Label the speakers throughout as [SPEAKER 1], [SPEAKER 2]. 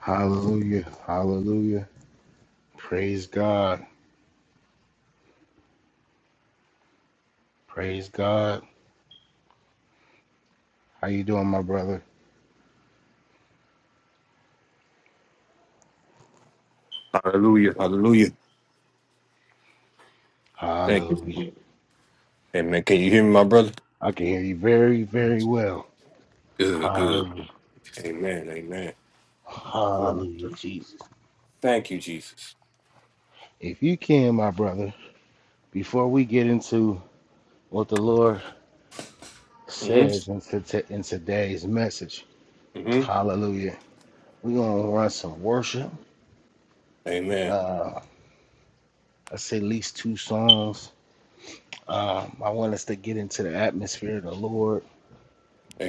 [SPEAKER 1] Hallelujah. Hallelujah. Praise God. Praise God. How you doing, my brother?
[SPEAKER 2] Hallelujah. Hallelujah. Thank you.
[SPEAKER 1] Hallelujah.
[SPEAKER 2] Jesus. Amen. Can you hear me, my brother?
[SPEAKER 1] I can hear you very, very well.
[SPEAKER 2] Good, good.
[SPEAKER 1] Hallelujah.
[SPEAKER 2] Amen. Amen. Hallelujah.
[SPEAKER 1] Hallelujah, Jesus.
[SPEAKER 2] Thank you, Jesus.
[SPEAKER 1] If you can, my brother, before we get into what the Lord says
[SPEAKER 2] Mm-hmm.
[SPEAKER 1] in, to- in today's message,
[SPEAKER 2] Mm-hmm.
[SPEAKER 1] hallelujah, we're going to run some worship.
[SPEAKER 2] Amen.
[SPEAKER 1] Uh, I say at least two songs. Um, I want us to get into the atmosphere of the Lord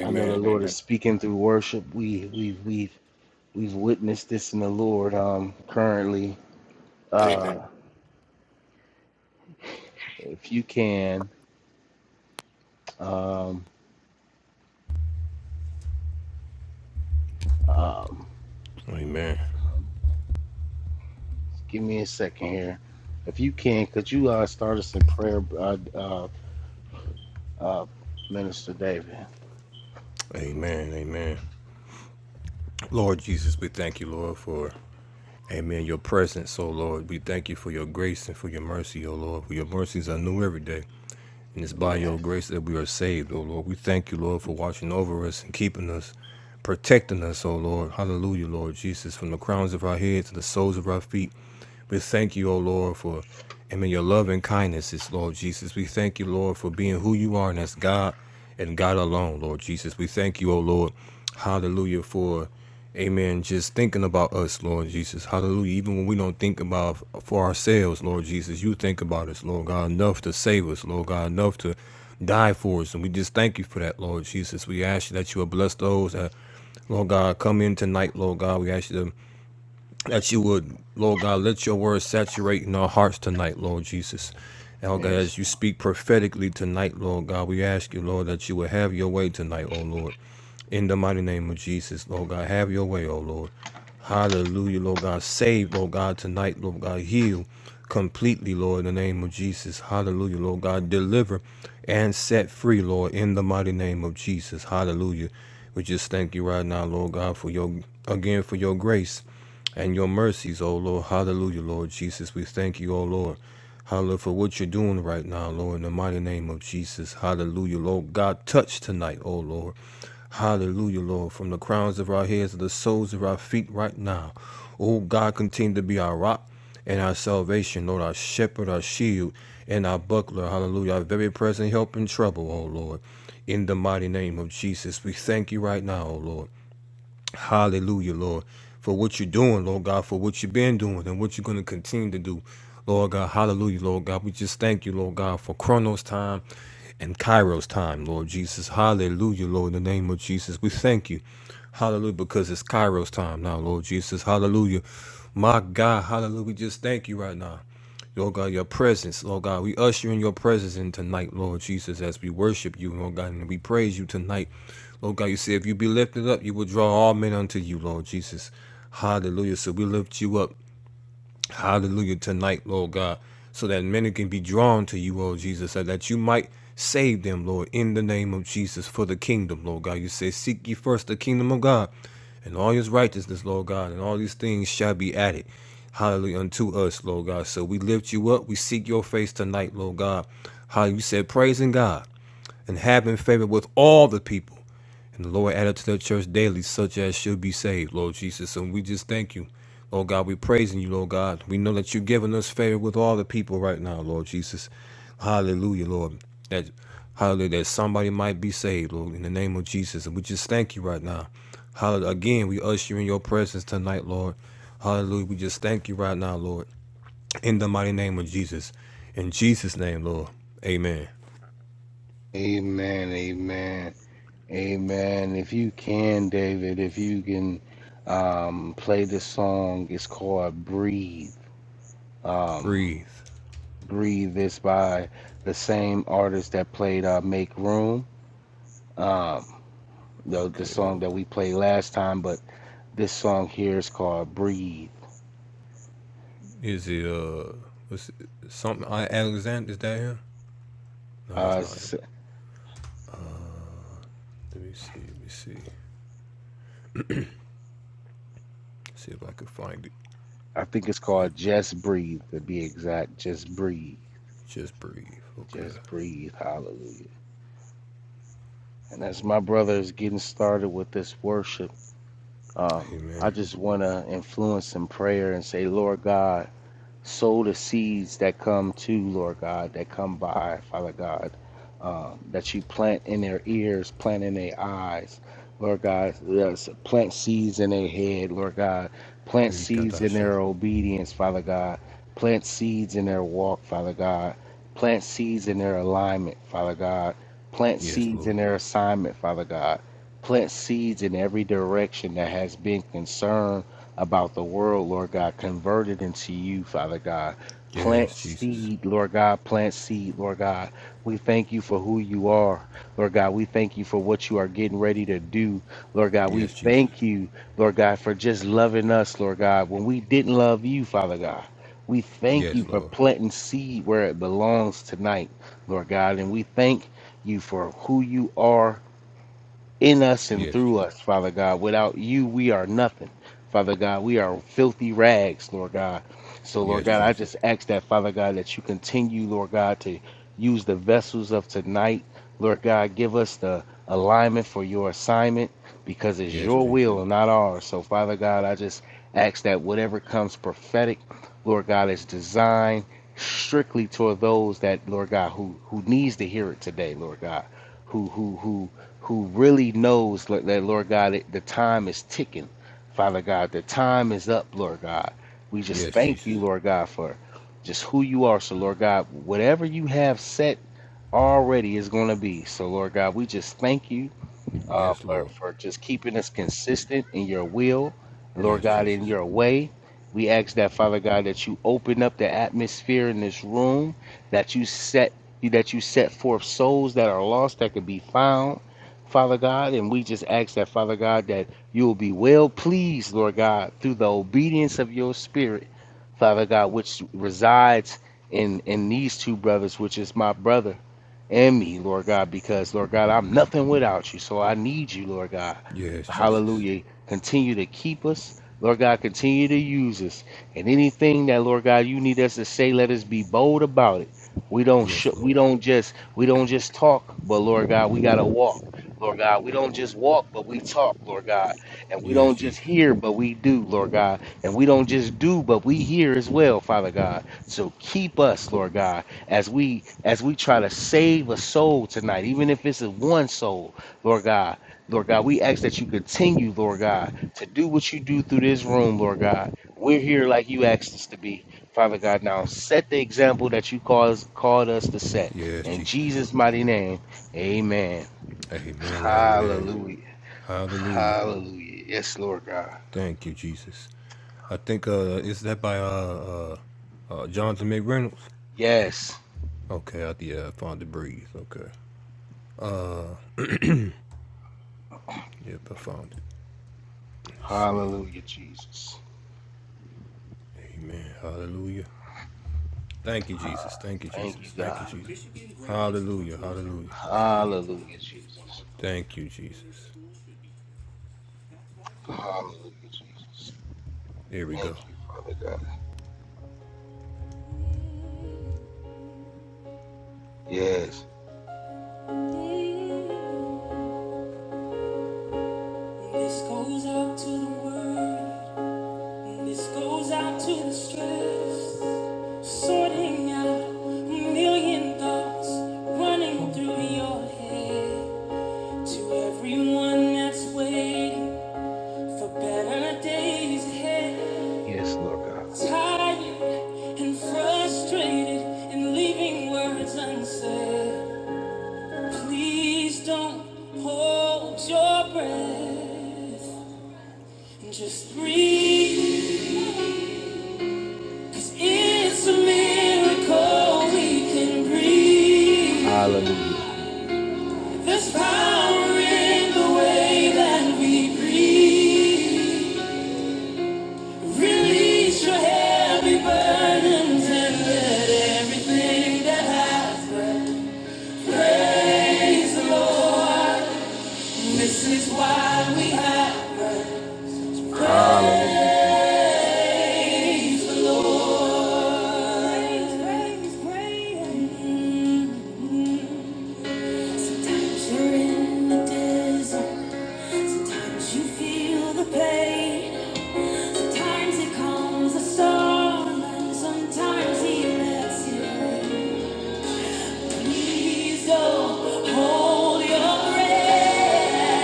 [SPEAKER 1] I know the Lord is
[SPEAKER 2] Amen.
[SPEAKER 1] speaking through worship. We we we we've witnessed this in the Lord um currently. Uh
[SPEAKER 2] Amen.
[SPEAKER 1] if you can um um
[SPEAKER 2] Amen.
[SPEAKER 1] give me a second here. If you can, could you uh start us in prayer uh uh, uh Minister David?
[SPEAKER 2] Amen. Amen. Lord Jesus, we thank you, Lord, for Amen. Your presence, oh Lord. We thank you for your grace and for your mercy, oh Lord. For your mercies are new every day. And it's by your
[SPEAKER 1] Yes.
[SPEAKER 2] grace that we are saved, O Lord. We thank you, Lord, for watching over us and keeping us, protecting us, O Lord. Hallelujah, Lord Jesus, from the crowns of our heads to the soles of our feet. We thank you, O Lord, for and in your love and kindnesses, Lord Jesus. We thank you, Lord, for being who you are and that's God and God alone, Lord Jesus. We thank you, O Lord. Hallelujah for Amen. Just thinking about us, Lord Jesus. Hallelujah. Even when we don't think about for ourselves, Lord Jesus, you think about us, Lord God, enough to save us, Lord God, enough to die for us. And we just thank you for that, Lord Jesus. We ask you that you will bless those that, Lord God, come in tonight, Lord God. We ask you to that you would, Lord God, let your word saturate in our hearts tonight, Lord Jesus. And Lord God,
[SPEAKER 1] Yes.
[SPEAKER 2] as you speak prophetically tonight, Lord God, we ask you, Lord, that you would have your way tonight, oh Lord. In the mighty name of Jesus, Lord God, have your way, oh Lord. Hallelujah, Lord God. Save, Lord God, tonight, Lord God. Heal completely, Lord, in the name of Jesus. Hallelujah, Lord God. Deliver and set free, Lord, in the mighty name of Jesus. Hallelujah. We just thank you right now, Lord God, for your again for your grace and your mercies, oh Lord. Hallelujah, Lord Jesus. We thank you, oh Lord. Hallelujah for what you're doing right now, Lord, in the mighty name of Jesus. Hallelujah, Lord God. Touch tonight, oh Lord. Hallelujah, Lord, from the crowns of our heads to the soles of our feet right now. Oh God, continue to be our rock and our salvation, Lord, our shepherd, our shield, and our buckler. Hallelujah. Our very present help in trouble, oh Lord. In the mighty name of Jesus, we thank you right now, oh Lord. Hallelujah, Lord, for what you're doing, Lord God, for what you've been doing and what you're going to continue to do. Lord God, hallelujah, Lord God. We just thank you, Lord God, for Chronos time and Kairos time, Lord Jesus. Hallelujah, Lord, in the name of Jesus. We thank you. Hallelujah, because it's Kairos time now, Lord Jesus. Hallelujah. My God, hallelujah. We just thank you right now. Lord God, your presence, Lord God. We usher in your presence in tonight, Lord Jesus, as we worship you, Lord God, and we praise you tonight. Lord God, you say if you be lifted up, you will draw all men unto you, Lord Jesus. Hallelujah. So we lift you up. Hallelujah tonight, Lord God, so that many can be drawn to you, Lord Jesus, and that you might save them, Lord, in the name of Jesus for the kingdom, Lord God. You say, Seek ye first the kingdom of God and all his righteousness, Lord God, and all these things shall be added. Hallelujah unto us, Lord God. So we lift you up. We seek your face tonight, Lord God. How you said, praising God and have having favor with all the people. And the Lord added to the church daily such as should be saved, Lord Jesus. And we just thank you. Lord God, we praising you, Lord God. We know that you've given us favor with all the people right now, Lord Jesus. Hallelujah, Lord. That hallelujah, that somebody might be saved, Lord, in the name of Jesus. And we just thank you right now. Hallelujah. Again, we usher you in your presence tonight, Lord. Hallelujah. We just thank you right now, Lord. In the mighty name of Jesus. In Jesus' name, Lord. Amen.
[SPEAKER 1] Amen. Amen. Amen. If you can, David, if you can um play this song, it's called Breathe. Um
[SPEAKER 2] Breathe.
[SPEAKER 1] Breathe is by the same artist that played uh, Make Room, um, the, the
[SPEAKER 2] Okay.
[SPEAKER 1] song that
[SPEAKER 2] Uh,
[SPEAKER 1] we played last time, but this song here is called Breathe.
[SPEAKER 2] is it uh? Was it something? I Alexander? Is that him? No,
[SPEAKER 1] Uh,
[SPEAKER 2] that's not him. Let me see. Let me see. See if I can find it.
[SPEAKER 1] I think it's
[SPEAKER 2] It
[SPEAKER 1] called Just Breathe, to be exact. Just Breathe.
[SPEAKER 2] just breathe. Okay.
[SPEAKER 1] Just Breathe. Hallelujah. And as my brother is getting started with this worship, um,
[SPEAKER 2] Hey
[SPEAKER 1] I
[SPEAKER 2] man.
[SPEAKER 1] just want to influence in prayer and say, Lord God, sow the seeds that come to Lord God, that come by, Father God, um, that you plant in their ears, plant in their eyes, Lord God, yes, plant seeds in their head, Lord God, plant seeds in
[SPEAKER 2] Yikadasha.
[SPEAKER 1] their obedience, Father God, plant seeds in their walk, Father God, plant seeds in their alignment, Father God, plant
[SPEAKER 2] Yes,
[SPEAKER 1] seeds
[SPEAKER 2] Lord.
[SPEAKER 1] in their assignment, Father God. Plant seeds in every direction that has been concerned about the world, Lord God. Convert it into you, Father God.
[SPEAKER 2] Yes,
[SPEAKER 1] Plant
[SPEAKER 2] Jesus.
[SPEAKER 1] seed, Lord God. Plant seed, Lord God. We thank you for who you are, Lord God. We thank you for what you are getting ready to do, Lord God. We
[SPEAKER 2] Yes, Jesus.
[SPEAKER 1] thank you, Lord God, for just loving us, Lord God, when we didn't love you, Father God. We thank you
[SPEAKER 2] Yes,
[SPEAKER 1] for
[SPEAKER 2] Lord.
[SPEAKER 1] planting seed where it belongs tonight, Lord God. And we thank you for who you are in us and
[SPEAKER 2] Yes,
[SPEAKER 1] through
[SPEAKER 2] Je-
[SPEAKER 1] us, Father God. Without you, we are nothing. Father God, we are filthy rags, Lord God. So, Lord
[SPEAKER 2] yes,
[SPEAKER 1] God, I
[SPEAKER 2] Jesus.
[SPEAKER 1] just ask that, Father God, that you continue, Lord God, to use the vessels of tonight. Lord God, give us the alignment for your assignment because it's
[SPEAKER 2] Yes,
[SPEAKER 1] your
[SPEAKER 2] Jesus.
[SPEAKER 1] will and not ours. So, Father God, I just ask that whatever comes prophetic, Lord God, is designed strictly toward those that, Lord God, who who needs to hear it today, Lord God who who who who really knows like, that, Lord God, the time is ticking, Father God. The time is up, Lord God. We just
[SPEAKER 2] Yes,
[SPEAKER 1] thank you,
[SPEAKER 2] Jesus.
[SPEAKER 1] Lord God, for just who you are. So, Lord God, whatever you have set already is going to be. So, Lord God, we just thank you uh,
[SPEAKER 2] Yes,
[SPEAKER 1] for,
[SPEAKER 2] Lord.
[SPEAKER 1] for just keeping us consistent in your will, Lord
[SPEAKER 2] Yes,
[SPEAKER 1] God, in
[SPEAKER 2] Jesus.
[SPEAKER 1] your way. We ask that, Father God, that you open up the atmosphere in this room, that you set that you set forth souls that are lost that can be found, Father God. And we just ask that, Father God, that you will be well pleased, Lord God, through the obedience of your spirit, Father God, which resides in in these two brothers, which is my brother and me, Lord God, because, Lord God, I'm nothing without you. So I need you, Lord God.
[SPEAKER 2] Yes, Jesus.
[SPEAKER 1] Hallelujah. Continue to keep us. Lord God, continue to use us. And anything that, Lord God, you need us to say, let us be bold about it. We don't sh-
[SPEAKER 2] Yes,
[SPEAKER 1] we
[SPEAKER 2] Lord.
[SPEAKER 1] don't just we don't just talk, but Lord God, we gotta walk. Lord God, we don't just walk, but we talk, Lord God. And we
[SPEAKER 2] Yes,
[SPEAKER 1] don't just
[SPEAKER 2] Jesus.
[SPEAKER 1] hear, but we do, Lord God. And we don't just do, but we hear as well, Father God. So keep us, Lord God as we as we try to save a soul tonight, even if it's a one soul, Lord God. Lord God, we ask that you continue, Lord God, to do what you do through this room, Lord God. We're here like you asked us to be, Father God. Now set the example that you cause, called us to set.
[SPEAKER 2] Yes,
[SPEAKER 1] In
[SPEAKER 2] Jesus.
[SPEAKER 1] Jesus' mighty name, amen.
[SPEAKER 2] Amen. Amen.
[SPEAKER 1] Hallelujah.
[SPEAKER 2] Hallelujah.
[SPEAKER 1] Hallelujah. Yes, Lord God.
[SPEAKER 2] Thank you, Jesus. I think uh is that by uh uh, uh Jonathan McReynolds?
[SPEAKER 1] Yes.
[SPEAKER 2] Okay, I yeah, I found the breeze. Okay. Yep, I found it. Let's see.
[SPEAKER 1] Hallelujah, Jesus.
[SPEAKER 2] Amen. Hallelujah. Thank you, Jesus. Thank you,
[SPEAKER 1] Thank
[SPEAKER 2] Jesus.
[SPEAKER 1] you,
[SPEAKER 2] Thank you,
[SPEAKER 1] God.
[SPEAKER 2] Jesus. hallelujah. Hallelujah.
[SPEAKER 1] Hallelujah, Jesus.
[SPEAKER 2] Thank you, Jesus.
[SPEAKER 1] Hallelujah, Jesus.
[SPEAKER 2] Here we
[SPEAKER 1] Thank
[SPEAKER 2] go.
[SPEAKER 1] you, Father God. Yes.
[SPEAKER 2] This goes out to the world. This goes out to the stress, sorting out a million thoughts running through your head. To everyone that's waiting for better days ahead,
[SPEAKER 1] Yes, Lord God.
[SPEAKER 2] tired and frustrated and leaving words unsaid. Please don't hold your breath, just breathe. It's a miracle we can breathe.
[SPEAKER 1] Hallelujah, Jesus.
[SPEAKER 2] There's power in the way that we breathe.
[SPEAKER 1] over
[SPEAKER 2] Release your heavy burdens
[SPEAKER 1] and
[SPEAKER 2] and let everything that has praise the Lord. This is why we have
[SPEAKER 1] Hallelujah, Jesus.
[SPEAKER 2] praise, praise, praise. Times you're in the desert, Sometimes you feel the pain. Sometimes it comes a storm, and sometimes he lets it rain. Please don't hold your breath.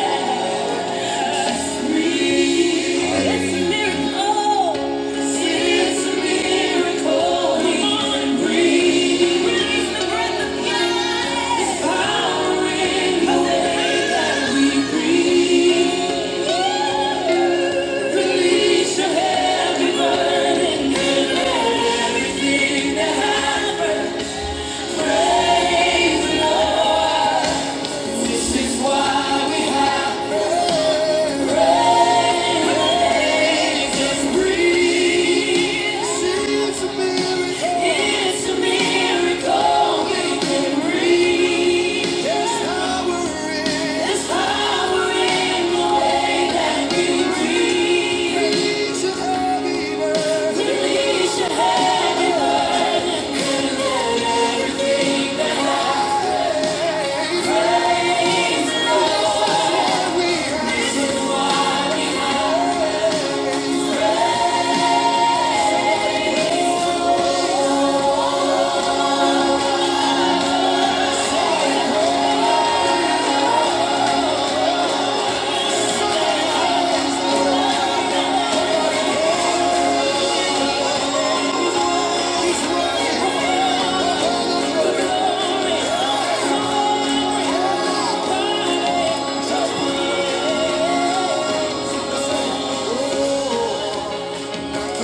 [SPEAKER 2] Breathe. It's a
[SPEAKER 1] Hallelujah, Jesus.
[SPEAKER 2] miracle. It's a miracle. Come on, breathe. Release the breath of God. It's power in the way that we breathe. Release your heavy burden and everything that happened. This is why we have this breeze. It's a miracle. It's a miracle we can breathe. There's power in. the way that we breathe. Release your heavy burden. Release your heavy burden.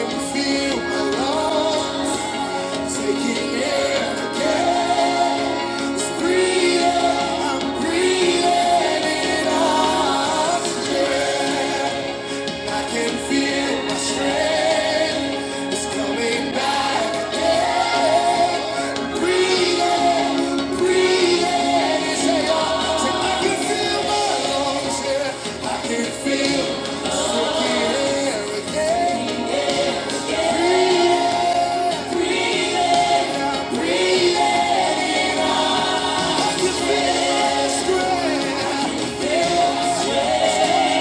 [SPEAKER 2] Feel alone, taking air, it's breathing, I'm breathing it out. I can feel my strength, it's coming back. Breathing, breathing, I can feel my lungs, yeah. I can feel, yeah,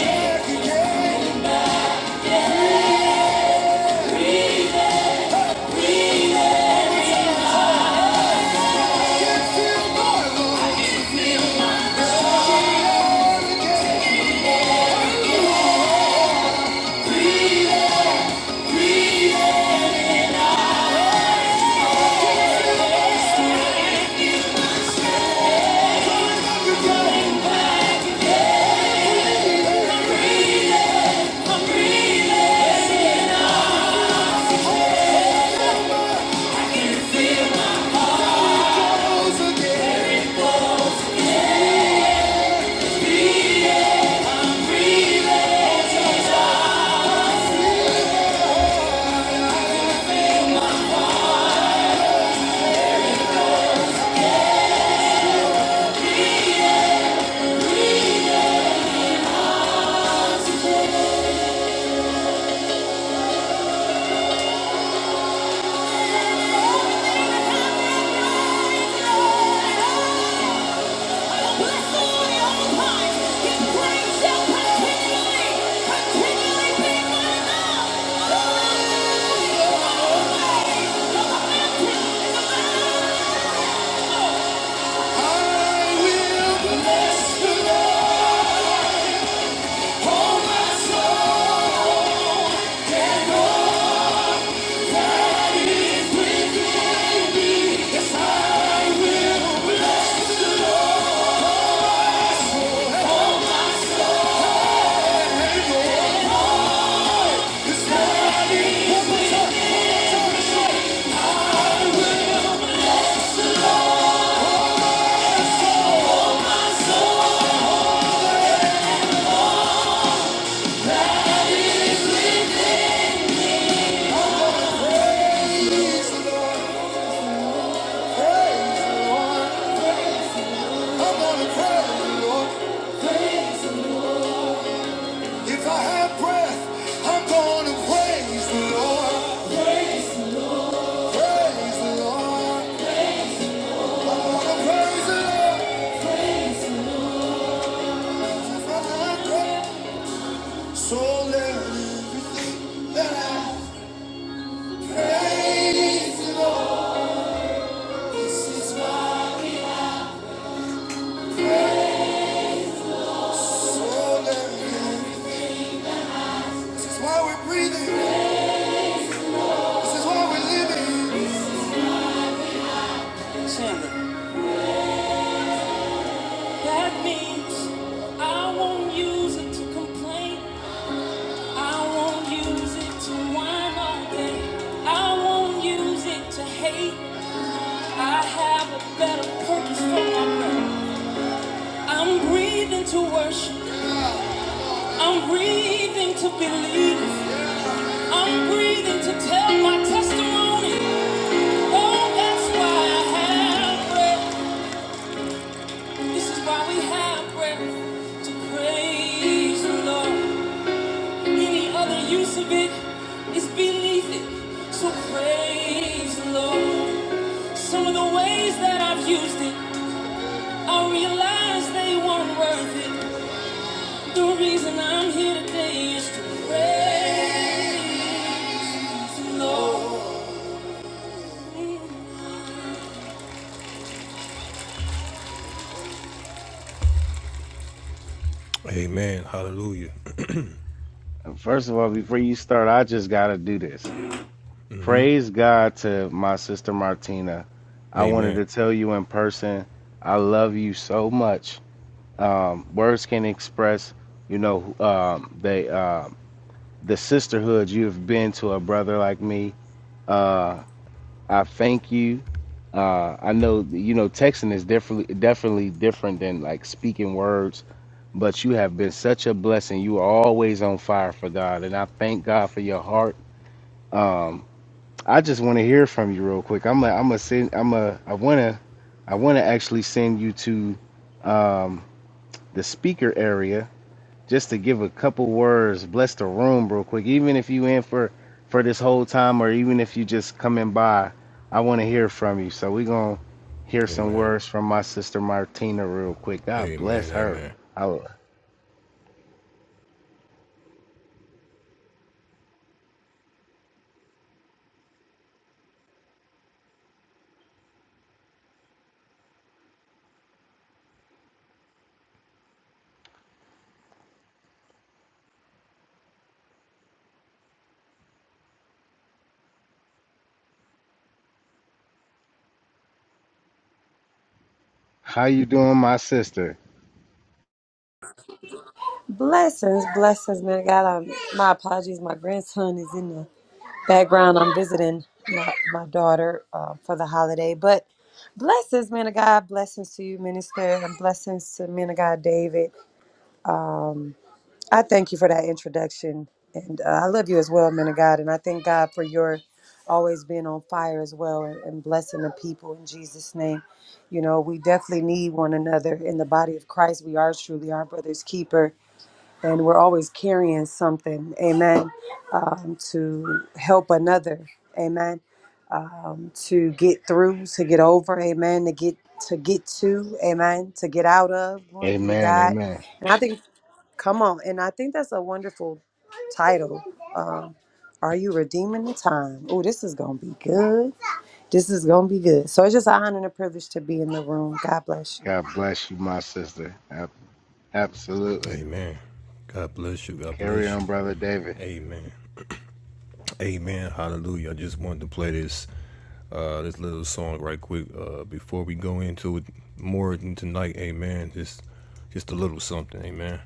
[SPEAKER 1] Yes, Lord God.
[SPEAKER 2] feel my lungs. Bless the Lord, all times, His praise continually, continually be my If I have breath, I'm gonna praise the Lord. Praise the Lord. I wanna praise the Lord. If I have so let This is why we're breathing. This is why we're living. Chandler. That means I won't use it to complain. I won't use it to whine all day. I won't use it to hate. I have a better purpose for my life. I'm breathing to worship. I'm breathing to believe. Oh, So Amen. Hallelujah.
[SPEAKER 1] And First of all, before you start, I just got to do this. Praise God to my sister Martina. I wanted to
[SPEAKER 2] Amen.
[SPEAKER 1] tell you in person, I love you so much. um, words can express, you know, um, they uh, the sisterhood you've been to a brother like me. Uh, I thank you. Uh, I know you know texting is definitely definitely different than like speaking words, but you have been such a blessing. You are always on fire for God, and I thank God for your heart. Um, I just want to hear from you real quick. I'm a, I'm a send, I'm a I wanna I wanna actually send you to um, the speaker area just to give a couple words, bless the room real quick. Even if you in for for this whole time, or even if you just coming by, I want to hear from you. So we gonna hear some
[SPEAKER 2] Amen.
[SPEAKER 1] words from my sister Martina real quick. God
[SPEAKER 2] Amen.
[SPEAKER 1] bless her.
[SPEAKER 2] Amen.
[SPEAKER 1] I- How you doing, my sister?
[SPEAKER 3] Blessings, blessings, man. of God, um, my apologies. My grandson is in the background. I'm visiting my, my daughter uh, for the holiday. But blessings, man of God. Blessings to you, minister, and blessings to man of God, David. I thank you for that introduction. And uh, I love you as well, man of God. And I thank God for your always being on fire as well and, and blessing the people in Jesus' name. You know, we definitely need one another in the body of Christ. We are truly our brother's keeper and we're always carrying something, amen, um, to help another, amen, um, to get through, to get over, amen, to get to get to, amen, to get out of. Glory be to
[SPEAKER 1] Amen,
[SPEAKER 3] God.
[SPEAKER 1] amen.
[SPEAKER 3] And I think, come on, and I think that's a wonderful title. Um, are you redeeming the time? Oh, this is gonna be good. This is gonna be good. So it's just an honor and a privilege to be in the room. God bless you.
[SPEAKER 1] God bless you, my sister. Ab- Absolutely.
[SPEAKER 2] Amen. God bless you. God
[SPEAKER 1] Carry
[SPEAKER 2] bless you.
[SPEAKER 1] on, brother David.
[SPEAKER 2] Amen. Amen. Hallelujah. I just wanted to play this uh this little song right quick uh before we go into it more tonight. Amen. Just just a little something. Amen.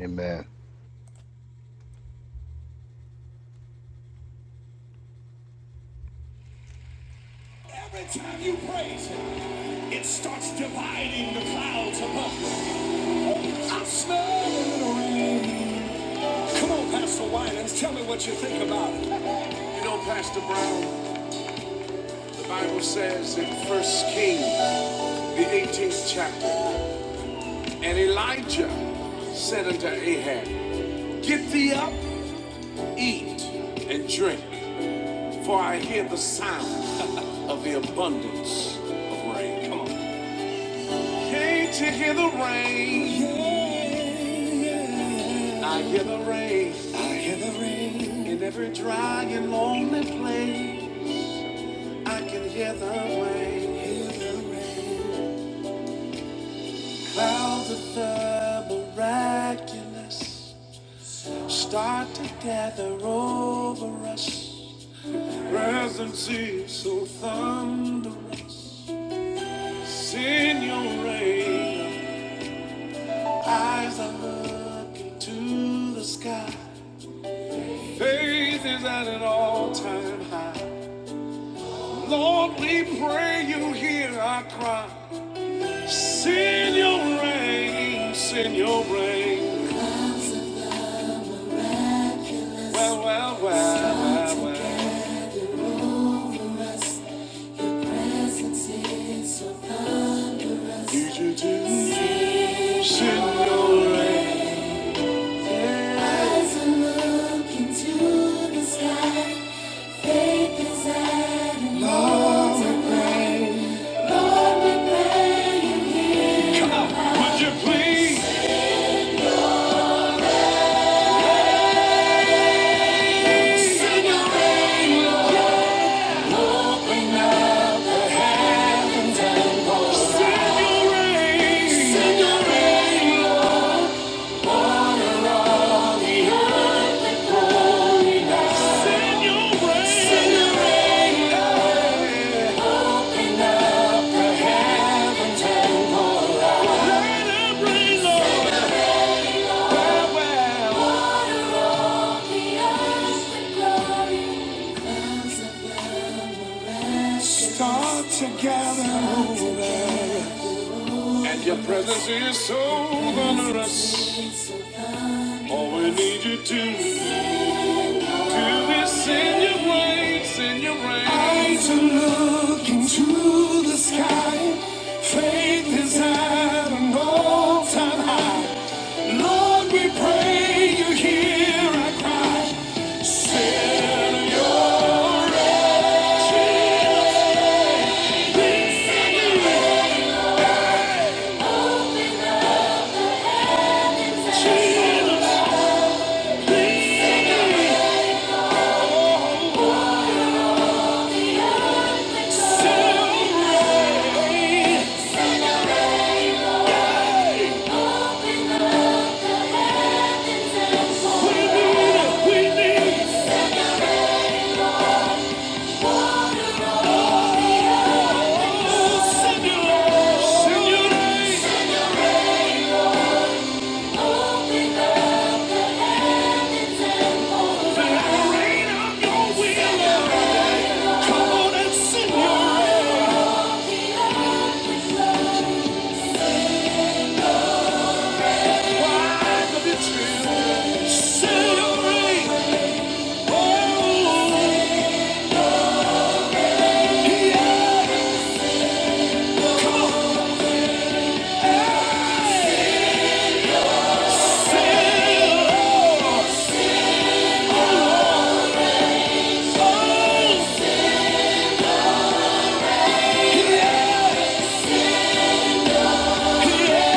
[SPEAKER 1] Amen.
[SPEAKER 2] Every time you praise him, it starts dividing the clouds above you. I smell the rain. Come on, Pastor Winans, tell me what you think about it. You know, Pastor Brown. The Bible says in First Kings, the 18th chapter, and Elijah said unto Ahab, Get thee up, eat, and drink, for I hear the sound of the abundance of rain. Come on. Can't you hear the rain? I hear the rain. I hear the rain. In every dry and lonely place, I can hear the rain. Hear the rain. Clouds of the miraculous. Start to gather over us. Presence is so thunderous. Send your rain. Eyes are looking to the sky. Faith is at an all-time high. Lord, we pray you hear our cry. Send your rain. Send your rain. Well, well, well, well, well. Need you to send your rain. Looking to the sky. send your rain? Send your rain. Let it rain, Lord. And your presence is so onerous. All we need you to do is send your rain. Send your rain. I Jesus, please. Do what you said. Oh, oh,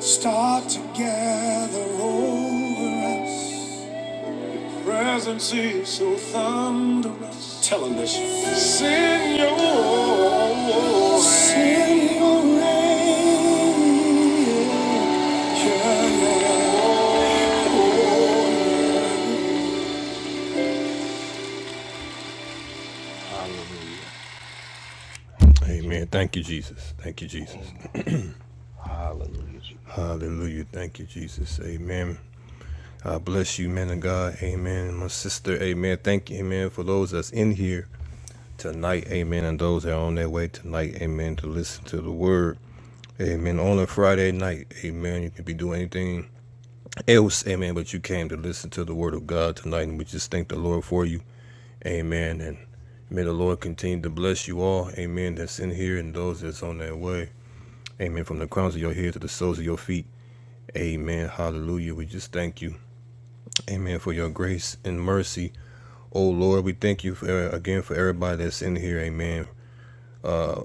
[SPEAKER 2] start to over us. Presence is so thunderous. Tell him this.
[SPEAKER 1] Hallelujah. Thank you, Jesus.
[SPEAKER 2] Amen. Thank you, Jesus. Thank you, Jesus.
[SPEAKER 1] Amen. Hallelujah, Jesus.
[SPEAKER 2] Hallelujah. Thank you, Jesus. Amen. I bless you, men of God. Amen. My sister, amen. Thank you, amen, for those that's in here tonight. Amen. And those that are on their way tonight, amen, to listen to the word. Amen. On a Friday night, amen. You can be doing anything else, amen, but you came to listen to the word of God tonight. And we just thank the Lord for you. Amen. And may the Lord continue to bless you all. Amen. That's in here and those that's on their way. Amen. From the crowns of your head to the soles of your feet. Amen. Hallelujah. We just thank you. Amen. For your grace and mercy. Oh Lord, we thank you for, uh, again for everybody that's in here. Amen.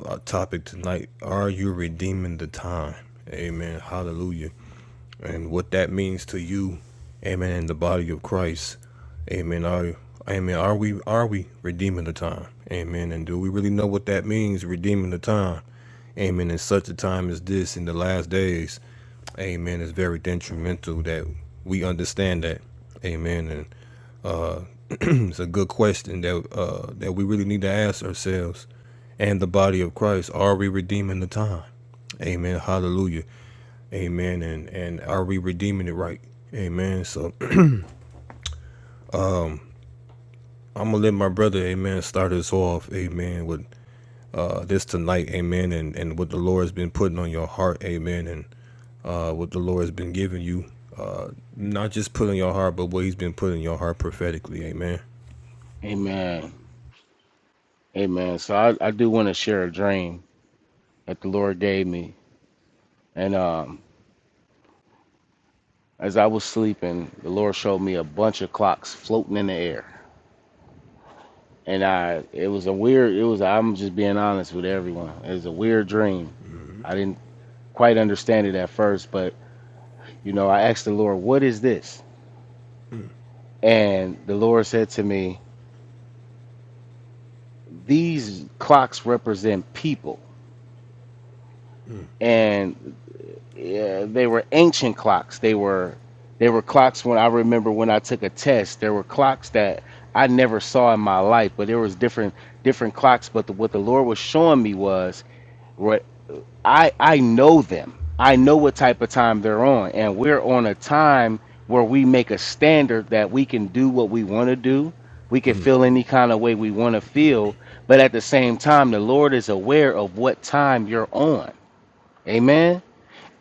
[SPEAKER 2] Our topic tonight: Are you redeeming the time? Amen. Hallelujah. And what that means to you, Amen. In the body of Christ, Amen. Are Amen. Are we are we redeeming the time? Amen. And do we really know what that means, redeeming the time? Amen. In such a time as this, in the last days, Amen. It's very detrimental that we understand that. Amen. And. it's a good question that uh, that we really need to ask ourselves and the body of Christ. Are we redeeming the time? Amen. Hallelujah. Amen. And and are we redeeming it right? Amen. So I'm gonna let my brother, Amen, start us off, Amen, with uh, this tonight, Amen, and and what the Lord has been putting on your heart, Amen, and uh, what the Lord has been giving you, uh, not just put in your heart, but what He's been putting in your heart prophetically, Amen.
[SPEAKER 1] Amen. Amen. So I, I do want to share a dream that the Lord gave me. And um, as I was sleeping, the Lord showed me a bunch of clocks floating in the air. And I it was a weird it was I'm just being honest with everyone. It was a weird dream. I didn't quite understand it at first, but you know, I asked the Lord, what is this? And the Lord said to me, These clocks represent people. And yeah, they were ancient clocks. They were they were clocks when I remember when I took a test. There were clocks that I never saw in my life, but there was different different clocks. But the, what the Lord was showing me was what I I know them. I know what type of time they're on, and we're on a time where we make a standard that we can do what we want to do. We can feel any kind of way we want to feel, but at the same time, the Lord is aware of what time you're on. Amen.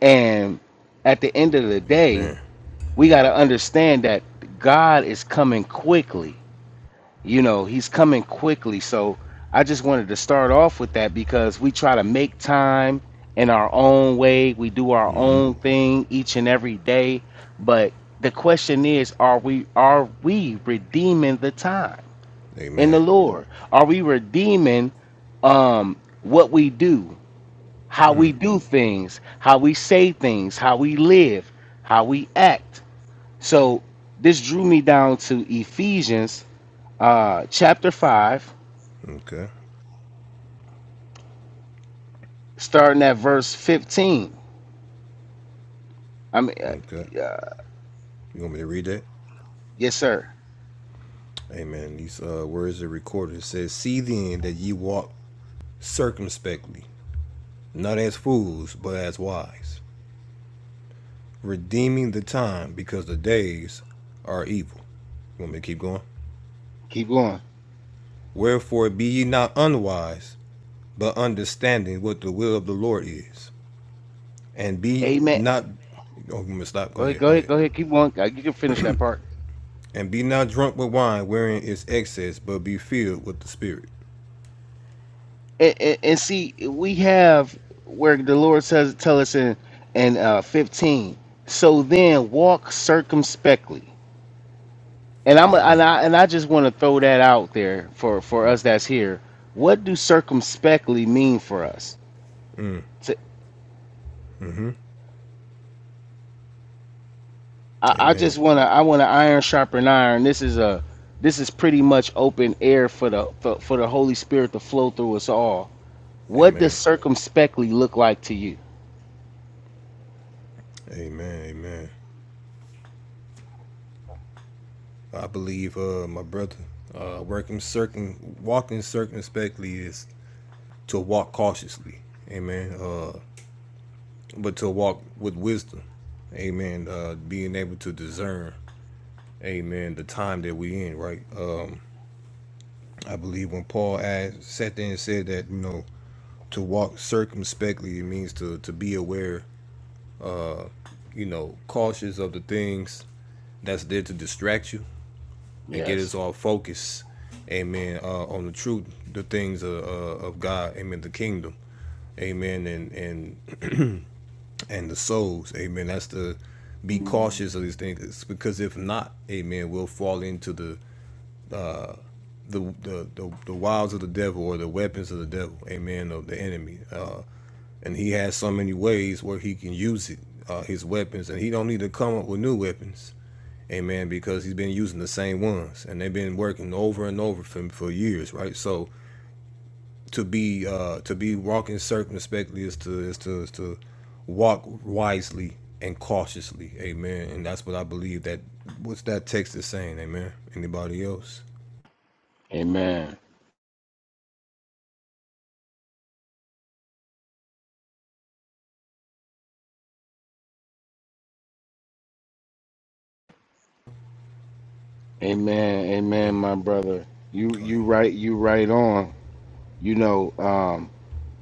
[SPEAKER 1] And at the end of the day,
[SPEAKER 2] Amen.
[SPEAKER 1] we got to understand that God is coming quickly. You know, He's coming quickly. So I just wanted to start off with that because we try to make time in our own way. We do our own thing each and every day. But the question is, are we are we redeeming the time in the
[SPEAKER 2] Amen.
[SPEAKER 1] Lord? Are we redeeming um what we do? how we do things, how we say things, how we live, how we act. So this drew me down to Ephesians uh, chapter 5,
[SPEAKER 2] Okay.
[SPEAKER 1] starting at verse 15. I mean, uh,
[SPEAKER 2] Okay. You want me to read that?
[SPEAKER 1] yes, sir.
[SPEAKER 2] Amen. These uh, words are recorded. It says, See then that ye walk circumspectly, not as fools, but as wise, redeeming the time, because the days are evil. You want me to keep going?
[SPEAKER 1] Keep going.
[SPEAKER 2] Wherefore be ye not unwise, but understanding what the will of the Lord is. And be
[SPEAKER 1] Amen.
[SPEAKER 2] not oh, I'm going to stop. Go
[SPEAKER 1] Go ahead,
[SPEAKER 2] ahead,
[SPEAKER 1] go
[SPEAKER 2] go
[SPEAKER 1] ahead,
[SPEAKER 2] ahead.
[SPEAKER 1] go ahead. Keep going. Uh, You can finish that part.
[SPEAKER 2] And be not drunk with wine wherein is excess, but be filled with the spirit.
[SPEAKER 1] And, and, and see, we have where the Lord says, tell us in, in uh, 15, so then walk circumspectly And I'm and
[SPEAKER 2] Amen.
[SPEAKER 1] I and I just want to throw that out there for for us that's here. What do circumspectly mean for us? To, I, I just
[SPEAKER 2] Amen.
[SPEAKER 1] want to I want to iron sharpen iron. This is a this is pretty much open air for the for, for the Holy Spirit to flow through us all. What does
[SPEAKER 2] Amen.
[SPEAKER 1] circumspectly look like to you?
[SPEAKER 2] Amen, amen. I believe, uh, my brother, uh, working circum, walking circumspectly is to walk cautiously, amen. Uh, but to walk with wisdom, amen. Uh, being able to discern, amen, the time that we in, right? Um, I believe when Paul asked, sat there and said that, you know, to walk circumspectly, it means to to be aware, you know, cautious of the things that's there to distract you and get us
[SPEAKER 1] Yes.
[SPEAKER 2] all focused, amen, uh, on the truth, the things of, uh, of God, amen, the kingdom, amen, and, and, and the souls, amen. That's to be cautious of these things because if not, amen, we'll fall into the, the, the, the, the wiles of the devil or the weapons of the devil, amen, of the enemy. Uh, and he has so many ways where he can use it, uh, his weapons, and he don't need to come up with new weapons, amen, because he's been using the same ones and they've been working over and over for, for years, right? So to be uh to be walking circumspectly is to is to is to walk wisely and cautiously amen and that's what i believe that what's that text is saying amen anybody else
[SPEAKER 1] Amen. Amen. Amen,
[SPEAKER 2] Amen.
[SPEAKER 1] my brother. You you right you right on. You know, um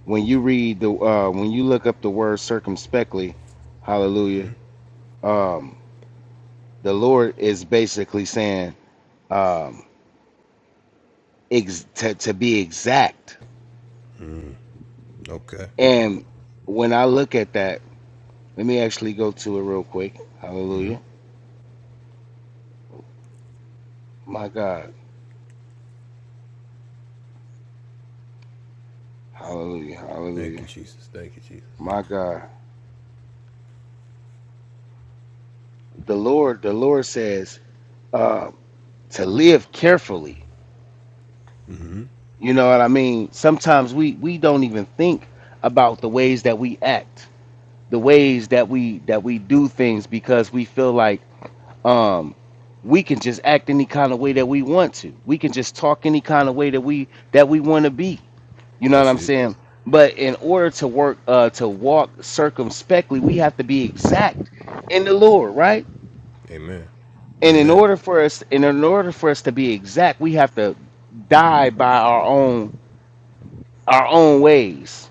[SPEAKER 1] when you read the uh when you look up the word circumspectly, hallelujah um, the Lord is basically saying um, ex- to, to be exact.
[SPEAKER 2] okay
[SPEAKER 1] And when I look at that, let me actually go to it real quick. Hallelujah. My God. Hallelujah.
[SPEAKER 2] thank you
[SPEAKER 1] Hallelujah.
[SPEAKER 2] jesus thank you jesus
[SPEAKER 1] My God. The Lord, the Lord says uh, to live carefully. You know what I mean? Sometimes we, we don't even think about the ways that we act, the ways that we that we do things because we feel like um, we can just act any kind of way that we want to. We can just talk any kind of way that we that we want to be. You know what
[SPEAKER 2] that's
[SPEAKER 1] I'm
[SPEAKER 2] it
[SPEAKER 1] saying? But in order to work uh, to walk circumspectly, we have to be exact in the Lord, right?
[SPEAKER 2] amen
[SPEAKER 1] And in
[SPEAKER 2] amen
[SPEAKER 1] order for us, and in order for us to be exact, we have to die by our own our own ways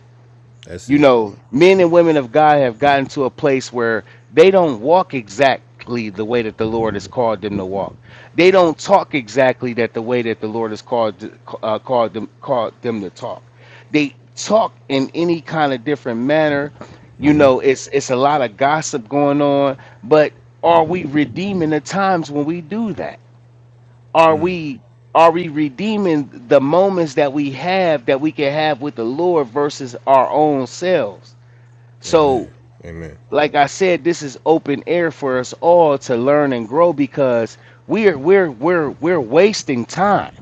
[SPEAKER 2] that's
[SPEAKER 1] you
[SPEAKER 2] it
[SPEAKER 1] know, men and women of God have gotten to a place where they don't walk exactly the way that the Lord has called them to walk. They don't talk exactly that the way that the Lord has called uh, called them called them to talk. They talk in any kind of different manner. You know, it's it's a lot of gossip going on, but are we redeeming the times when we do that? Are we are we redeeming the moments that we have that we can have with the Lord versus our own selves? So,
[SPEAKER 2] amen amen
[SPEAKER 1] like I said, this is open air for us all to learn and grow because we're we're we're we're wasting time.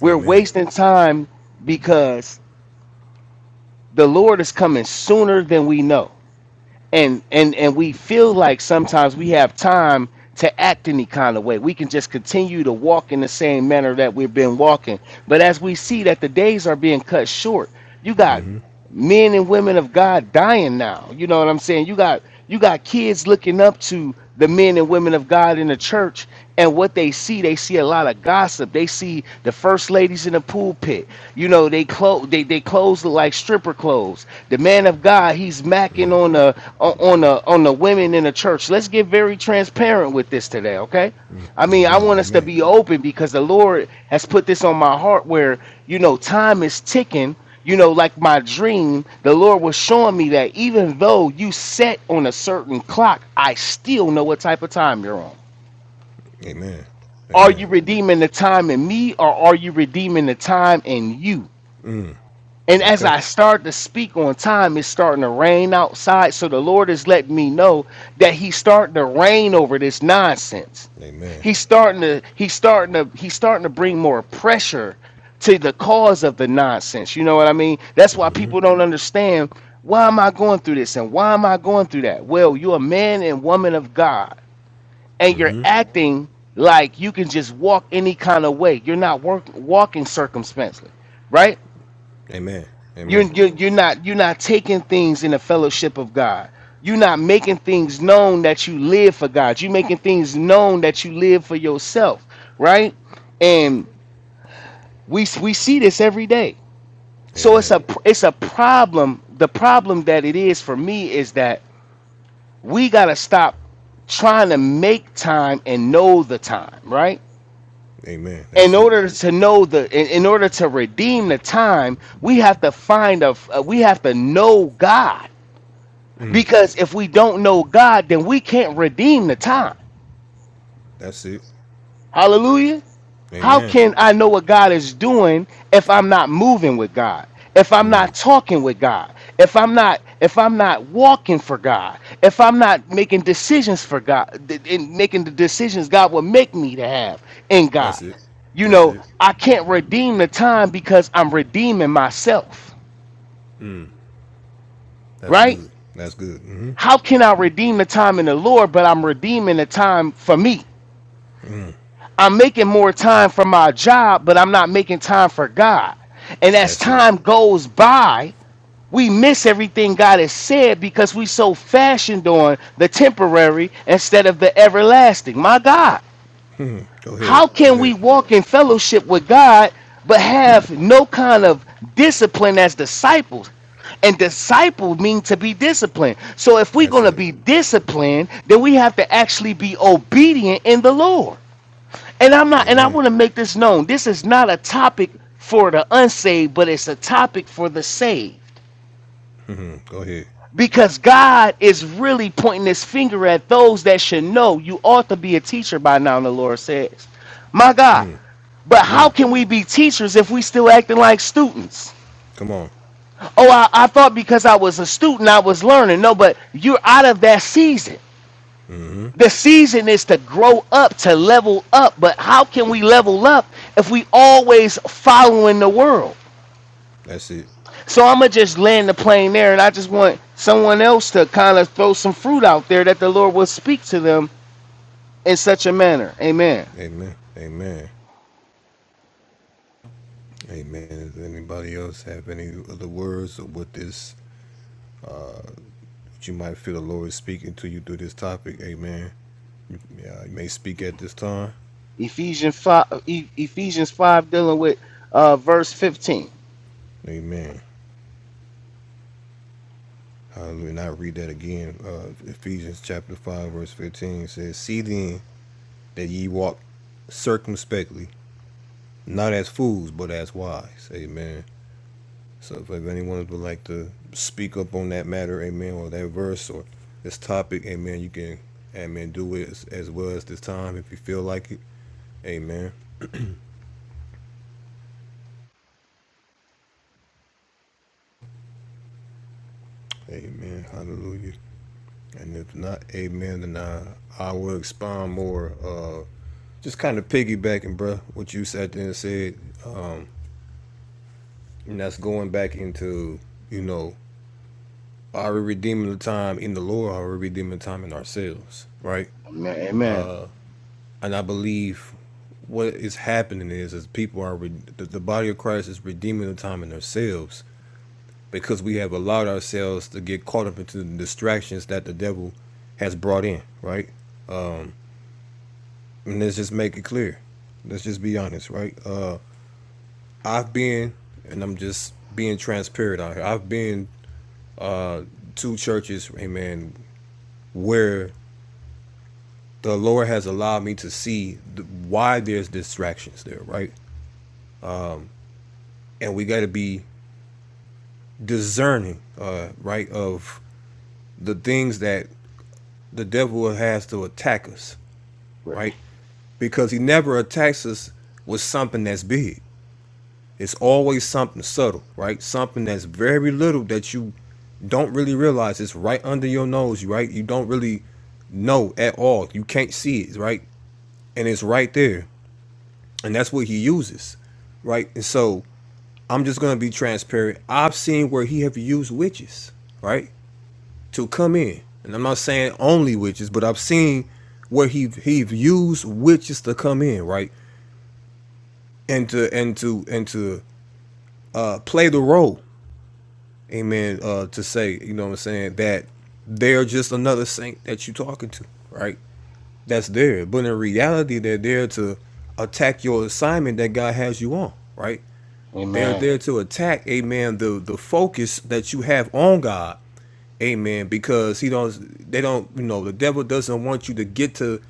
[SPEAKER 1] We're
[SPEAKER 2] amen
[SPEAKER 1] wasting time because the Lord is coming sooner than we know. and and and we feel like sometimes we have time to act any kind of way. We can just continue to walk in the same manner that we've been walking. But as we see that the days are being cut short, you got men and women of God dying now. You know what I'm saying? You got you got kids looking up to the men and women of God in the church and what they see, they see a lot of gossip. They see the first ladies in the pulpit. You know, they clothes they, they clothes look like stripper clothes. The man of God, he's macking on the on on the on the women in the church. Let's get very transparent with this today, okay? I mean, I
[SPEAKER 2] amen
[SPEAKER 1] want us to
[SPEAKER 2] amen
[SPEAKER 1] be open because the Lord has put this on my heart where, you know, time is ticking. You know, like my dream, the Lord was showing me that even though you set on a certain clock, I still know what type of time you're on.
[SPEAKER 2] amen
[SPEAKER 1] Are
[SPEAKER 2] amen
[SPEAKER 1] you redeeming the time in me or are you redeeming the time in you? And as
[SPEAKER 2] okay
[SPEAKER 1] I start to speak on time, it's starting to rain outside. So the Lord is letting me know that He's starting to rain over this nonsense.
[SPEAKER 2] amen
[SPEAKER 1] He's starting to he's starting to he's starting to bring more pressure to the cause of the nonsense. You know what I mean? That's why people don't understand why am I going through this and why am I going through that? Well, you're a man and woman of God and you're acting like you can just walk any kind of way. You're not work, walking circumspectly, right?
[SPEAKER 2] amen
[SPEAKER 1] You're,
[SPEAKER 2] amen
[SPEAKER 1] you're you're not you're not taking things in the fellowship of God. You're not making things known that you live for God. You're making things known that you live for yourself, right? And we we see this every day. So it's
[SPEAKER 2] amen
[SPEAKER 1] a it's a problem. The problem that it is for me is that we gotta stop trying to make time and know the time, right?
[SPEAKER 2] Amen.
[SPEAKER 1] in
[SPEAKER 2] That's it.
[SPEAKER 1] order to know the in, in order to redeem the time we have to find a f- uh, we have to know god because if we don't know god then we can't redeem the time
[SPEAKER 2] That's it.
[SPEAKER 1] Hallelujah. How
[SPEAKER 2] Amen.
[SPEAKER 1] can I know what God is doing if I'm not moving with God? If I'm not talking with God? If I'm not if I'm not walking for God? If I'm not making decisions for God th- and making the decisions God will make me to have in God?
[SPEAKER 2] That's it.
[SPEAKER 1] You
[SPEAKER 2] That's
[SPEAKER 1] know,
[SPEAKER 2] it.
[SPEAKER 1] I can't redeem the time because I'm redeeming myself,
[SPEAKER 2] That's
[SPEAKER 1] right?
[SPEAKER 2] good. That's good. hmm
[SPEAKER 1] How can I redeem the time in the Lord but I'm redeeming the time for me? I'm making more time for my job, but I'm not making time for God. And as
[SPEAKER 2] That's it.
[SPEAKER 1] time goes by, we miss everything God has said because we so fashioned on the temporary instead of the everlasting. My God,
[SPEAKER 2] Go
[SPEAKER 1] how
[SPEAKER 2] ahead. Go
[SPEAKER 1] can we
[SPEAKER 2] ahead.
[SPEAKER 1] walk in fellowship with God but have no kind of discipline as disciples? And disciple mean to be disciplined. So if we're
[SPEAKER 2] That's
[SPEAKER 1] going to
[SPEAKER 2] it.
[SPEAKER 1] be disciplined, then we have to actually be obedient in the Lord. And I'm not, and I
[SPEAKER 2] Amen.
[SPEAKER 1] want to make this known. This is not a topic for the unsaved, but it's a topic for the saved.
[SPEAKER 2] Mm, go ahead.
[SPEAKER 1] Because God is really pointing his finger at those that should know you ought to be a teacher by now, the Lord says. My God. But how can we be teachers if we still acting like students?
[SPEAKER 2] Come on.
[SPEAKER 1] Oh, I, I thought because I was a student, I was learning. No, but you're out of that season. The season is to grow up, to level up. But how can we level up if we always following the world?
[SPEAKER 2] That's it.
[SPEAKER 1] So I'm gonna just land the plane there, and I just want someone else to kind of throw some fruit out there that the Lord will speak to them in such a manner. Amen.
[SPEAKER 2] Amen. Amen. Amen. Does anybody else have any other words or what this, uh, what you might feel the Lord is speaking to you through this topic? Amen. You, yeah, you may speak at this time.
[SPEAKER 1] Ephesians five, E- Ephesians five, dealing with uh, verse 15.
[SPEAKER 2] Amen. Hallelujah. And I read that again. Uh, Ephesians chapter 5, verse 15 says, See then that ye walk circumspectly, not as fools, but as wise. Amen. So if, anyone would like to speak up on that matter, amen, or that verse or this topic, amen, you can, amen, do it as, as well as this time if you feel like it. Amen. Amen. Hallelujah. And if not, amen, then I, I will expound more. Uh, just kind of piggybacking, bro, what you sat there and said. And that's going back into, you know, are we redeeming the time in the Lord? Are we redeeming the time in ourselves? Right?
[SPEAKER 1] Amen. Amen.
[SPEAKER 2] And I believe what is happening is, is people are, re- the, the body of Christ is redeeming the time in themselves because we have allowed ourselves to get caught up into the distractions that the devil has brought in. Right? And let's just make it clear. Let's just be honest, right? Uh, I've been, and I'm just being transparent out here. I've been to churches, amen, where the Lord has allowed me to see th- why there's distractions there, right? And we got to be discerning, uh, right, of the things that the devil has to attack us,
[SPEAKER 1] Right.
[SPEAKER 2] right? Because he never attacks us with something that's big. It's always something subtle, right? Something that's very little that you don't really realize. It's right under your nose, right? You don't really know at all. You can't see it, right? And it's right there. And that's what he uses, right? And so I'm just gonna be transparent. I've seen where he have used witches, right, to come in, and I'm not saying only witches, but I've seen where he he have used witches to come in, right, and to and to and to uh, play the role, amen. Uh, to say, you know, what I'm saying that they're just another saint that you're talking to, right? That's there, but in reality, they're there to attack your assignment that God has you on, right? They're
[SPEAKER 1] Amen.
[SPEAKER 2] there to attack, amen, the the focus that you have on God. Amen. Because he don't they don't, you know, the devil doesn't want you to get to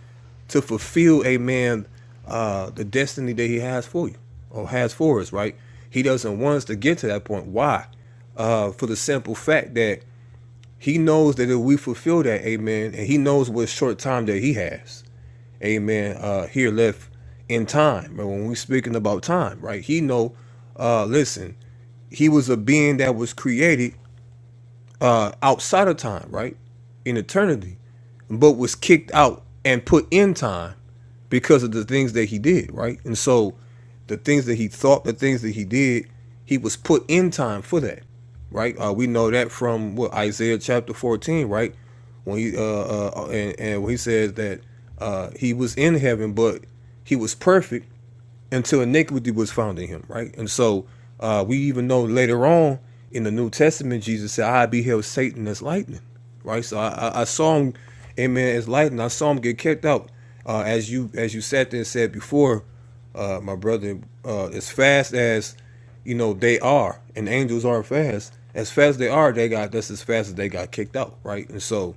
[SPEAKER 2] to fulfill, amen, uh the destiny that he has for you or has for us, right? He doesn't want us to get to that point. Why? Uh for the simple fact that he knows that if we fulfill that, amen, and he knows what short time that he has amen, uh, here left in time. And when we're speaking about time, right, he know, uh, listen, he was a being that was created outside of time, right? In eternity, but was kicked out and put in time because of the things that he did, right? And so the things that he thought, the things that he did, he was put in time for that, right? Uh, we know that from what Isaiah chapter 14, right? When he uh, uh and, and when he says that uh he was in heaven, but he was perfect, until iniquity was found in him, right? And so uh, we even know later on in the New Testament, Jesus said, I beheld Satan as lightning, right? So I, I, I saw him, amen, as lightning. I saw him get kicked out. Uh, as you as you sat there and said before, uh, my brother, uh, as fast as you know they are, and angels aren't fast. As fast as they are, they got that's as fast as they got kicked out, right? And so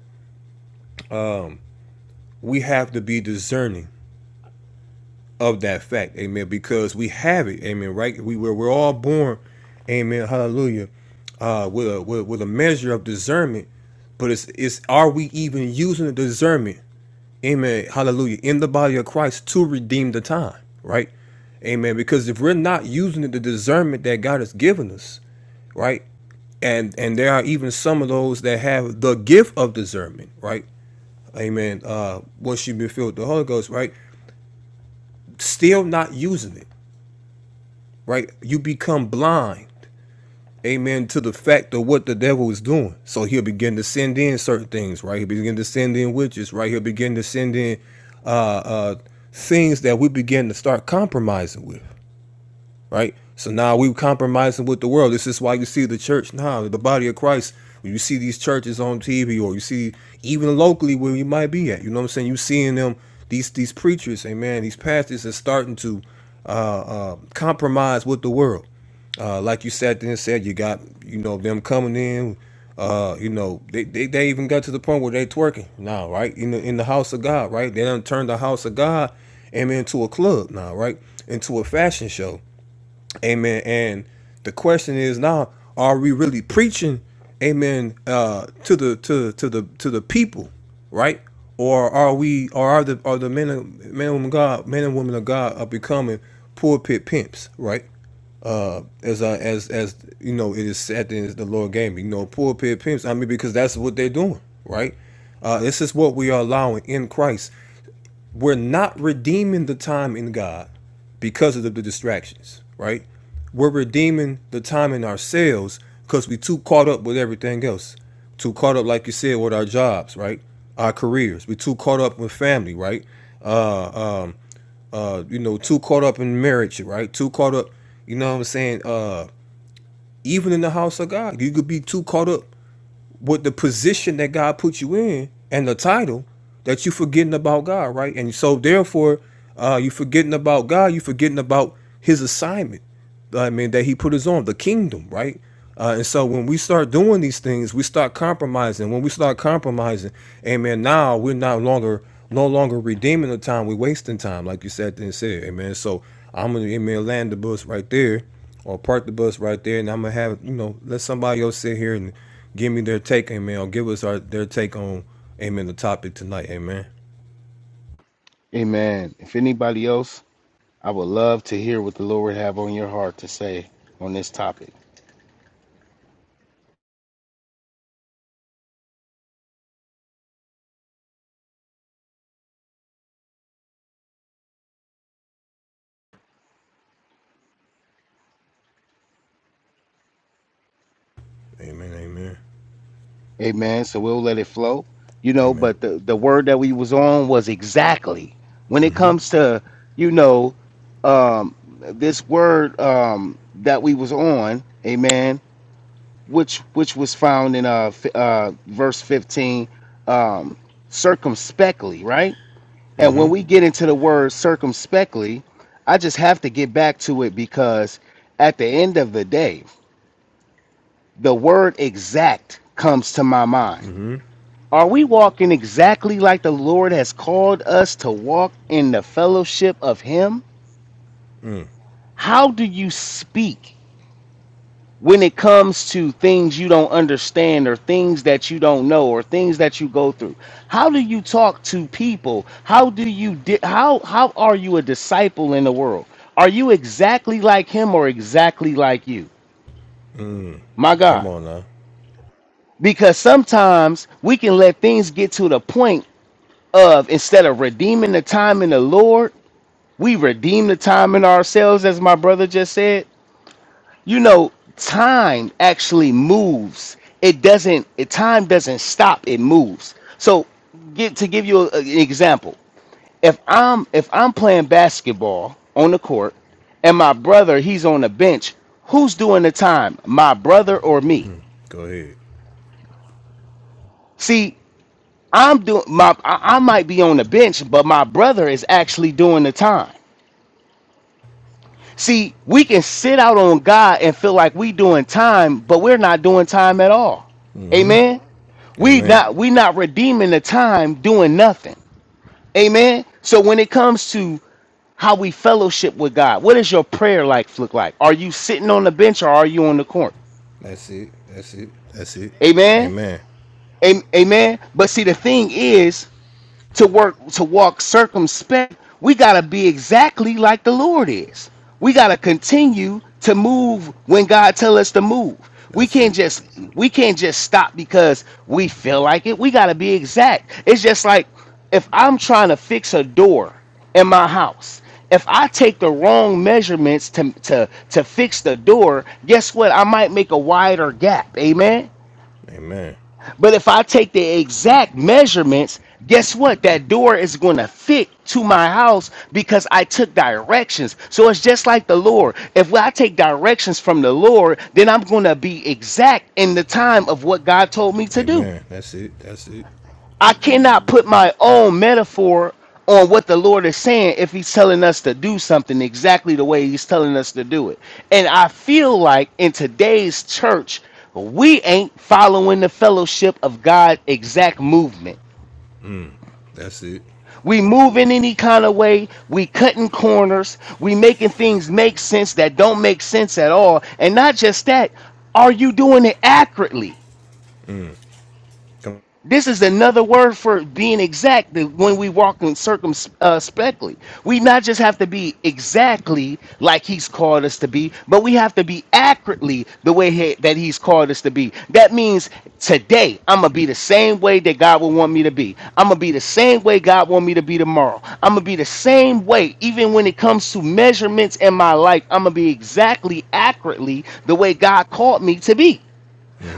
[SPEAKER 2] we have to be discerning of that fact, amen. Because we have it, amen. Right? We were we're all born, amen. Hallelujah, uh, with a with, with a measure of discernment, but it's it's are we even using the discernment, amen. Hallelujah, in the body of Christ to redeem the time, right? Amen. Because if we're not using the discernment that God has given us, right? And and there are even some of those that have the gift of discernment, right? Amen. Uh once you've been filled with the Holy Ghost, right? Still not using it. right? You become blind, amen, to the fact of what the devil is doing. So he'll begin to send in certain things, right? He'll begin to send in witches, right? He'll begin to send in uh, uh, things that we begin to start compromising with right? So now we compromising with the world. This is why you see the church now, the body of Christ. When you see these churches on TV, or you see even locally where you might be at, you know what I'm saying? You seeing them these these preachers, amen. These pastors are starting to uh, uh, compromise with the world. Uh, like you sat there and said, you got you know them coming in. Uh, you know they, they, they even got to the point where they twerking now, right? In the in the house of God, right? They done turned the house of God, amen, into a club now, right? Into a fashion show. Amen. And the question is now, are we really preaching, amen, uh, to the to to the to the people, right? Or are we or are the are the men of men and women of God men and women of God are becoming pulpit pimps, right? Uh, as I, as as you know, it is said that the Lord gave me, you know, pulpit pimps. I mean, because that's what they're doing, right? Uh, this is what we are allowing in Christ we're not redeeming the time in God because of the, the distractions, right? We're redeeming the time in ourselves because we too caught up with everything else. Too caught up, like you said, with our jobs, right? Our careers. We too caught up with family, right? Uh, um, uh, you know, too caught up in marriage, right? Too caught up, you know what I'm saying? Uh, even in the house of God, you could be too caught up with the position that God put you in and the title that you forgetting about God, right? And so therefore, uh, you forgetting about God, you forgetting about His assignment. uh, I mean, that He put us on the kingdom, right? Uh, and so when we start doing these things, we start compromising. When we start compromising, amen. Now we're no longer no longer redeeming the time. We're wasting time, like you said and said, amen. So I'm gonna amen land the bus right there or park the bus right there, and I'm gonna have you know let somebody else sit here and give me their take, amen, or give us our their take on, amen, the topic tonight, amen.
[SPEAKER 1] Amen. If anybody else, I would love to hear what the Lord have on your heart to say on this topic.
[SPEAKER 2] Amen, amen,
[SPEAKER 1] Amen. So we'll let it flow. You know,
[SPEAKER 2] amen.
[SPEAKER 1] but the, the word that we was on was exactly. When it comes to, you know, um this word um that we was on, amen, which which was found in uh fi- uh verse 15 um circumspectly, right? And when we get into the word circumspectly, I just have to get back to it because at the end of the day, the word exact comes to my mind are we walking exactly like the Lord has called us to walk in the fellowship of Him? How do you speak when it comes to things you don't understand or things that you don't know or things that you go through? How do you talk to people? How do you di- how how are you a disciple in the world? Are you exactly like him or exactly like you? My
[SPEAKER 2] Come
[SPEAKER 1] God.
[SPEAKER 2] on now,
[SPEAKER 1] Because sometimes we can let things get to the point of instead of redeeming the time in the Lord, We redeem the time in ourselves, as my brother just said. You know, time actually moves. It doesn't. It, time doesn't stop. It moves. So, get to give you a- an example. If I'm if I'm playing basketball on the court, and my brother he's on the bench, who's doing the time? My brother or me?
[SPEAKER 2] go ahead.
[SPEAKER 1] See, I'm doing my. I, I might be on the bench, but my brother is actually doing the time. See, we can sit out on God and feel like we doing time, but we're not doing time at all. Amen. We
[SPEAKER 2] Amen.
[SPEAKER 1] not we not redeeming the time doing nothing. Amen. So when it comes to how we fellowship with God, what does your prayer life look like? Are you sitting on the bench or are you on the court?
[SPEAKER 2] That's it, that's it, that's it.
[SPEAKER 1] Amen.
[SPEAKER 2] Amen.
[SPEAKER 1] Am- Amen. But see, the thing is, to work to walk circumspect we got to be exactly like the lord is we got to continue to move when god tell us to move we
[SPEAKER 2] That's
[SPEAKER 1] can't
[SPEAKER 2] it.
[SPEAKER 1] just we can't just stop because we feel like it we got to be exact it's just like if i'm trying to fix a door in my house if I take the wrong measurements to, to, to fix the door, guess what? I might make a wider gap. Amen.
[SPEAKER 2] Amen.
[SPEAKER 1] But if I take the exact measurements, guess what? That door is going to fit to my house because I took directions. So it's just like the Lord. If I take directions from the Lord, then I'm going to be exact in the time of what God told me to do.
[SPEAKER 2] Amen. That's it, that's it,
[SPEAKER 1] I cannot put my own metaphor on what the Lord is saying if He's telling us to do something exactly the way He's telling us to do it. And I feel like in today's church, we ain't following the fellowship of God exact movement.
[SPEAKER 2] that's it.
[SPEAKER 1] We move in any kind of way. We cutting corners. We making things make sense that don't make sense at all. And not just that, are you doing it accurately?
[SPEAKER 2] Come,
[SPEAKER 1] This is another word for being exact that when we walk in circumspectly. We not just have to be exactly like he's called us to be, but we have to be accurately the way he- that he's called us to be. That means today I'm going to be the same way that God would want me to be. I'm going to be the same way God want me to be tomorrow. I'm going to be the same way even when it comes to measurements in my life. I'm going to be exactly accurately the way God called me to be.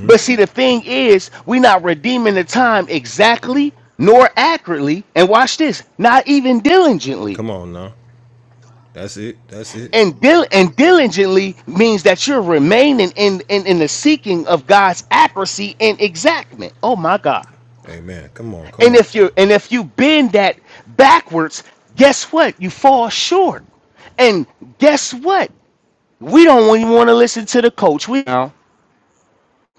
[SPEAKER 1] But see, the thing is, we're not redeeming the time exactly nor accurately. And watch this, not even diligently.
[SPEAKER 2] come on now. That's it, that's it.
[SPEAKER 1] And, dil- and diligently means that you're remaining in, in, in the seeking of God's accuracy and exactment. Oh my God.
[SPEAKER 2] Amen. Come on, come
[SPEAKER 1] And
[SPEAKER 2] on.
[SPEAKER 1] if you and if you bend that backwards, guess what? You fall short. And guess what? We don't even want to listen to the coach. We now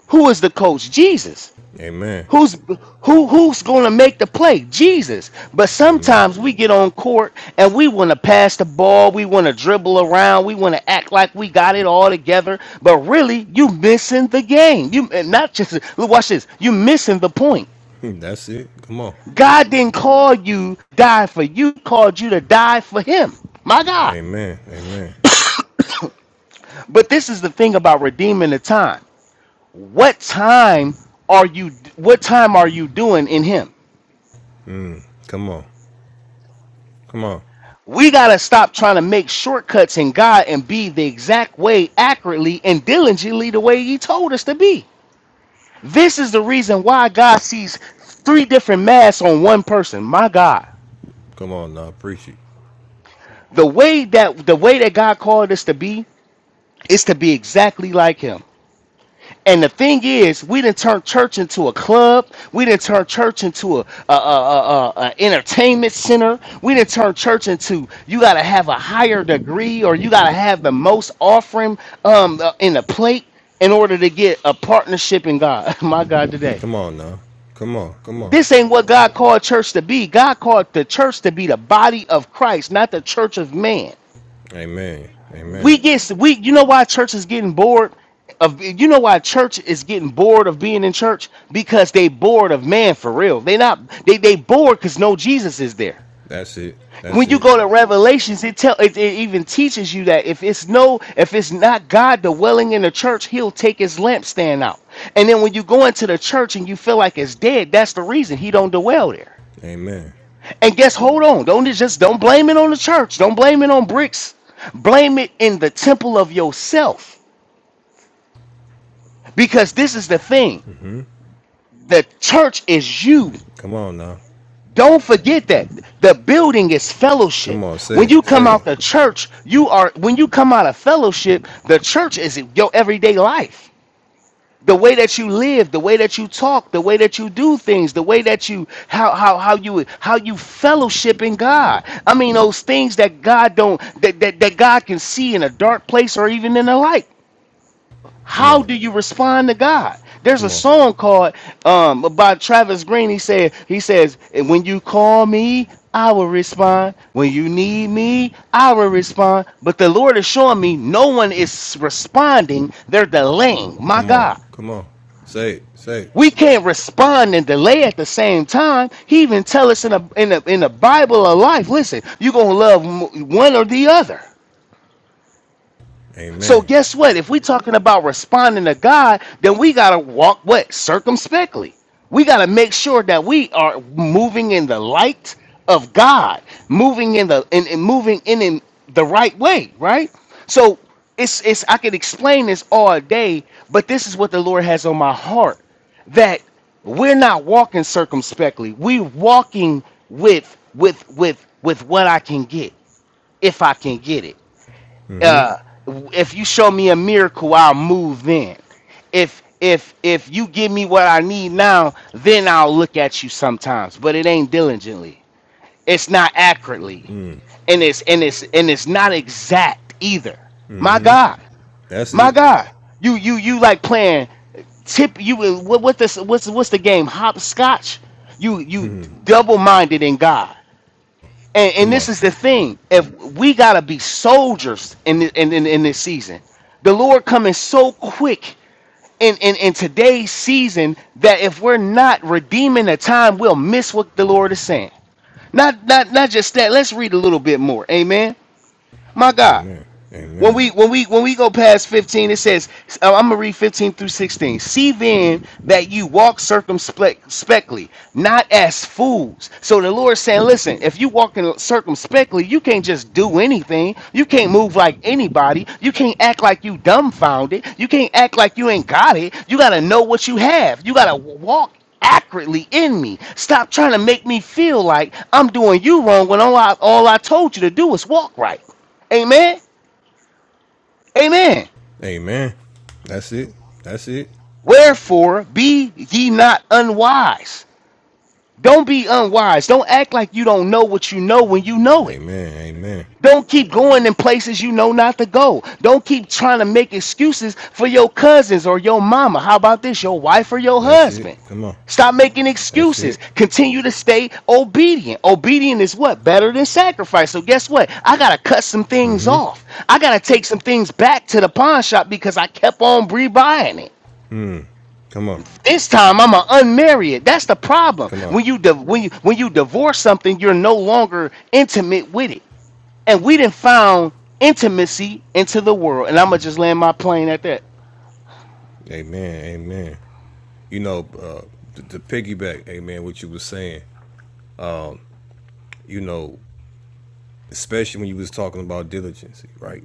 [SPEAKER 1] who is the coach? Jesus.
[SPEAKER 2] Amen.
[SPEAKER 1] Who's who who's gonna make the play? Jesus. But
[SPEAKER 2] Amen.
[SPEAKER 1] sometimes we get on court and we wanna pass the ball, we wanna dribble around, we wanna act like we got it all together, but really you missing the game. You and not just look, watch this, you missing the point.
[SPEAKER 2] That's it. Come on.
[SPEAKER 1] God didn't call you die for you, He called you to die for him. My God.
[SPEAKER 2] Amen. Amen.
[SPEAKER 1] But this is the thing about redeeming the time. What time are you what time are you doing in him?
[SPEAKER 2] Mm. Come on. Come on.
[SPEAKER 1] We got to stop trying to make shortcuts in God and be the exact way, accurately, and diligently the way He told us to be. This is the reason why God sees three different masks on one person. My God.
[SPEAKER 2] Come on now. Appreciate
[SPEAKER 1] The way that the way that God called us to be is to be exactly like him. And the thing is, we didn't turn church into a club. We didn't turn church into a, a, a, a, a- a entertainment center. We didn't turn church into you got to have a higher degree or you got to have the most offering um, uh, in the plate in order to get a partnership in God. My God, today.
[SPEAKER 2] Come on now. Come on. Come on.
[SPEAKER 1] This ain't what God called church to be. God called the church to be the body of Christ, not the church of man
[SPEAKER 2] Amen. Amen.
[SPEAKER 1] we get we you know why church is getting bored of you know why church is getting bored of being in church because they bored of man for real they not they they bored because no jesus is there
[SPEAKER 2] That's it. That's
[SPEAKER 1] when you
[SPEAKER 2] it.
[SPEAKER 1] go to revelations it tell it, it even teaches you that if it's no if it's not god dwelling in the church he'll take his lampstand out and then when you go into the church and you feel like it's dead that's the reason he don't dwell there
[SPEAKER 2] Amen.
[SPEAKER 1] and guess, hold on. Don't just don't blame it on the church. Don't blame it on bricks. Blame it in the temple of yourself. Because this is the thing.
[SPEAKER 2] hmm
[SPEAKER 1] The church is you.
[SPEAKER 2] Come on now.
[SPEAKER 1] Don't forget that. The building is
[SPEAKER 2] Come
[SPEAKER 1] fellowship.
[SPEAKER 2] on. Say
[SPEAKER 1] When you
[SPEAKER 2] it.
[SPEAKER 1] come
[SPEAKER 2] Say
[SPEAKER 1] out
[SPEAKER 2] it.
[SPEAKER 1] the church, you are when you come out of fellowship, the church is your everyday life. the way that you live, the way that you talk, the way that you do things, the way that you how how how you how you fellowship in God. I mean those things that God don't that that, that God can see in a dark place or even in the light.
[SPEAKER 2] Come
[SPEAKER 1] How
[SPEAKER 2] on.
[SPEAKER 1] do you respond to God? There's a
[SPEAKER 2] Come on.
[SPEAKER 1] song called um by Travis Green. He said he says when you call me, I will respond. When you need me, I will respond. But the Lord is showing me no one is responding. They're delaying. My
[SPEAKER 2] Come on.
[SPEAKER 1] God
[SPEAKER 2] Come on. Say it. Say it.
[SPEAKER 1] we can't respond and delay at the same time. He even tell us in the in the in the Bible of life. Listen, you gonna love m- one or the other. So
[SPEAKER 2] Amen.
[SPEAKER 1] guess what? If we're talking about responding to God, then we gotta walk what circumspectly. We gotta make sure that we are moving in the light of God, moving in the and, and moving in, in the right way, right? So it's it's I could explain this all day, but this is what the Lord has on my heart that we're not walking circumspectly. We're walking with with with with what I can get, if I can get it.
[SPEAKER 2] Mm-hmm.
[SPEAKER 1] Uh, if you show me a miracle, I'll move then. If if if you give me what I need now, then I'll look at you sometimes. But it ain't diligently. It's not accurately. And it's and it's and it's not exact either. My
[SPEAKER 2] Mm-hmm.
[SPEAKER 1] God.
[SPEAKER 2] That's
[SPEAKER 1] My
[SPEAKER 2] it.
[SPEAKER 1] God. You you you like playing tip you what what this what's what's the game? Hopscotch? You you double minded in God. And, and
[SPEAKER 2] Come on.
[SPEAKER 1] this is the thing: if we gotta be soldiers in the, in, in in this season, the Lord coming so quick in, in in today's season that if we're not redeeming the time, we'll miss what the Lord is saying. Not not not just that. Let's read a little bit more. Amen. My God.
[SPEAKER 2] Amen.
[SPEAKER 1] When
[SPEAKER 2] Amen.
[SPEAKER 1] we when we when we go past 15, it says, uh, I'm gonna read 15 through 16. See then that you walk circumspectly, not as fools. So the Lord's saying, listen, if you walk in circumspectly, you can't just do anything. You can't move like anybody. You can't act like you dumbfounded. You can't act like you ain't got it. You gotta know what you have. You gotta walk accurately in me. Stop trying to make me feel like I'm doing you wrong when all I all I told you to do is walk right. Amen. Amen.
[SPEAKER 2] Amen. That's it. That's it.
[SPEAKER 1] Wherefore, be ye not unwise. Don't be unwise. Don't act like you don't know what you know when you know it.
[SPEAKER 2] Amen. Amen.
[SPEAKER 1] Don't keep going in places you know not to go. Don't keep trying to make excuses for your cousins or your mama. How about this, your wife or your
[SPEAKER 2] That's it.
[SPEAKER 1] husband?
[SPEAKER 2] Come on.
[SPEAKER 1] Stop making
[SPEAKER 2] That's
[SPEAKER 1] excuses.
[SPEAKER 2] it.
[SPEAKER 1] Continue to stay obedient. Obedient is what? Better than sacrifice. So, guess what? I got to cut some things
[SPEAKER 2] Mm-hmm.
[SPEAKER 1] off. I got to take some things back to the pawn shop because I kept on rebuying it.
[SPEAKER 2] Come on.
[SPEAKER 1] This time I'm gonna unmarry it. That's the problem.
[SPEAKER 2] Come on.
[SPEAKER 1] When you di- when you when you divorce something, you're no longer intimate with it. And we didn't found intimacy into the world. And I'm gonna just land my plane at that.
[SPEAKER 2] Amen. Amen. you know, uh, to, to piggyback, hey man, what you was saying, you know, especially when you was talking about diligence, right?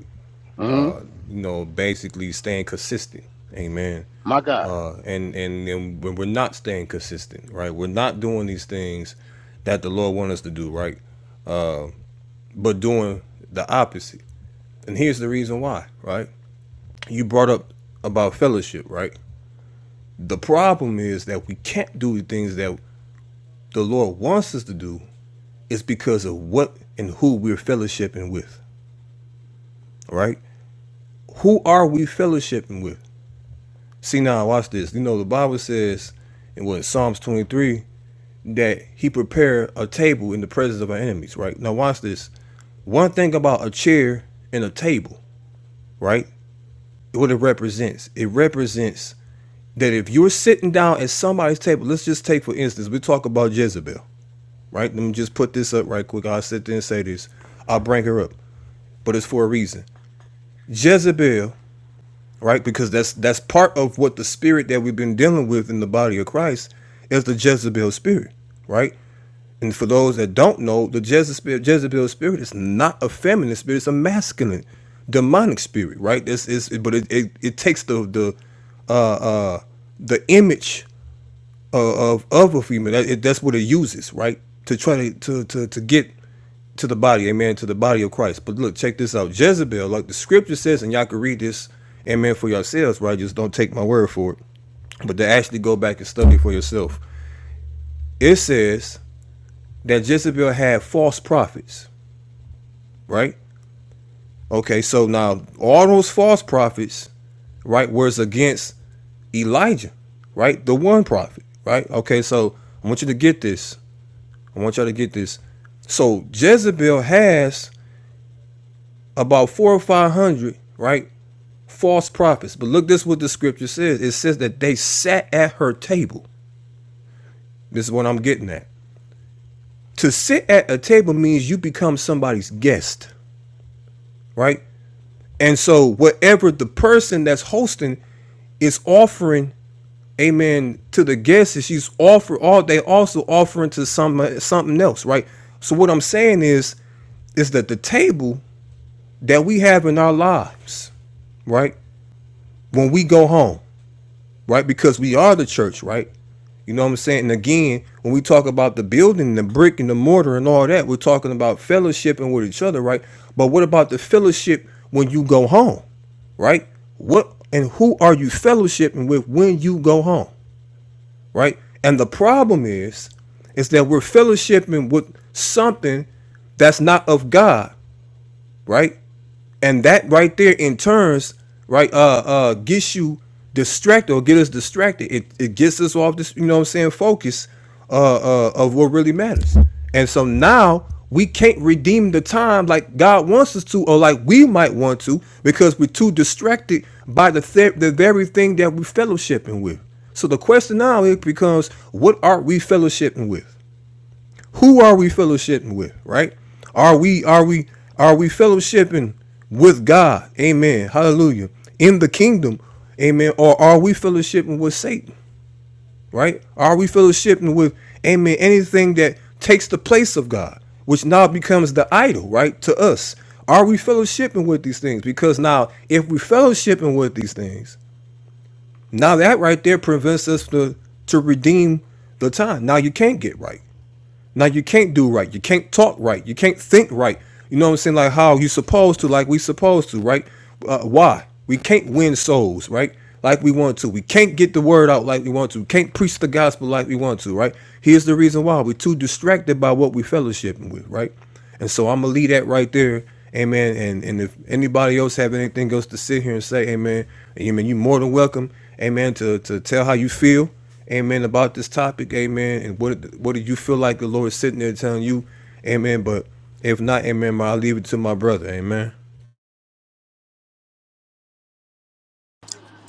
[SPEAKER 1] hmm
[SPEAKER 2] You know, basically staying consistent, amen.
[SPEAKER 1] My God,
[SPEAKER 2] Uh, and and and when we're not staying consistent, right? We're not doing these things that the Lord wants us to do, right? But doing the opposite. And here's the reason why, right? You brought up about fellowship, right? The problem is that we can't do the things that the Lord wants us to do It's because of what and who we're fellowshipping with. All right? Who are we fellowshipping with? See now, watch this. You know, the Bible says in what Psalms 23 that he prepared a table in the presence of our enemies, right? Now watch this. One thing about a chair and a table, right? What it represents. It represents that if you're sitting down at somebody's table, let's just take for instance, we talk about Jezebel, right? Let me just put this up right quick. I'll sit there and say this. I'll bring her up, but it's for a reason. Jezebel, right? Because that's that's part of what the spirit that we've been dealing with in the body of Christ is the Jezebel spirit, right? And for those that don't know, the Jezebel, Jezebel spirit is not a feminine spirit; it's a masculine, demonic spirit, right? This is, but it, it, it takes the the uh, uh, the image uh, of of a female. That, it, that's what it uses, right? To try to, to to to get to the body, amen, to the body of Christ. But look, check this out. Jezebel, like the scripture says, and y'all can read this, amen, for yourselves, right? Just don't take my word for it. But to actually go back and study for yourself. It says that Jezebel had false prophets, right? Okay, so now all those false prophets, right, was against Elijah, right? The one prophet, right? Okay, so I want you to get this. I want y'all to get this. So Jezebel has about four or five hundred, right? False prophets. But look this is what the scripture says. It says that they sat at her table. This is what I'm getting at. To sit at a table means you become somebody's guest, right? And so whatever the person that's hosting is offering, amen, to the guests, is she's offer all they also offering to some something else, right? So what I'm saying is is that the table that we have in our lives, right? When we go home, right? Because we are the church, right? You know what I'm saying? And again, when we talk about the building, the brick and the mortar and all that, we're talking about fellowshipping with each other, right? But what about the fellowship when you go home, right? What and who are you fellowshipping with when you go home, right? And the problem is, is that we're fellowshipping with something that's not of God right? And that right there in turns, right, uh uh gets you distracted or get us distracted. It it gets us off this, you know what I'm saying, focus uh uh of what really matters. And so now we can't redeem the time like God wants us to, or like we might want to, because we're too distracted by the th- the very thing that we're fellowshipping with. So the question now it becomes, what are we fellowshipping with? who are we fellowshipping with, right? Are we are we are we fellowshipping with God? Amen. Hallelujah. In the kingdom, amen. Or are we fellowshipping with Satan? Right? Are we fellowshipping with amen anything that takes the place of God, which now becomes the idol, right? To us. Are we fellowshipping with these things? Because now if we fellowshipping with these things, now that right there prevents us to to redeem the time. Now you can't get right. Now you can't do right. You can't talk right. You can't think right. You know what I'm saying? Like how you supposed to, like we supposed to, right? Uh, why? We can't win souls, right? Like we want to. We can't get the word out like we want to. We can't preach the gospel like we want to, right? Here's the reason why. We're too distracted by what we fellowshipping with, right? And so I'm gonna leave that right there. Amen. And and if anybody else have anything else to sit here and say, Amen, Amen, you're more than welcome, Amen, to to tell how you feel, Amen, about this topic, Amen. And what what do you feel like the Lord is sitting there telling you, Amen. But if not, Amen, I'll leave it to my brother, Amen.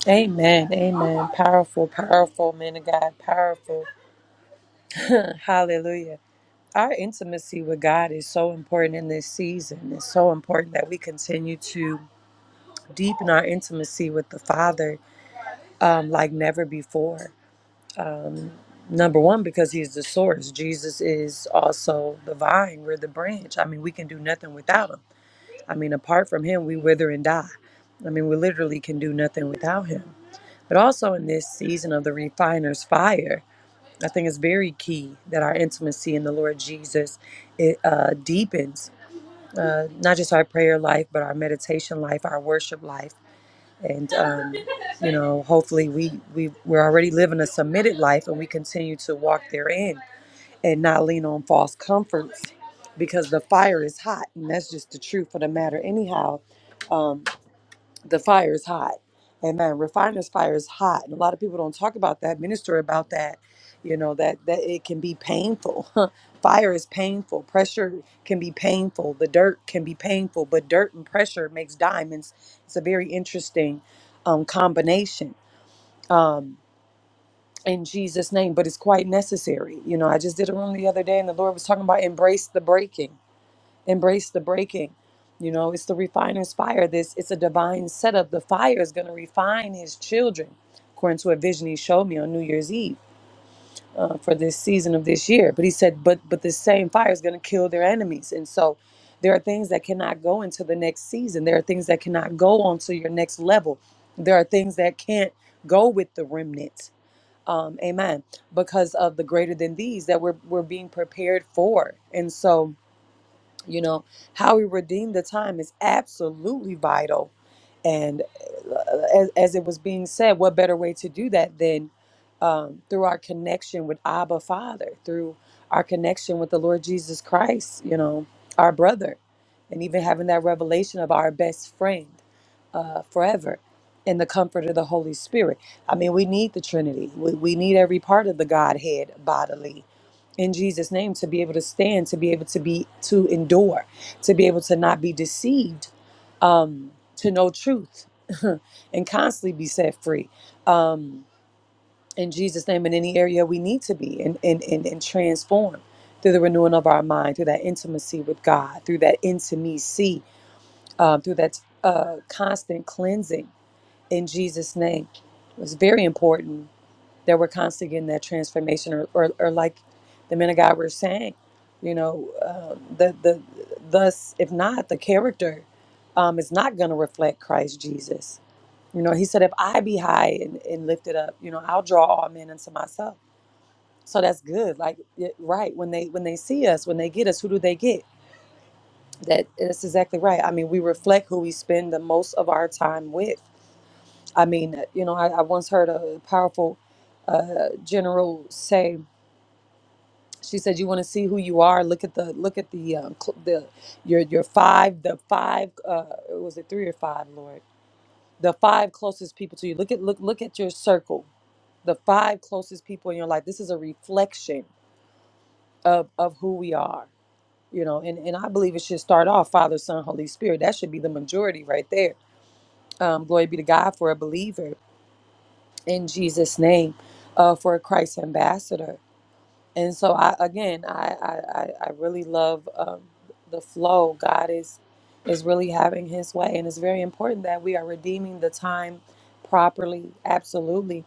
[SPEAKER 3] Amen. Amen. Powerful, powerful man of God. Powerful. Hallelujah. Our intimacy with God is so important in this season. It's so important that we continue to deepen our intimacy with the Father um, like never before. Number one, because He's the source. Jesus is also the vine. We're the branch. I mean, we can do nothing without Him. I mean, apart from Him, we wither and die. I mean, we literally can do nothing without Him. But also in this season of the refiner's fire, I think it's very key that our intimacy in the Lord Jesus it, uh, deepens uh, not just our prayer life, but our meditation life, our worship life. And, um, you know, hopefully we, we, we're already living a submitted life and we continue to walk therein and not lean on false comforts because the fire is hot. And that's just the truth of the matter, anyhow. Um, the fire is hot. Amen. Refiner's fire is hot. And a lot of people don't talk about that, minister about that. You know, that, that it can be painful. fire is painful. Pressure can be painful. The dirt can be painful, but dirt and pressure makes diamonds. It's a very interesting um, combination. Um, in Jesus' name, but it's quite necessary. You know, I just did a room the other day and the Lord was talking about embrace the breaking embrace the breaking you know it's the refiner's fire this it's a divine setup the fire is going to refine his children according to a vision he showed me on new year's eve uh, for this season of this year but he said but but this same fire is going to kill their enemies and so there are things that cannot go into the next season there are things that cannot go onto your next level there are things that can't go with the remnant um, amen because of the greater than these that we're, we're being prepared for and so you know, how we redeem the time is absolutely vital. And uh, as, as it was being said, what better way to do that than um, through our connection with Abba Father, through our connection with the Lord Jesus Christ, you know, our brother, and even having that revelation of our best friend uh, forever in the comfort of the Holy Spirit. I mean, we need the Trinity. We, we need every part of the Godhead bodily in Jesus' name to be able to stand, to be able to be to endure, to be able to not be deceived, um, to know truth, and constantly be set free. Um, in Jesus' name, in any area we need to be and and and, and transform through the renewing of our mind, through that intimacy with God, through that intimacy, um, through that uh, constant cleansing in Jesus' name. It's very important that we're constantly getting that transformation, or, or, or like the men of God were saying, you know, uh, the the thus if not the character um, is not going to reflect Christ Jesus. You know, He said, if I be high and, and lifted up, you know, I'll draw all men unto myself. So that's good. Like it- right when they when they see us, when they get us, who do they get? That that's exactly right. I mean, we reflect who we spend the most of our time with I mean, you know, I, I once heard a powerful uh, general say. She said, "You want to see who you are? Look at the look at the um, cl- the your your five the five uh, was it three or five, Lord? The five closest people to you. Look at look look at your circle. The five closest people in your life. This is a reflection of of who we are. You know, and and I believe it should start off Father, Son, Holy Spirit. That should be the majority right there. Um, glory be to God for a believer in Jesus' name, uh, for a Christ ambassador." and so I again I I, I I really love um, the flow. God is is really having His way, and it's very important that we are redeeming the time properly. Absolutely,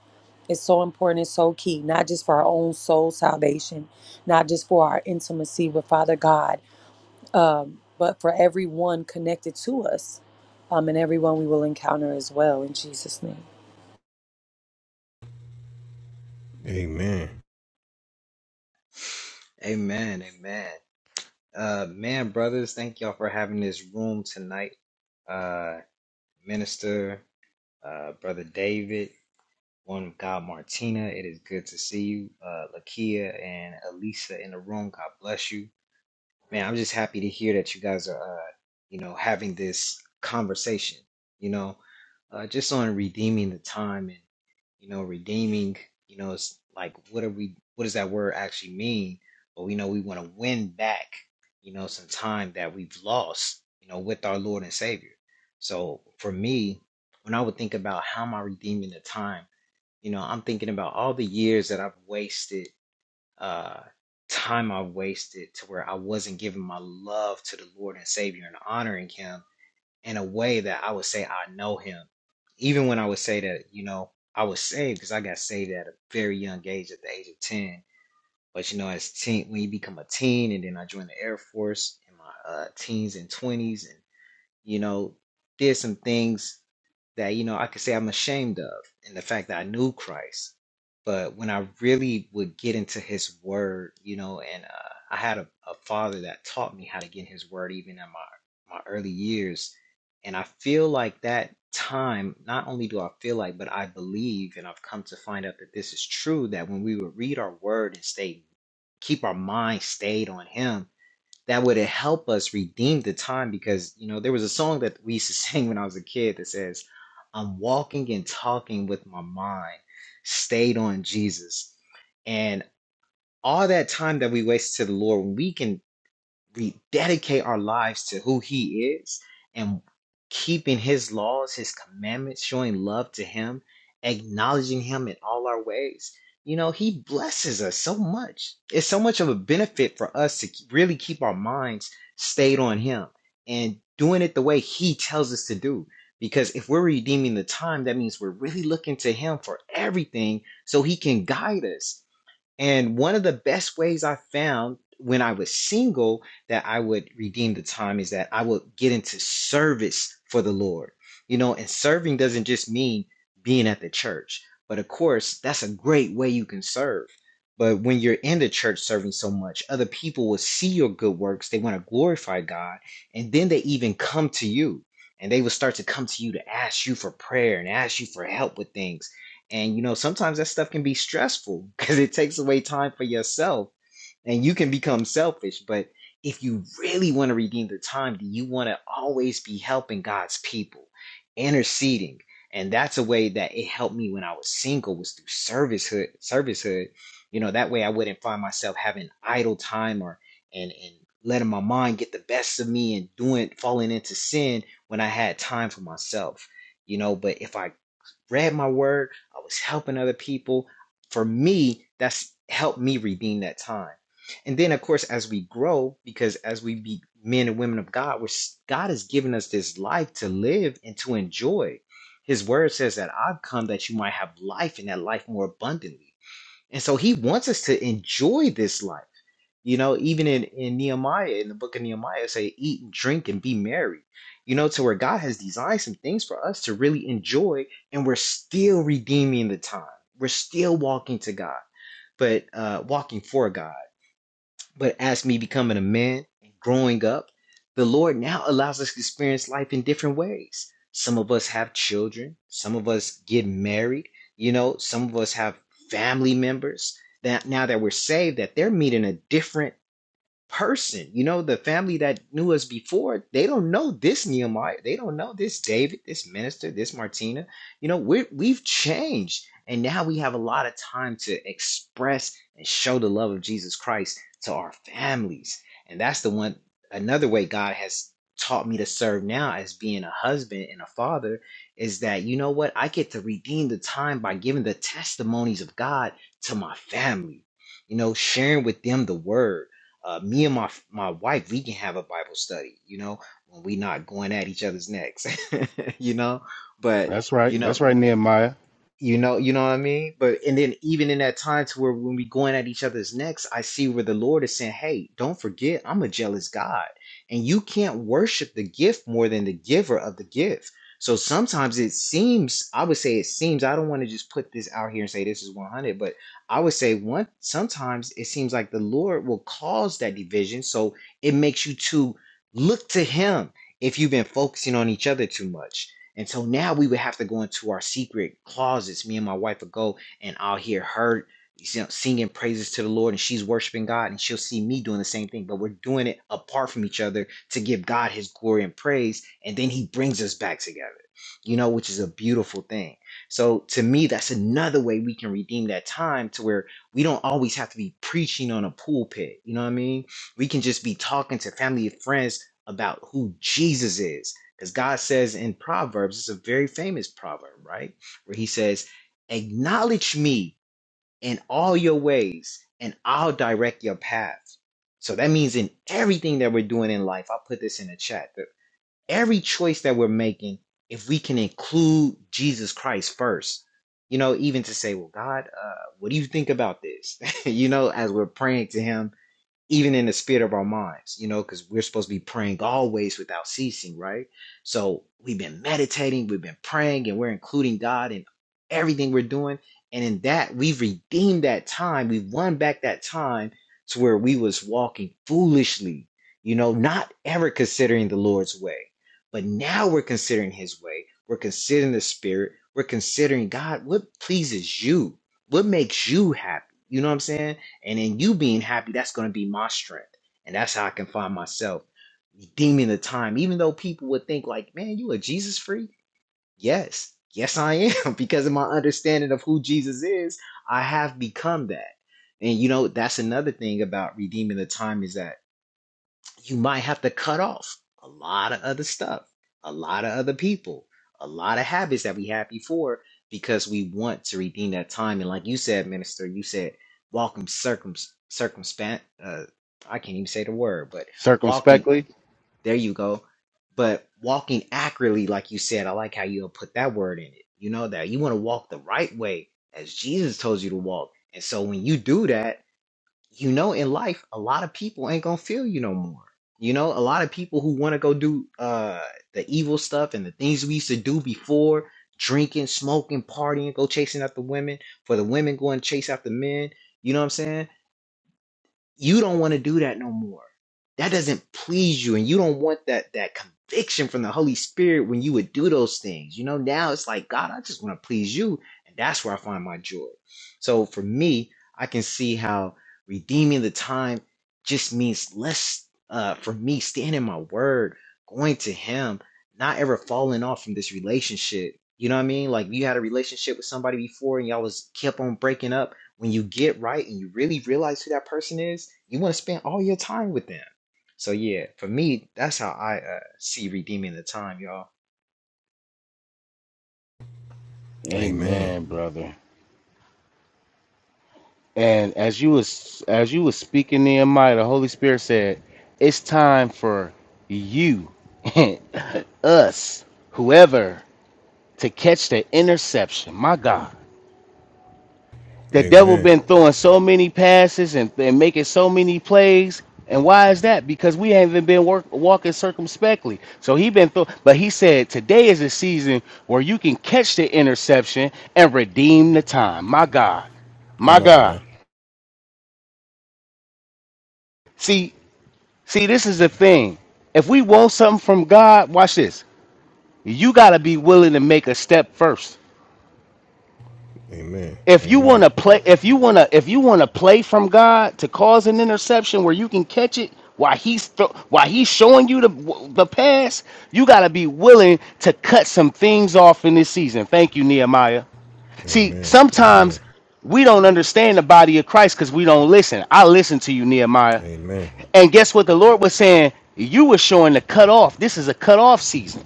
[SPEAKER 3] it's so important. It's so key, not just for our own soul salvation, not just for our intimacy with Father God, um, but for everyone connected to us, um, and everyone we will encounter as well. In Jesus' name,
[SPEAKER 2] Amen.
[SPEAKER 4] Amen. Amen. Uh, man, brothers, thank y'all for having this room tonight. Uh, Minister, uh, Brother David, one of God Martina, it is good to see you. Uh, Lakia and Elisa in the room, God bless you man, I'm just happy to hear that you guys are, uh, you know, having this conversation, you know, uh, just on redeeming the time and, you know, redeeming, you know, it's like, what are we, what does that word actually mean? But we know we want to win back, you know, some time that we've lost, you know, with our Lord and Savior. So for me, when I would think about how am I redeeming the time, you know, I'm thinking about all the years that I've wasted uh, time I wasted to where I wasn't giving my love to the Lord and Savior and honoring Him in a way that I would say I know Him. Even when I would say that, you know, I was saved because I got saved at a very young age, at the age of 10. But, you know, as teen, when you become a teen and then I joined the Air Force in my uh, teens and 20s and, you know, did some things that you know I could say I'm ashamed of and the fact that I knew Christ. But when I really would get into His Word, you know, and uh, I had a, a father that taught me how to get in His Word even in my my early years, and I feel like that time not only do I feel like, but I believe, and I've come to find out that this is true. That when we would read our Word and stay keep our mind stayed on Him that would help us redeem the time because you know there was a song that we used to sing when I was a kid that says, "I'm walking and talking with my mind stayed on Jesus," and all that time that we waste to the Lord, when we can we dedicate our lives to who he is and keeping his laws, his commandments, showing love to him, acknowledging him in all our ways, you know, he blesses us so much. It's so much of a benefit for us to really keep our minds stayed on him and doing it the way he tells us to do. Because if we're redeeming the time, that means we're really looking to him for everything so he can guide us and one of the best ways I found when I was single that I would redeem the time is that I would get into service for the Lord. You know, and serving doesn't just mean being at the church, but of course, that's a great way you can serve. But when you're in the church serving so much, other people will see your good works. They want to glorify God. And then they even come to you and they will start to come to you to ask you for prayer and ask you for help with things and you know, sometimes that stuff can be stressful because it takes away time for yourself and you can become selfish. But if you really want to redeem the time, then you want to always be helping God's people, interceding. And that's a way that it helped me when I was single was through servicehood, servicehood. You know, that way I wouldn't find myself having idle time or and and letting my mind get the best of me and doing falling into sin when I had time for myself you know but if i read my word, I was helping other people. For me, that's helped me redeem that time. And then, of course, as we grow, because as we be men and women of God, we're, God has given us this life to live and to enjoy. His word says that I've come that you might have life and that life more abundantly. And so he wants us to enjoy this life. You know, even in, in Nehemiah, in the book of Nehemiah, it say, eat and drink and be merry. You know, to where God has designed some things for us to really enjoy, and we're still redeeming the time. We're still walking to God, but uh, walking for God. But as me becoming a man and growing up, the Lord now allows us to experience life in different ways. Some of us have children, some of us get married, you know, some of us have family members that now that we're saved, that they're meeting a different person. You know, the family that knew us before, they don't know this Nehemiah. They don't know this David, this minister, this Martina. You know, we're, we've changed. And now we have a lot of time to express and show the love of Jesus Christ to our families. And that's the one, another way God has taught me to serve now as being a husband and a father is that, you know what? I get to redeem the time by giving the testimonies of God to my family, you know, sharing with them the word uh, me and my my wife, we can have a Bible study, you know, when we not going at each other's necks, you know. But
[SPEAKER 1] that's right.
[SPEAKER 4] you know,
[SPEAKER 1] That's right, Nehemiah.
[SPEAKER 4] you know, you know what I mean? But and then even in that time to where when we going at each other's necks, I see where the Lord is saying, Hey, don't forget, I'm a jealous God. And you can't worship the gift more than the giver of the gift. So sometimes it seems, I would say it seems, I don't want to just put this out here and say this is 100, but I would say one, sometimes it seems like the Lord will cause that division. So it makes you to look to Him if you've been focusing on each other too much and so now we would have to go into our secret closets. Me and my wife would go, and I'll hear her you know, singing praises to the Lord, and she's worshiping God, and she'll see me doing the same thing. But we're doing it apart from each other to give God His glory and praise, and then He brings us back together. You know, which is a beautiful thing. So to me, that's another way we can redeem that time to where we don't always have to be preaching on a pulpit. You know what I mean? We can just be talking to family and friends about who Jesus is because God says in Proverbs, it's a very famous proverb, right? Where he says, Acknowledge me in all your ways, and I'll direct your path. So that means in everything that we're doing in life, I'll put this in the chat. That every choice that we're making, if we can include Jesus Christ first, you know, even to say, Well, God, uh, what do you think about this? you know, as we're praying to Him even in the spirit of our minds, you know, because we're supposed to be praying always without ceasing, right? So we've been meditating, we've been praying, and we're including God in everything we're doing. And in that, we've redeemed that time. We've won back that time to where we was walking foolishly, you know, not ever considering the Lord's way. But now we're considering his way. We're considering the spirit. We're considering God, what pleases you? What makes you happy? You know what I'm saying? And in you being happy, that's going to be my strength. And that's how I can find myself redeeming the time. Even though people would think, like, man, you a Jesus freak? Yes. Yes, I am. Because of my understanding of who Jesus is, I have become that. And you know, that's another thing about redeeming the time is that you might have to cut off a lot of other stuff, a lot of other people, a lot of habits that we had before because we want to redeem that time. And like you said, minister, you said walking circum circumspect. Uh, I can't even say the word, but walking.
[SPEAKER 1] Circumspectly.
[SPEAKER 4] There you go. But walking accurately, like you said, I like how you put that word in it. You know that you want to walk the right way as Jesus told you to walk. And so when you do that you know, in life, a lot of people ain't gonna feel you no more. You know, a lot of people who want to go do uh the evil stuff and the things we used to do before, drinking, smoking, partying, go chasing after women, for the women going to chase after men. You know what I'm saying? you don't want to do that no more. That doesn't please you, and you don't want that that conviction from the Holy Spirit when you would do those things. You know, now it's like God, I just want to please you, and that's where I find my joy. So for me, I can see how redeeming the time just means less uh, for me standing in my word, going to Him, not ever falling off from this relationship. You know what I mean? Like you had a relationship with somebody before, and y'all was kept on breaking up when you get right and you really realize who that person is, you want to spend all your time with them. So yeah, for me, that's how I uh, see redeeming the time, y'all.
[SPEAKER 2] Amen.
[SPEAKER 1] Amen, brother. And as you was as you was speaking, Nehemiah, the Holy Spirit said, "It's time for you, us, whoever, to catch the interception." My God. The devil
[SPEAKER 2] Amen.
[SPEAKER 1] been throwing so many passes and, and making so many plays. And why is that? Because we haven't been work, walking circumspectly. So he been throw, but he said today is a season where you can catch the interception and redeem the time. My God, my
[SPEAKER 2] Come on
[SPEAKER 1] God.
[SPEAKER 2] now.
[SPEAKER 1] See, see, this is the thing. If we want something from God, watch this. You gotta be willing to make a step first.
[SPEAKER 2] Amen.
[SPEAKER 1] if you
[SPEAKER 2] Amen.
[SPEAKER 1] want to play if you want to if you want to play from god to cause an interception where you can catch it while he's thro- while he's showing you the the pass you got to be willing to cut some things off in this season thank you nehemiah see
[SPEAKER 2] Amen. Amen.
[SPEAKER 1] sometimes we don't understand the body of christ because we don't listen i listen to you nehemiah
[SPEAKER 2] Amen.
[SPEAKER 1] and guess what the lord was saying you were showing the cut off this is a cut off season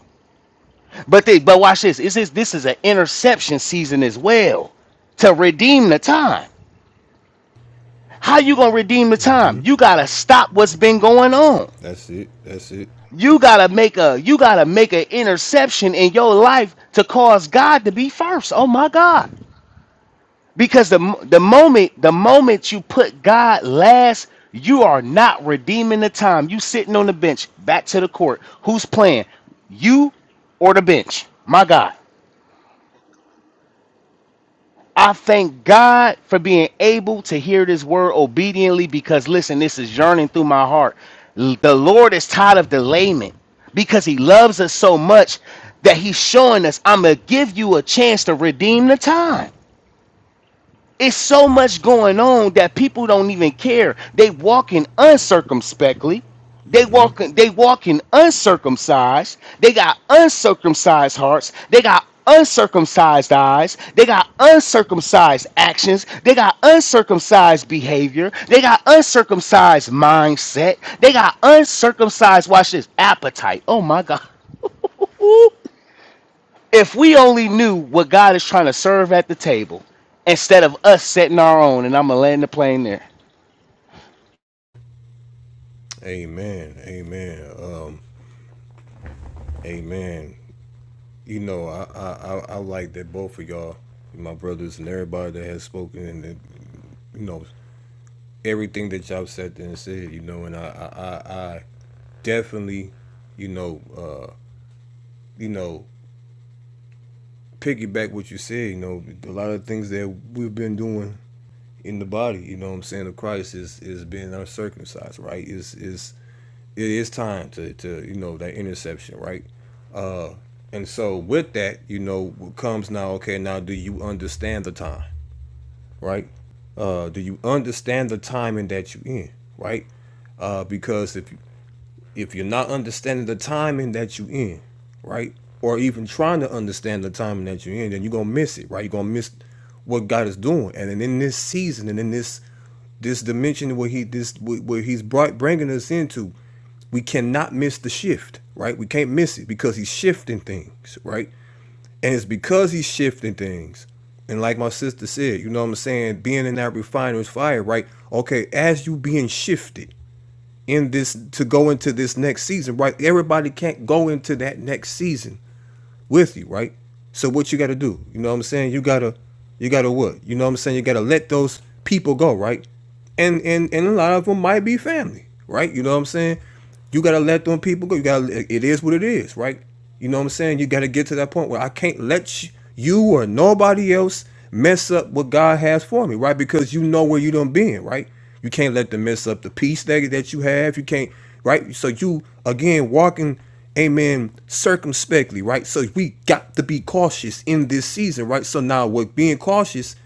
[SPEAKER 1] but they but watch this this is this is an interception season as well to redeem the time How you gonna redeem the
[SPEAKER 2] hmm
[SPEAKER 1] time? You gotta stop what's been going on.
[SPEAKER 2] That's it. That's it.
[SPEAKER 1] You gotta make a you gotta make an interception in your life to cause God to be first. Oh my God! Because the mo- the moment the moment you put God last, you are not redeeming the time. You sitting on the bench, back to the court. Who's playing? You or the bench? My God. I thank God for being able to hear this word obediently because listen, this is yearning through my heart. L- The Lord is tired of delayment because he loves us so much that he's showing us, I'm going to give you a chance to redeem the time. It's so much going on that people don't even care. They walking uncircumspectly. They walking they walking uncircumcised. They got uncircumcised hearts. They got uncircumcised eyes. They got uncircumcised actions. They got uncircumcised behavior. They got uncircumcised mindset. They got uncircumcised watch this appetite. Oh my god. if we only knew what God is trying to serve at the table instead of us setting our own, and I'm gonna land the plane there.
[SPEAKER 2] Amen. Amen. Um Amen. You know, I, I I I like that both of y'all, my brothers and everybody that has spoken, and that, you know everything that y'all said and said. You know, and I I I, I definitely, you know, uh, you know, piggyback what you said. You know, a lot of things that we've been doing in the body. You know, what I'm saying of Christ is is being uncircumcised, right? Is is it is time to to you know that interception, right? Uh, And so with that, you know, comes now, okay, now do you understand the time, right? Uh, do you understand the timing that you are in, right? Uh, because if you, if you're not understanding the timing that you are in, right? Or even trying to understand the timing that you're in, then you're gonna miss it, right? You're gonna miss what God is doing. And then in this season and in this this dimension where he this where where he's brought bringing us into, we cannot miss the shift, right? We can't miss it because he's shifting things, right? And it's because he's shifting things. And like my sister said, you know what I'm saying, being in that refiner's fire, right? Okay, as you being shifted, in this to go into this next season, right? Everybody can't go into that next season with you, right? So what you got to do? You know what I'm saying? You got to you got to what? You know what I'm saying? You got to let those people go, right? And and and a lot of them might be family, right? You know what I'm saying? You got to let them people go. You got to it is what it is, right? You know what I'm saying? You got to get to that point where I can't let you, you or nobody else mess up what God has for me, right? Because you know where you done been, right? You can't let them mess up the peace that, that you have. You can't, right? So you again walking amen, circumspectly, right? So we got to be cautious in this season, right? So now with being cautious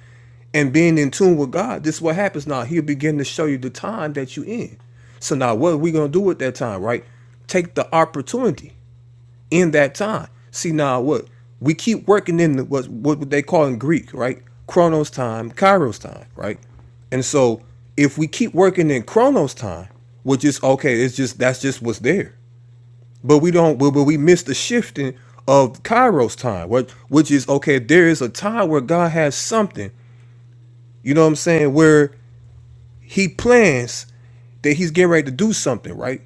[SPEAKER 2] and being in tune with God, this is what happens now. He'll begin to show you the time that you in. So now what are we gonna do at that time, right? Take the opportunity in that time. See now what we keep working in the what what they call in Greek, right? Chronos time, Kairos time, right? And so if we keep working in Chronos time, which is okay, it's just that's just what's there but we don't but, we miss the shifting of kairos time what which is okay there is a time where god has something you know what i'm saying where he plans that he's getting ready to do something right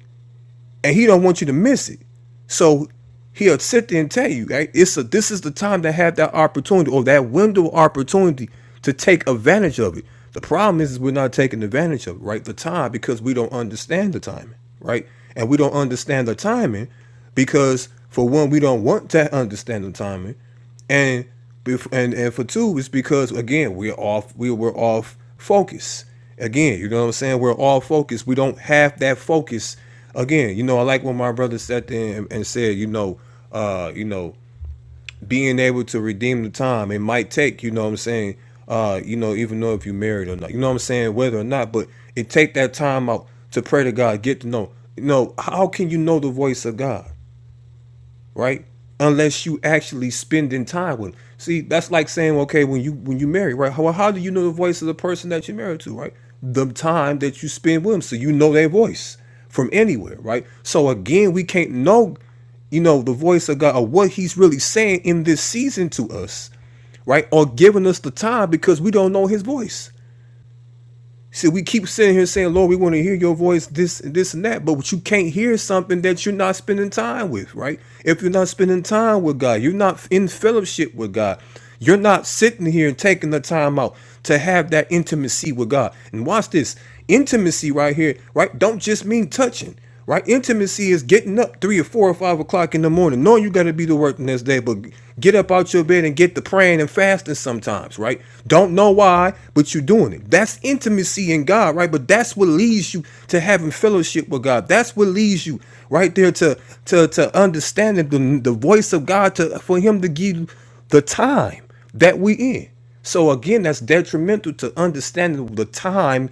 [SPEAKER 2] and he don't want you to miss it. So he'll sit there and tell you, hey, it's a this is the time to have that opportunity or that window of opportunity to take advantage of it. The problem is, is we're not taking advantage of it, right? The time because we don't understand the timing, right? And we don't understand the timing because for one, we don't want to understand the timing and and and for two, it's because again we're off we we're off focus. Again, you know what I'm saying? We're all focused. We don't have that focus. Again, you know, I like when my brother sat there and, and said, you know, uh, you know, being able to redeem the time it might take. You know what I'm saying? Uh, you know, even though if you're married or not, you know what I'm saying, whether or not, but it take that time out to pray to God, get to know. You know, how can you know the voice of God? right? Unless you actually spending time with. 'em. See, that's like saying, okay, when you when you marry, right? How how do you know the voice of the person that you're married to, right? The time that you spend with them, so you know their voice from anywhere, right? So again, we can't know, you know, the voice of God or what He's really saying in this season to us, right? Or giving us the time because we don't know His voice. See, we keep sitting here saying, Lord, we want to hear your voice, this and this and that, but you can't hear something that you're not spending time with, right? If you're not spending time with God, you're not in fellowship with God. You're not sitting here and taking the time out to have that intimacy with God. And watch this intimacy right here, right? Don't just mean touching right? Intimacy is getting up three or four or five o'clock in the morning, knowing you got to be to work the next day, but get up out your bed and get to praying and fasting sometimes, right? Don't know why, but you're doing it. That's intimacy in God, right? But that's what leads you to having fellowship with God. That's what leads you right there to to to understanding the, the voice of God to for Him to give you the time that we in. So again, that's detrimental to understanding the time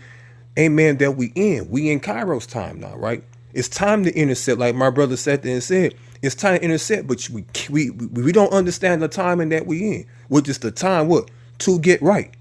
[SPEAKER 2] amen, that we in. We in Kairos time now, right? It's time to intercept, like my brother sat there and said, it's time to intercept, but we we we we don't understand the timing that we in, which is the time what? To get right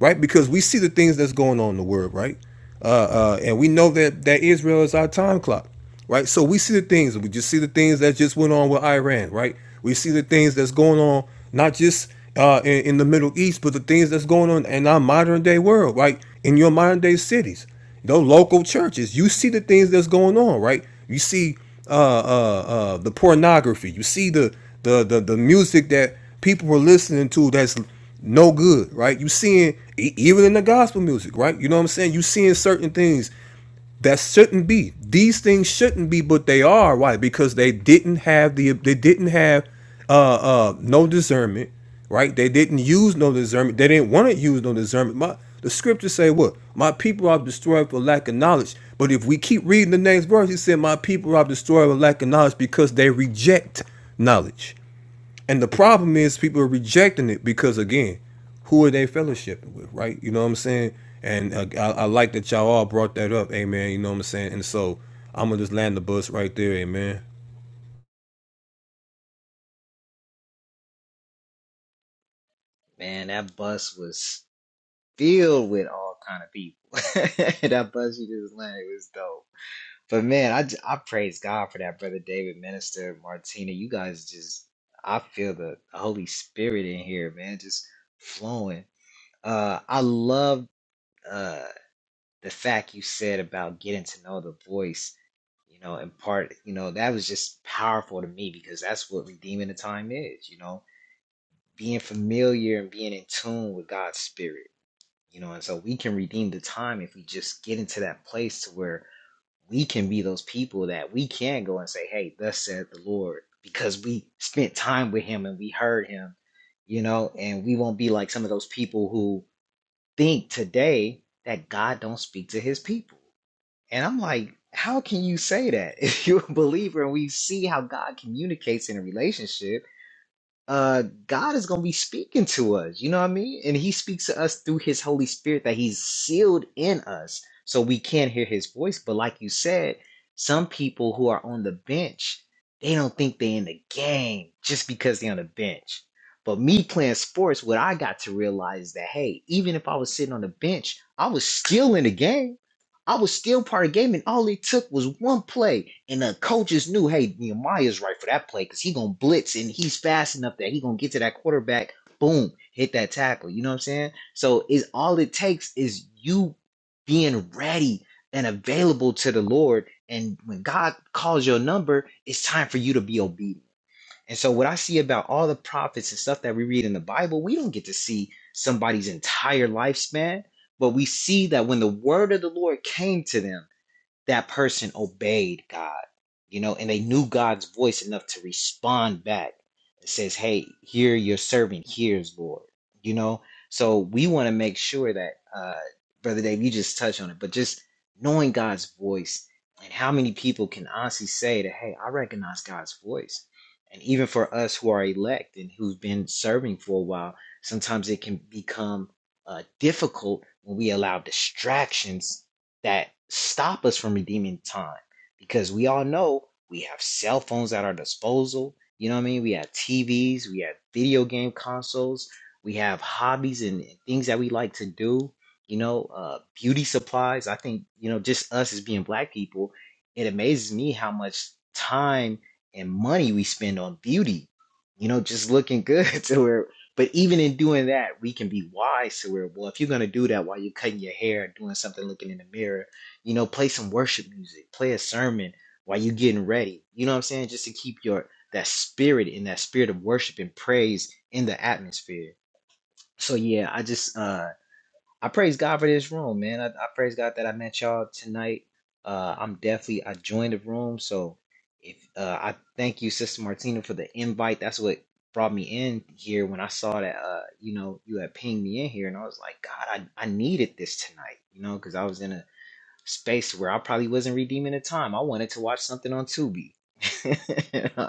[SPEAKER 2] right? Because we see the things that's going on in the world, right? Uh, uh, and we know that that Israel is our time clock, right? So we see the things. We just see the things that just went on with Iran, right? We see the things that's going on, not just uh, in, in the Middle East, but the things that's going on in our modern day world, right? In your modern day cities, those local churches, you see the things that's going on, right? You see uh, uh, uh, the pornography. You see the, the the the music that people were listening to that's no good, right? You seeing e- even in the gospel music, right? You know what I'm saying? You seeing certain things that shouldn't be. These things shouldn't be, but they are. Why? Because they didn't have the they didn't have uh uh no discernment, right? They didn't use no discernment. They didn't want to use no discernment. My the scriptures say what? My people are destroyed for lack of knowledge. But if we keep reading the next verse, he said, My people are destroyed for lack of knowledge because they reject knowledge. And the problem is people are rejecting it because again, who are they fellowshipping with, right? You know what I'm saying? And uh, I, I like that y'all all brought that up, amen. You know what I'm saying? And so I'm gonna just land the bus right there, amen.
[SPEAKER 4] Man, that bus was filled with all kind of people. that bus you just landed was dope. But man, I, j- I praise God for that, brother David, Minister Martina. You guys just, I feel the Holy Spirit in here, man, just flowing. Uh, I love uh the fact you said about getting to know the voice you know, in part, you know, that was just powerful to me because that's what redeeming the time is, you know, being familiar and being in tune with God's spirit, you know, and so we can redeem the time if we just get into that place to where we can be those people that we can go and say, Hey, thus said the Lord, because we spent time with him and we heard him, you know, and we won't be like some of those people who think today that God don't speak to his people and I'm like, how can you say that? If you're a believer and we see how God communicates in a relationship, uh, God is going to be speaking to us. You know what I mean? And he speaks to us through his Holy Spirit that he's sealed in us so we can hear his voice. But like you said, some people who are on the bench, they don't think they're in the game just because they're on the bench. But me playing sports, what I got to realize is that, hey, even if I was sitting on the bench, I was still in the game I was still part of the game, and all it took was one play. And the coaches knew, hey, Nehemiah's right for that play because he gonna blitz and he's fast enough that he gonna get to that quarterback. Boom, hit that tackle. You know what I'm saying? So it's all it takes is you being ready and available to the Lord. And when God calls your number, it's time for you to be obedient. And so, what I see about all the prophets and stuff that we read in the Bible, we don't get to see somebody's entire lifespan, but we see that when the word of the Lord came to them, that person obeyed God, you know, and they knew God's voice enough to respond back. It says, Hey, here your servant hears, Lord, you know. So we want to make sure that, uh, Brother Dave, you just touch on it, but just knowing God's voice and how many people can honestly say that, Hey, I recognize God's voice. And even for us who are elect and who've been serving for a while, sometimes it can become uh, difficult when we allow distractions that stop us from redeeming time because we all know we have cell phones at our disposal. You know what I mean? We have TVs, we have video game consoles, we have hobbies and things that we like to do. You know, uh, beauty supplies. I think you know, just us as being black people, it amazes me how much time and money we spend on beauty. You know, just looking good to where but even in doing that, we can be wise to where, well, if you're gonna do that while you're cutting your hair and doing something, looking in the mirror, you know, play some worship music, play a sermon while you're getting ready. You know what I'm saying? Just to keep your that spirit and that spirit of worship and praise in the atmosphere. So yeah, I just uh I praise God for this room, man. I, I praise God that I met y'all tonight. Uh, I'm definitely I joined the room, so if uh, I thank you, Sister Martina, for the invite. That's what brought me in here when I saw that uh, you know you had pinged me in here, and I was like, God, I, I needed this tonight, you know, because I was in a space where I probably wasn't redeeming the time. I wanted to watch something on Tubi.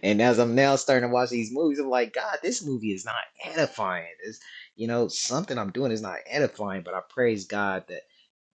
[SPEAKER 4] and as I'm now starting to watch these movies, I'm like, God, this movie is not edifying. It's, you know, something I'm doing is not edifying, but I praise God that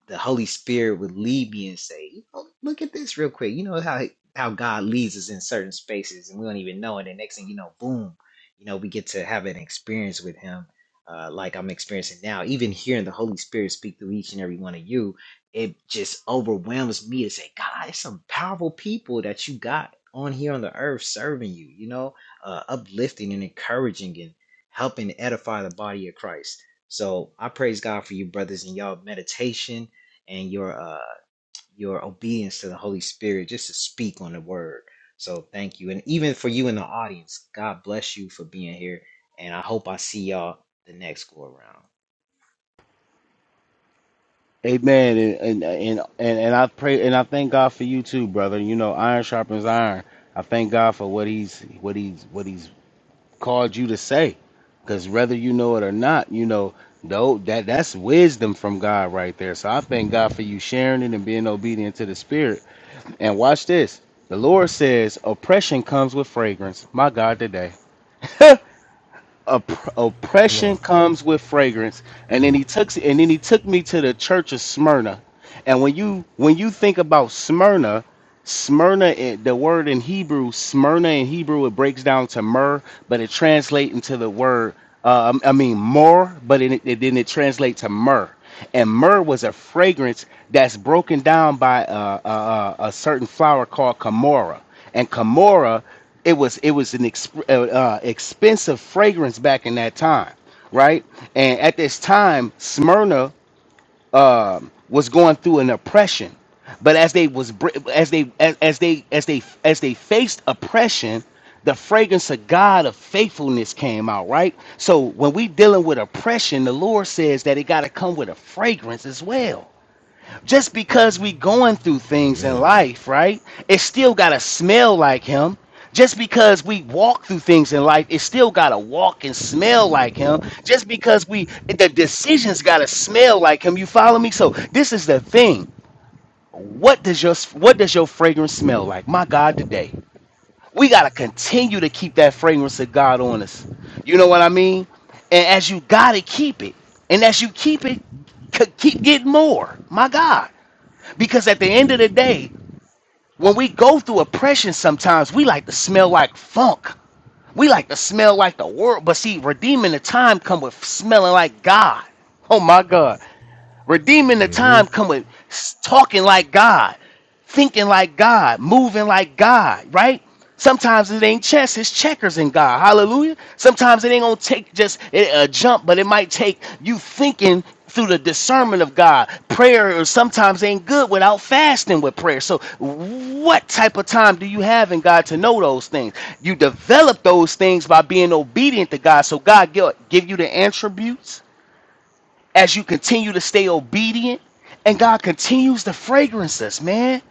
[SPEAKER 4] the Holy Spirit would lead me and say, you know, look at this real quick. You know how how God leads us in certain spaces and we don't even know it. And next thing you know, boom, you know, we get to have an experience with him, uh, like I'm experiencing now. Even hearing the Holy Spirit speak through each and every one of you, it just overwhelms me to say, God, it's some powerful people that you got on here on the earth serving you, you know, uh, uplifting and encouraging and helping edify the body of Christ. So I praise God for you, brothers, and y'all meditation and your uh your obedience to the Holy Spirit just to speak on the word. So thank you. And even for you in the audience, God bless you for being here. And I hope I see y'all the next go around.
[SPEAKER 1] Amen. And and and and, and I pray and I thank God for you too, brother. You know, iron sharpens iron. I thank God for what he's what he's what he's called you to say, because whether you know it or not, you know though that that's wisdom from God right there. So I thank God for you sharing it and being obedient to the Spirit. And watch this. The Lord says, oppression comes with fragrance. My God, today. Opp-
[SPEAKER 2] Come
[SPEAKER 1] oppression
[SPEAKER 2] on,
[SPEAKER 1] comes with fragrance and then he took and then he took me to the church of smyrna and when you when you think about smyrna smyrna in- the word in hebrew smyrna in hebrew it breaks down to myrrh but it translates into the word uh, I mean, more, but it, it, then it translates to myrrh. And myrrh was a fragrance that's broken down by uh, a, a, a certain flower called camorra. And camorra, it was it was an exp- uh, uh, expensive fragrance back in that time, right? And at this time, Smyrna um, was going through an oppression. But as they was br- as they as, as they as they as they faced oppression, the fragrance of God of faithfulness came out, right? So when we dealing with oppression, the Lord says that it got to come with a fragrance as well just because we going through things in
[SPEAKER 2] mm.
[SPEAKER 1] life, right? It still gotta smell like him. Just because we walk through things in life, it still gotta walk and smell like him. Just because we the decisions gotta smell like him. You follow me? So this is the thing. What does your what does your fragrance smell like? My God, today. We gotta continue to keep that fragrance of God on us. You know what I mean? And as you gotta keep it, and as you keep it, c- keep getting more. My God. Because at the end of the day, when we go through oppression, sometimes we like to smell like funk. We like to smell like the world. But see, redeeming the time come with smelling like God. Oh my God. Redeeming the
[SPEAKER 2] hmm
[SPEAKER 1] time come with s- talking like God, thinking like God, moving like God, right? Sometimes it ain't chess, it's checkers in God. Hallelujah. Sometimes it ain't gonna take just a a jump, but it might take you thinking through the discernment of God. Prayer or sometimes ain't good without fasting with prayer. So what type of time do you have in God to know those things? You develop those things by being obedient to God. So God gi- give you the attributes as you continue to stay obedient and God continues to fragrance us, man.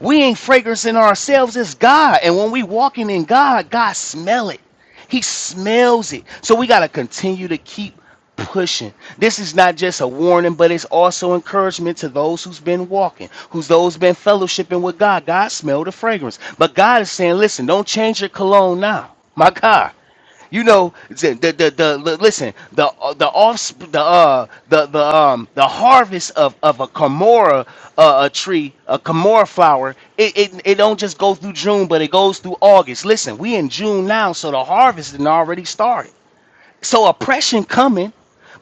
[SPEAKER 1] We ain't fragrancing ourselves, it's God. And when we walking in God, God smell it. He smells it. So we gotta continue to keep pushing. This is not just a warning, but it's also encouragement to those who's been walking, who's those been fellowshipping with God. God smell the fragrance. But God is saying, listen, don't change your cologne now. My God. You know, the the the, the li- listen the uh, the off the uh the the um the harvest of of a Kamora uh, a tree a Kamora flower it, it it don't just go through June but it goes through August. Listen, we in June now, so the harvest done already started. So oppression coming,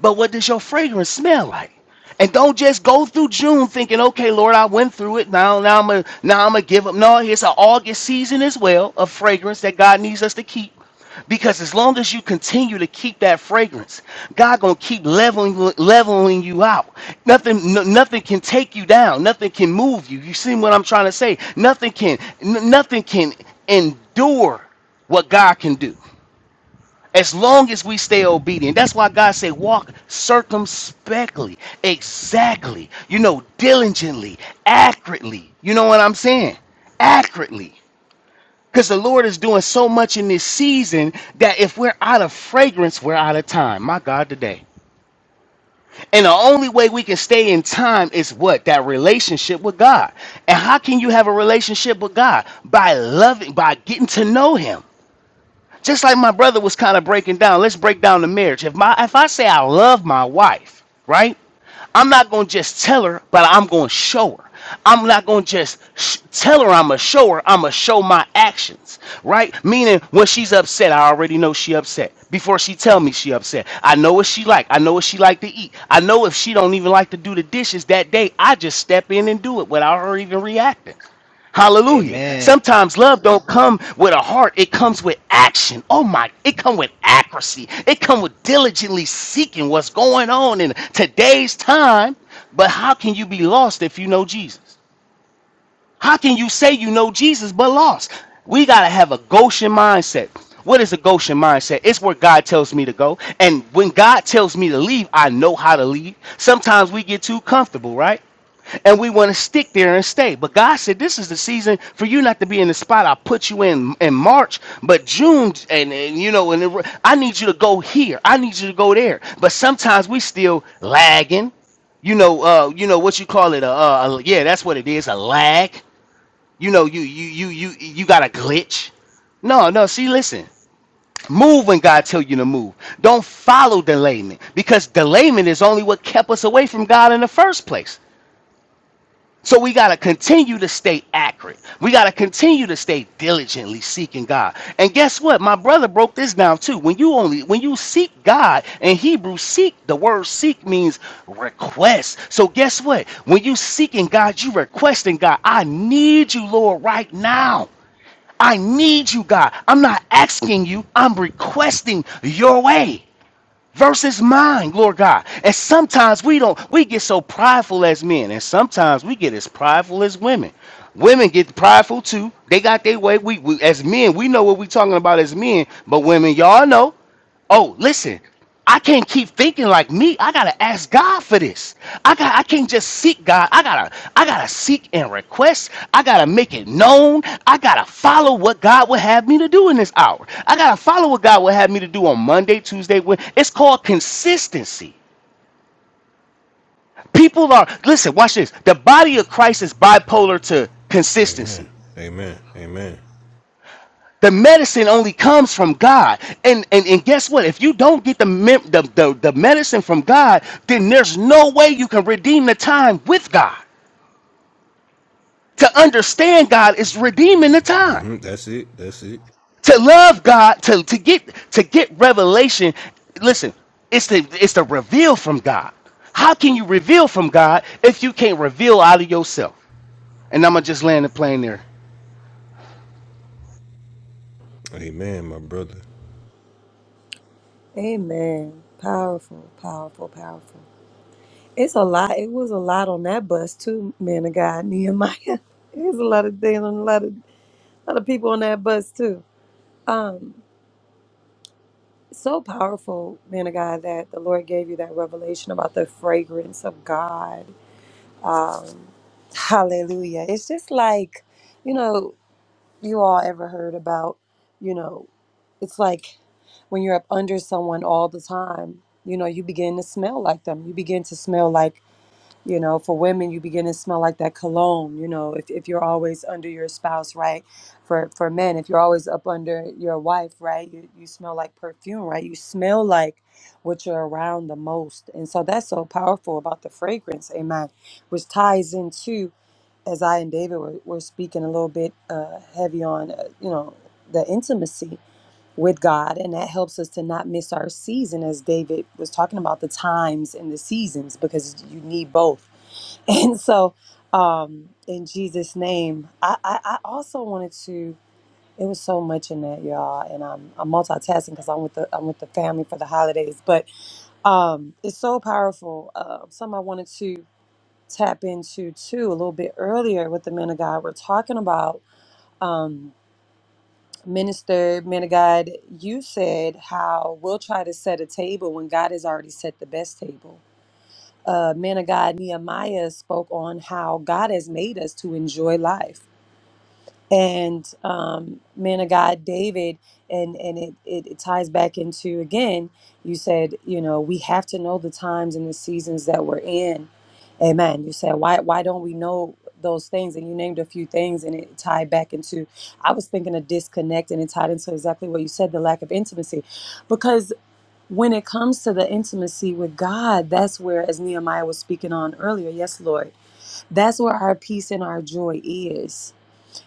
[SPEAKER 1] but what does your fragrance smell like? And don't just go through June thinking, okay, Lord, I went through it. Now, now I'm gonna, now I'm gonna give up. No, it's an August season as well of fragrance that God needs us to keep. Because as long as you continue to keep that fragrance, God gonna keep leveling leveling you out. Nothing no, nothing can take you down. Nothing can move you. You see what I'm trying to say? Nothing can n- nothing can endure what God can do as long as we stay obedient. That's why God said, walk circumspectly, exactly, you know, diligently, accurately. You know what I'm saying? Accurately. Because the Lord is doing so much in this season that if we're out of fragrance, we're out of time. My God, today. And the only way we can stay in time is what? That relationship with God. And how can you have a relationship with God? By loving, by getting to know Him. Just like my brother was kind of breaking down, let's break down the marriage. If my if I say I love my wife, right? I'm not gonna just tell her, but I'm gonna show her. I'm not gonna just sh- tell her I'm going to show her. I'm gonna show my actions, right? Meaning when she's upset, I already know she upset before she tell me she upset. I know what she like. I know what she like to eat. I know if she don't even like to do the dishes that day, I just step in and do it without her even reacting. Hallelujah.
[SPEAKER 4] Amen.
[SPEAKER 1] Sometimes love don't come with a heart, it comes with action. Oh my, it come with accuracy. It come with diligently seeking what's going on in today's time. But how can you be lost if you know Jesus? How can you say you know Jesus but lost? We got to have a Goshen mindset. What is a Goshen mindset? It's where God tells me to go. And when God tells me to leave, I know how to leave. Sometimes we get too comfortable, right? And we want to stick there and stay. But God said, This is the season for you not to be in the spot I put you in in March, but June, and, and you know, and it- I need you to go here. I need you to go there. But sometimes we still lagging you know, uh, you know what you call it, a, uh, a- yeah, that's what it is, a lag. You know, you you you you you got a glitch. No, no. See, listen. Move when God tell you to move. Don't follow delayment because delayment is only what kept us away from God in the first place. So we got to continue to stay accurate. We got to continue to stay diligently seeking God. And guess what? My brother broke this down too. When you only when you seek God in Hebrew seek, the word seek means request. So guess what? When you seeking God, you requesting God, I need you, Lord, right now. I need you, God. I'm not asking you, I'm requesting your way versus mine, Lord God. And sometimes we don't, we get so prideful as men, and sometimes we get as prideful as women. Women get prideful too. They got their way. We, we as men, we know what we are talking about as men, but women, y'all know. Oh, listen, I can't keep thinking like me. I gotta ask God for this. I got I can't just seek God. I gotta I gotta seek and request. I gotta make it known. I gotta follow what God would have me to do in this hour. I gotta follow what God would have me to do on Monday, Tuesday, when it's called consistency. People are listen, watch this. The body of Christ is bipolar to
[SPEAKER 2] amen,
[SPEAKER 1] consistency.
[SPEAKER 2] amen, amen.
[SPEAKER 1] The medicine only comes from God. And, and and guess what? If you don't get the, mem- the the the medicine from God, then there's no way you can redeem the time with God. To understand God is redeeming the time.
[SPEAKER 2] hmm That's it, that's it.
[SPEAKER 1] To love God, to, to get to get revelation, listen, it's the it's the reveal from God. How can you reveal from God if you can't reveal out of yourself? And I'm gonna just land the plane there.
[SPEAKER 2] Amen, my brother.
[SPEAKER 3] Amen. Powerful, powerful, powerful. It's a lot. It was a lot on that bus too, man of God, Nehemiah. It was a lot of things and a lot of a lot of people on that bus too. Um, so powerful, man of God, that the Lord gave you that revelation about the fragrance of God. Um, hallelujah. It's just like, you know, you all ever heard about, you know, it's like when you're up under someone all the time, you know, you begin to smell like them. You begin to smell like you know for women you begin to smell like that cologne you know if, if you're always under your spouse right for for men if you're always up under your wife right you, you smell like perfume right you smell like what you're around the most and so that's so powerful about the fragrance amen which ties into as i and david were, were speaking a little bit uh, heavy on uh, you know the intimacy with god and that helps us to not miss our season as david was talking about the times and the seasons because you need both And so, um, in Jesus' name, I, I, I also wanted to. It was so much in that, y'all, and I'm I'm multitasking because I'm with the I'm with the family for the holidays. But um, it's so powerful. Uh, something I wanted to tap into too a little bit earlier with the men of God. We're talking about um, minister men of God. You said how we'll try to set a table when God has already set the best table uh, man of God Nehemiah spoke on how God has made us to enjoy life. And um, man of God David, and, and it, it, it ties back into again, you said, you know, we have to know the times and the seasons that we're in. Amen. You said, why, why don't we know those things? And you named a few things and it tied back into, I was thinking of disconnect and it tied into exactly what you said, the lack of intimacy when it comes to the intimacy with God, that's where, as Nehemiah was speaking on earlier, yes, Lord, that's where our peace and our joy is.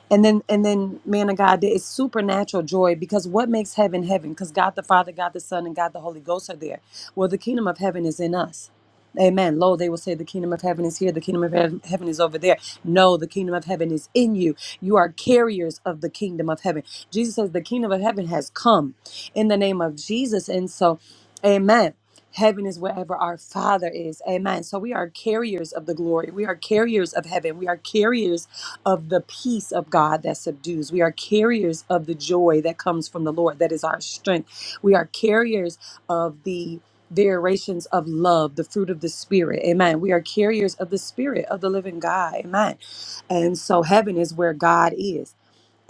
[SPEAKER 3] And then, and then, man of God, there is supernatural joy because what makes heaven heaven? Because God the Father, God the Son, and God the Holy Ghost are there. Well, the kingdom of heaven is in us. Amen. Lo, they will say the kingdom of heaven is here, the kingdom of heav- heaven is over there. No, the kingdom of heaven is in you. You are carriers of the kingdom of heaven. Jesus says the kingdom of heaven has come in the name of Jesus. And so, amen. Heaven is wherever our Father is. Amen. So we are carriers of the glory. We are carriers of heaven. We are carriers of the peace of God that subdues. We are carriers of the joy that comes from the Lord, that is our strength. We are carriers of the variations of love, the fruit of the Spirit. Amen. We are carriers of the Spirit of the living God. Amen. And so heaven is where God is.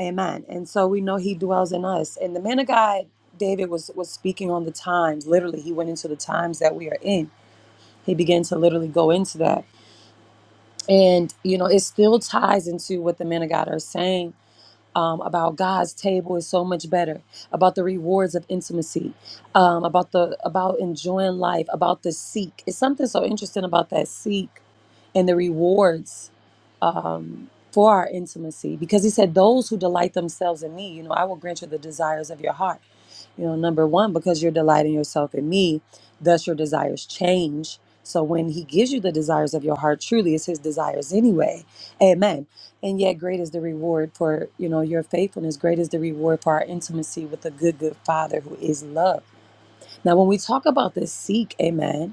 [SPEAKER 3] Amen. And so we know he dwells in us. And the man of God, David was was speaking on the times. Literally, he went into the times that we are in. He began to literally go into that. And you know, it still ties into what the men of God are saying um, about God's table is so much better, about the rewards of intimacy, um, about the about enjoying life, about the seek. It's something so interesting about that seek and the rewards um, for our intimacy, because He said, "Those who delight themselves in Me, you know, I will grant you the desires of your heart." You know, number one, because you're delighting yourself in me, thus your desires change. So when he gives you the desires of your heart, truly it's his desires anyway. Amen. And yet great is the reward for, you know, your faithfulness. Great is the reward for our intimacy with a good, good father who is love. Now, when we talk about this seek, amen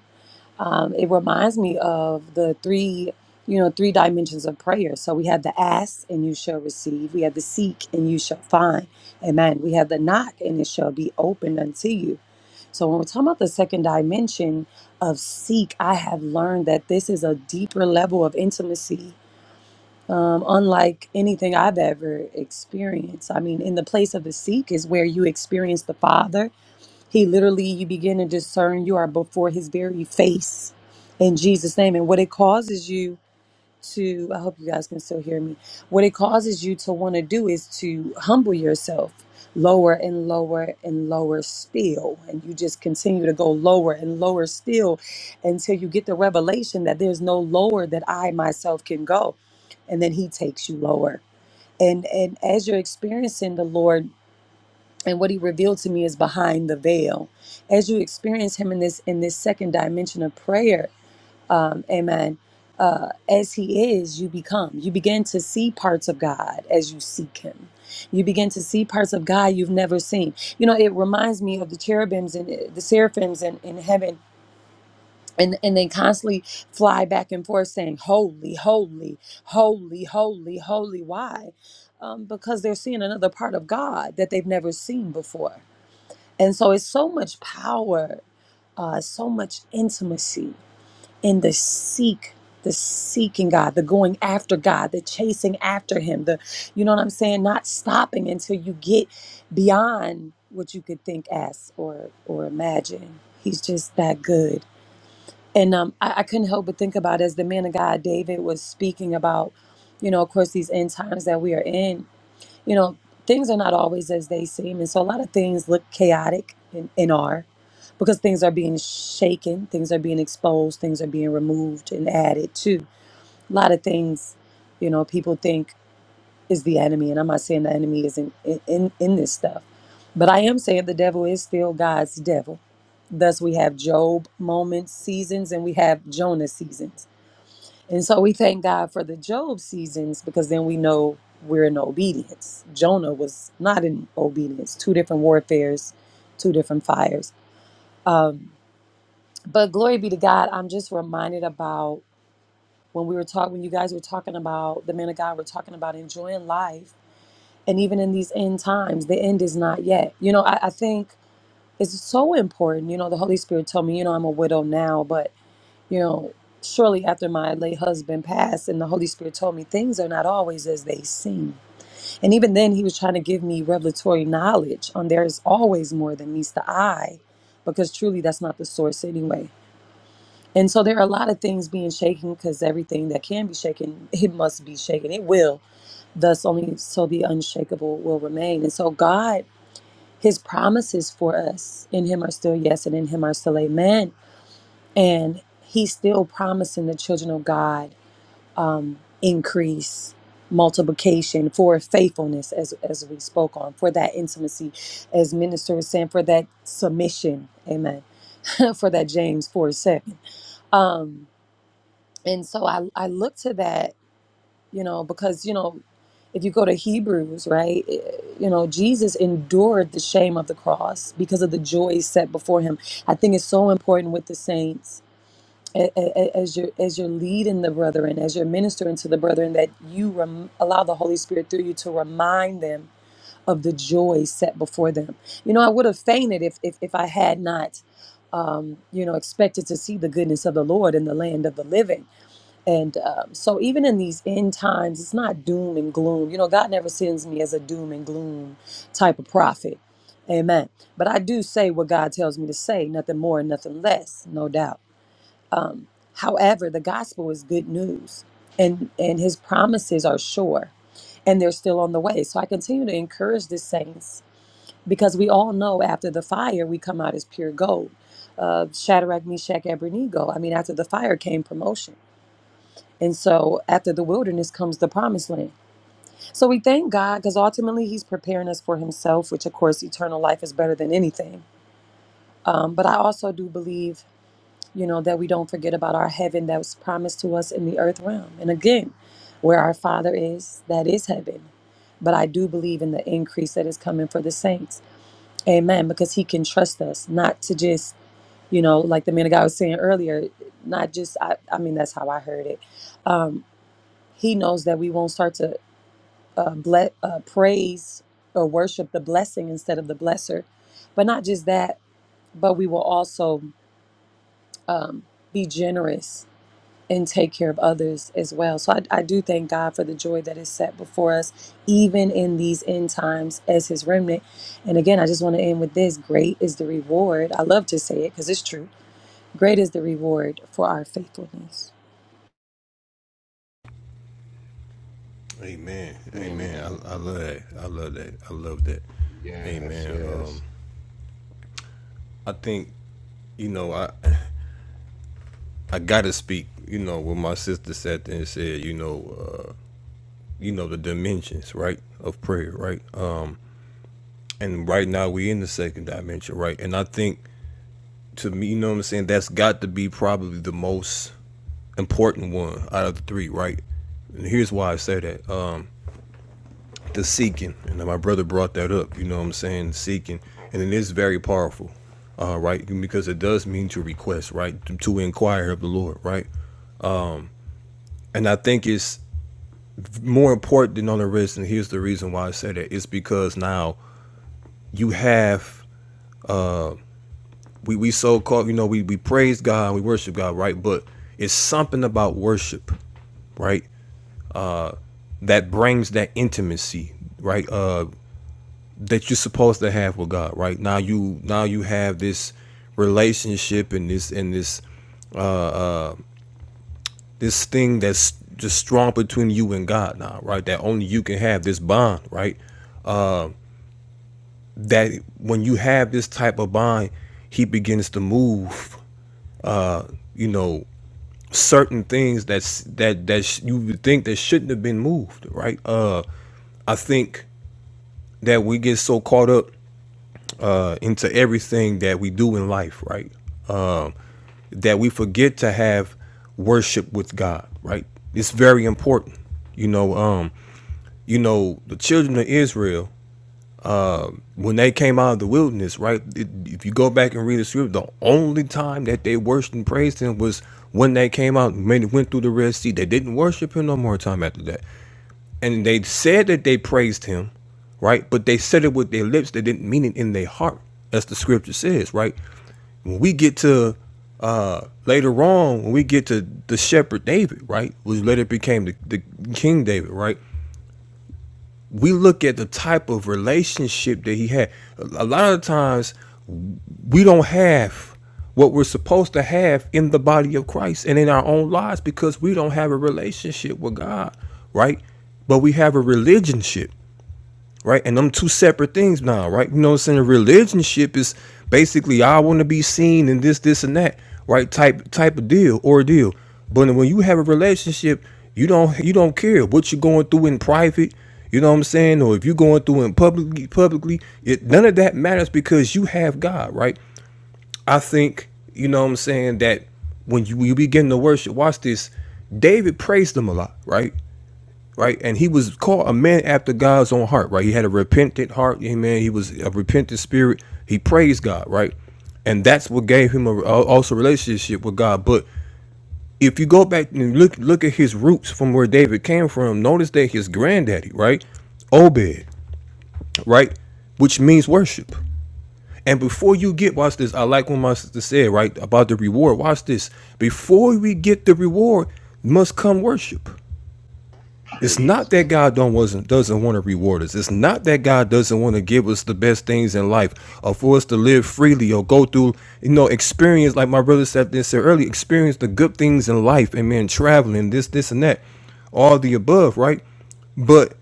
[SPEAKER 3] um, it reminds me of the three you know three dimensions of prayer so we have the ask and you shall receive we have the seek and you shall find amen we have the knock and it shall be opened unto you so when we're talking about the second dimension of seek i have learned that this is a deeper level of intimacy um, unlike anything i've ever experienced i mean in the place of the seek is where you experience the father he literally, you begin to discern you are before his very face in Jesus' name. And what it causes you to, I hope you guys can still hear me. What it causes you to want to do is to humble yourself lower and lower and lower still. And you just continue to go lower and lower still until you get the revelation that there's no lower that I myself can go. And then he takes you lower. And, and as you're experiencing the Lord and what he revealed to me is behind the veil as you experience him in this in this second dimension of prayer um amen uh as he is you become you begin to see parts of god as you seek him you begin to see parts of god you've never seen you know it reminds me of the cherubims and uh, the seraphims in, in heaven and, and they constantly fly back and forth saying holy holy holy holy holy why um, because they're seeing another part of god that they've never seen before and so it's so much power, uh, so much intimacy in the seek, the seeking God, the going after God, the chasing after Him, the, you know what I'm saying, not stopping until you get beyond what you could think, ask, or or imagine. He's just that good. And um, I, I couldn't help but think about as the man of God David was speaking about, you know, of course, these end times that we are in you know, things are not always as they seem. And so a lot of things look chaotic and, and are because things are being shaken, things are being exposed, things are being removed and added to. A lot of things, you know, people think is the enemy. And I'm not saying the enemy isn't in, in, in this stuff, but I am saying the devil is still God's devil. Thus, we have Job moments, seasons, and we have Jonah seasons and so we thank God for the Job seasons because then we know we're in obedience. Jonah was not in obedience. Two different warfares, two different fires. Um, but glory be to God. I'm just reminded about when we were talking, when you guys were talking about the man of God We're talking about enjoying life. And even in these end times, the end is not yet. You know, I, I think it's so important. You know, the Holy Spirit told me, you know, I'm a widow now, but you know, shortly after my late husband passed, and the Holy Spirit told me things are not always as they seem. And even then, He was trying to give me revelatory knowledge on there is always more than meets the eye, because truly that's not the source anyway. And so there are a lot of things being shaken because everything that can be shaken, it must be shaken. It will. Thus, only so the unshakable will remain. And so, God, His promises for us in Him are still yes, and in Him are still amen. And He's still promising the children of God um, increase multiplication for faithfulness as as we spoke on for that intimacy as minister was saying for that submission amen for that james 4 7 um and so i i look to that you know because you know if you go to hebrews right it- you know jesus endured the shame of the cross because of the joy set before him i think it's so important with the saints a- a- as you're as you're leading the brethren, as you're ministering to the brethren, that you rem- allow the Holy Spirit through you to remind them of the joy set before them. You know, I would have fainted if if, if I had not, um, you know, expected to see the goodness of the Lord in the land of the living. And um, so, even in these end times, it's not doom and gloom. You know, God never sends me as a doom and gloom type of prophet. Amen. But I do say what God tells me to say, nothing more and nothing less, no doubt. However, the gospel is good news and and his promises are sure and they're still on the way. So I continue to encourage the saints because we all know after the fire we come out as pure gold. Uh, Shadrach, Meshach, Abednego. I mean, after the fire came promotion. And so after the wilderness comes the promised land. So we thank God because ultimately He's preparing us for Himself, which of course eternal life is better than anything. Um, but I also do believe you know, that we don't forget about our heaven that was promised to us in the earth realm. And again, where our Father is, that is heaven. But I do believe in the increase that is coming for the saints. Amen. Because He can trust us not to just, you know, like the man of God was saying earlier, not just, I, I mean, that's how I heard it. Um, he knows that we won't start to uh, ble- uh, praise or worship the blessing instead of the blesser. But not just that, but we will also um, be generous and take care of others as well. So I, I do thank God for the joy that is set before us, even in these end times as his remnant. And again, I just want to end with this great is the reward. I love to say it because it's true. Great is the reward for our faithfulness.
[SPEAKER 2] Amen, amen.
[SPEAKER 1] Amen.
[SPEAKER 2] I, I love that. I love that. I love that.
[SPEAKER 1] Yes,
[SPEAKER 2] Amen.
[SPEAKER 1] yes.
[SPEAKER 2] Um, I think you know I. I gotta speak, you know, what my sister sat there and said, you know, uh, you know, the dimensions, right, of prayer, right? Uh, and right now we in the second dimension, right? And I think to me, you know what I'm saying, that's got to be probably the most important one out of the three, right? And here's why I say that. Uh, the seeking, and my brother brought that up, you know what I'm saying, seeking. And it is very powerful, uh, right? Because it does mean to request, right? To, to inquire of the Lord, right? And I think it's more important than on the wrist, and here's the reason why I say that, is because now you have we, we so called you know, we, we praise God, we worship God, right? But it's something about worship, right, that brings that intimacy, right? Uh that you're supposed to have with God, right? Now you now you have this relationship and this and this this thing that's just strong between you and God now, right? That only you can have this bond, right? That when you have this type of bond, he begins to move you know certain things that's that that sh- you would think that shouldn't have been moved right uh i think that we get so caught up uh into everything that we do in life right that we forget to have worship with god right it's very important you know um you know the children of israel when they came out of the wilderness right it- if you go back and read the scripture the only time that they worshiped and praised him was when they came out and made, went through the red sea they didn't worship him no more time after that And they said that they praised him, right? But they said it with their lips. They didn't mean it in their heart, as the scripture says, right? When we get to uh later on, when we get to the shepherd David, right? Which later became the, the King David, right? We look at the type of relationship that he had. A a lot of times we don't have what we're supposed to have in the body of Christ and in our own lives because we don't have a relationship with God, right? But we have a religionship right? And them two separate things now, right? You know what I'm saying? Religionship is basically I want to be seen and this, this, and that, right? Type type of deal ordeal. But when you have a relationship, you don't you don't care what you're going through in private, you know what I'm saying, or if you're going through in publicly publicly, it none of that matters because you have God, right? I think you know what I'm saying that when you, you begin to worship, watch this. David praised him a lot, right? right? And he was called a man after God's own heart, right? He had a repentant heart, amen. He was a repentant spirit. He praised God, right? And that's what gave him a, also relationship with God. But if you go back and look look at his roots from where David came from, notice that his granddaddy, right, Obed, right, which means worship. And before you get, watch this. I like what my sister said, right, about the reward. Watch this. Before we get the reward, must come worship It's not
[SPEAKER 1] Praise
[SPEAKER 2] that God don't wasn't doesn't want to reward us. It's not that God doesn't want to give us the best things in life, or for us to live freely, or go through, you know, experience like my brother said this earlier, experience the good things in life, and man, traveling, this, this, and that, all the above, right? But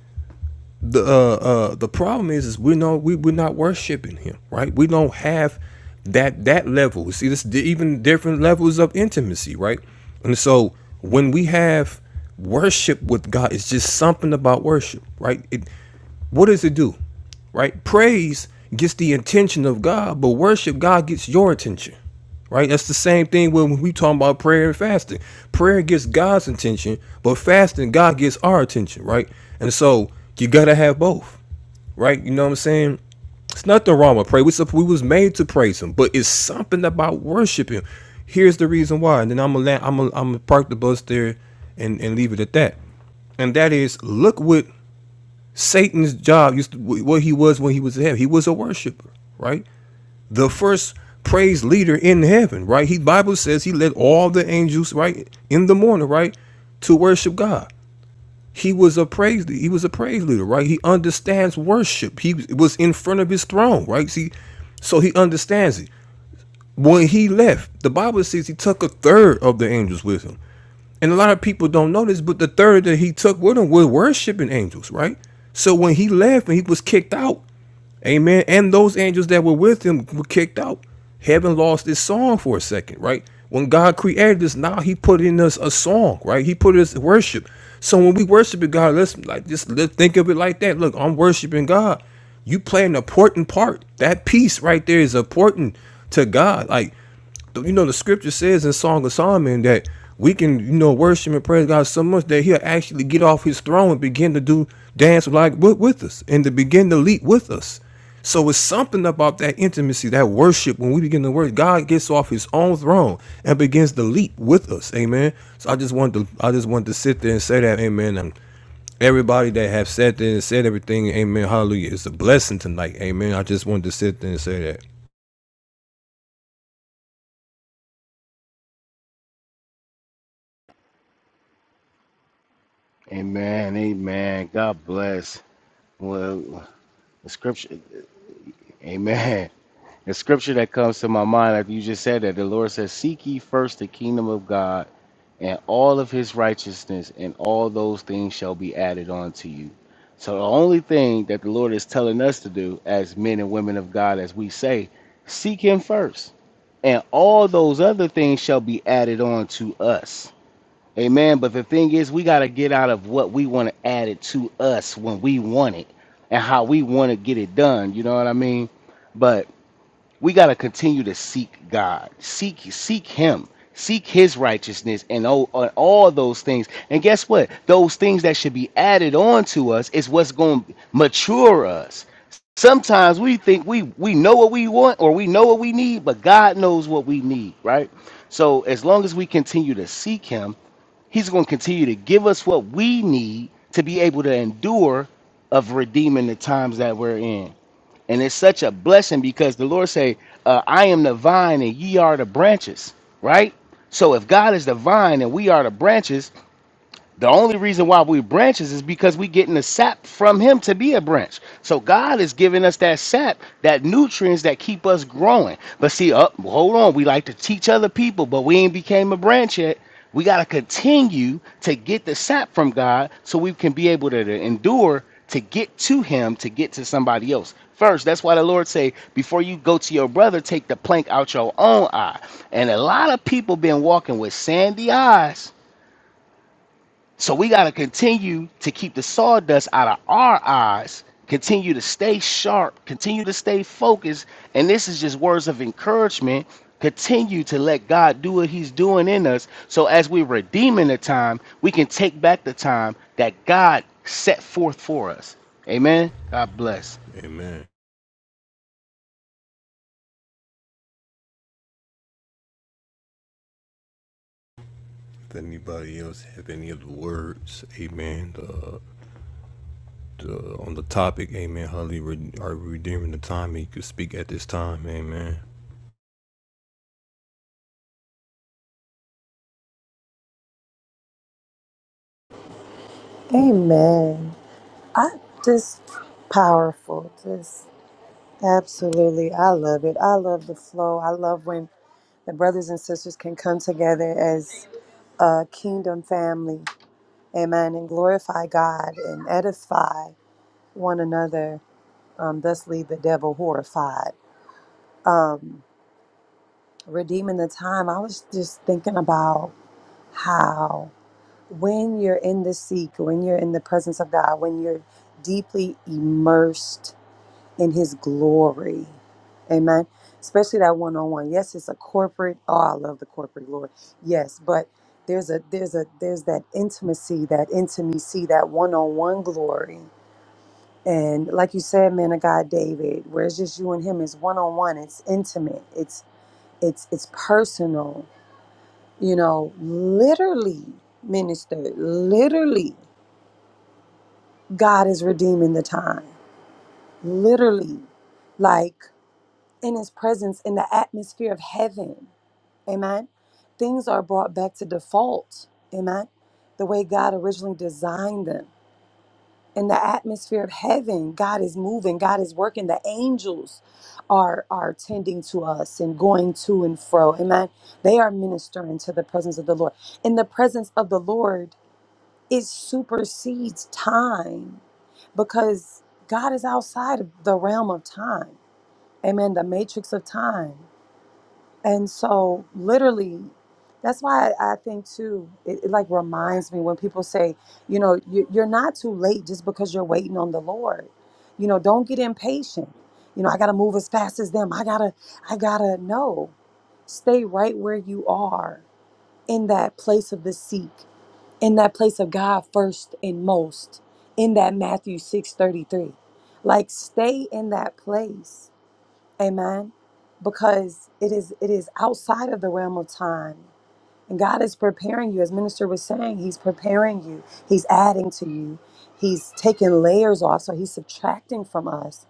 [SPEAKER 2] the uh, uh, the problem is is we know we we're not worshiping him, right? We don't have that that level. See, this even different levels of intimacy, right? And so when we have worship with God, it's just something about worship, right? It, what does it do? Right? Praise gets the intention of God, but worship God gets your attention. Right? That's the same thing when we talk about prayer and fasting. Prayer gets God's attention, but fasting God gets our attention, right? And so you gotta have both, right? You know what I'm saying? It's nothing wrong with prayer. We we was made to praise Him, but it's something about worshiping. Here's the reason why, and then I'm gonna I'm gonna, I'm gonna park the bus there, and and leave it at that. And that is, look what Satan's job used to, what he was when he was in heaven. He was a worshiper, right? The first praise leader in heaven, right? He Bible says he led all the angels, right, in the morning, right, to worship God. He was a praise leader. he was a praise leader, right? He understands worship. He was in front of his throne, right? See, so he understands it. When he left, the Bible says he took a third of the angels with him. And a lot of people don't know this, but the third that he took with him were worshiping angels, right? So when he left and he was kicked out, amen, and those angels that were with him were kicked out, heaven lost its song for a second, right? When God created us, now he put in us a song, right? He put us worship. So when we worship God, let's like just let, think of it like that. Look, I'm worshiping God. You play an important part. That piece right there is important to God. Like you know the scripture says in Song of Solomon that we can you know worship and praise God so much that He'll actually get off His throne and begin to do dance like with, us and to begin to leap with us. So it's something about that intimacy, that worship. When we begin to worship, God gets off His own throne and begins to leap with us. Amen. So I just wanted to I just wanted to sit there and say that. Amen. And everybody that have sat there and said everything. Amen. Hallelujah. It's a blessing tonight. Amen. I just wanted to sit there and say that.
[SPEAKER 1] Amen. Amen. God bless. Well, the scripture, amen. The scripture that comes to my mind, like you just said, that the Lord says, Seek ye first the kingdom of God and all of his righteousness, and all those things shall be added unto you. So, the only thing that the Lord is telling us to do as men and women of God, as we say, seek him first, and all those other things shall be added on to us Amen. But the thing is, we got to get out of what we want to add it to us when we want it and how we want to get it done. You know what I mean? But we got to continue to seek God, seek seek Him, seek His righteousness, and all, and all those things. And guess what? Those things that should be added on to us is what's going to mature us. Sometimes we think we we know what we want or we know what we need, but God knows what we need, right? So as long as we continue to seek Him He's going to continue to give us what we need to be able to endure of redeeming the times that we're in. And it's such a blessing because the Lord say, uh, "I am the vine, and ye are the branches." Right. So if God is the vine and we are the branches, the only reason why we're branches is because we're getting the sap from him to be a branch. So God is giving us that sap, that nutrients that keep us growing. But see, up hold on, we like to teach other people, but we ain't became a branch yet. We gotta continue to get the sap from God so we can be able to, to endure to get to him to get to somebody else first that's why the lord say before you go to your brother take the plank out your own eye and a lot of people been walking with sandy eyes so we got to continue to keep the sawdust out of our eyes, continue to stay sharp, continue to stay focused. And this is just words of encouragement. Continue to let God do what He's doing in us. So as we're redeeming the time, we can take back the time that God set forth for us. Amen. God bless.
[SPEAKER 2] Amen. Does anybody else have any other words? Amen. The, the, on the topic, amen. Holly, re- are we redeeming the time? He could speak at this time, amen.
[SPEAKER 3] Amen. I just powerful. Just absolutely. I love it. I love the flow. I love when the brothers and sisters can come together as a kingdom family Amen. And glorify God and edify one another. Um, thus leave the devil horrified. Redeeming the time, I was just thinking about how when you're in the seek, when you're in the presence of God, when you're deeply immersed in his glory, amen. Especially that one on one. Yes, it's a corporate. Oh, I love the corporate glory. Yes, but there's a there's a there's that intimacy, that intimacy, that one on one glory And like you said, man of God, David, where it's just you and him, it's one on one, it's intimate, it's it's it's personal. You know, literally, minister, literally, God is redeeming the time. Literally, like in His presence, in the atmosphere of heaven. Amen. Things are brought back to default. Amen. The way God originally designed them. in the atmosphere of heaven god is moving god is working the angels are are tending to us and going to and fro amen they are ministering to the presence of the lord and the presence of the lord it supersedes time because god is outside of the realm of time amen the matrix of time and so, literally, that's why I, I think too. It, it like reminds me when people say, you know, you, you're not too late just because you're waiting on the Lord. You know, don't get impatient. You know, I gotta move as fast as them. I gotta, I gotta no. Stay right where you are in that place of the seek, in that place of God first and most, in that Matthew six thirty three. Like, stay in that place Amen. Because it is it is outside of the realm of time. And God is preparing you, as Minister was saying, He's preparing you. He's adding to you. He's taking layers off. So He's subtracting from us.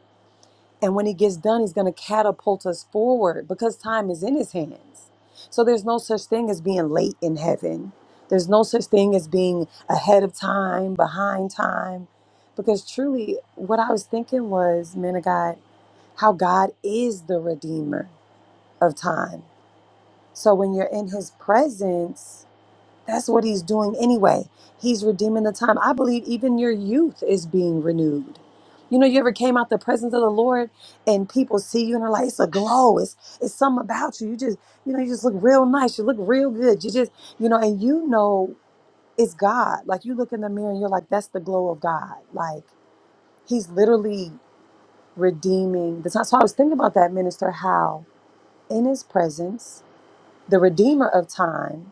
[SPEAKER 3] And when He gets done, He's going to catapult us forward because time is in His hands. So there's no such thing as being late in heaven. There's no such thing as being ahead of time, behind time. Because truly, what I was thinking was, man of God, how God is the redeemer of time. So when you're in his presence, that's what he's doing anyway. He's redeeming the time. I believe even your youth is being renewed. You know, you ever came out the presence of the Lord and people see you and are like, it's a glow. It's it's something about you. You just, you know, you just look real nice. You look real good. You just, you know, and you know it's God. Like you look in the mirror and you're like, that's the glow of God. Like he's literally redeeming the time. So I was thinking about that, minister, how in his presence. The redeemer of time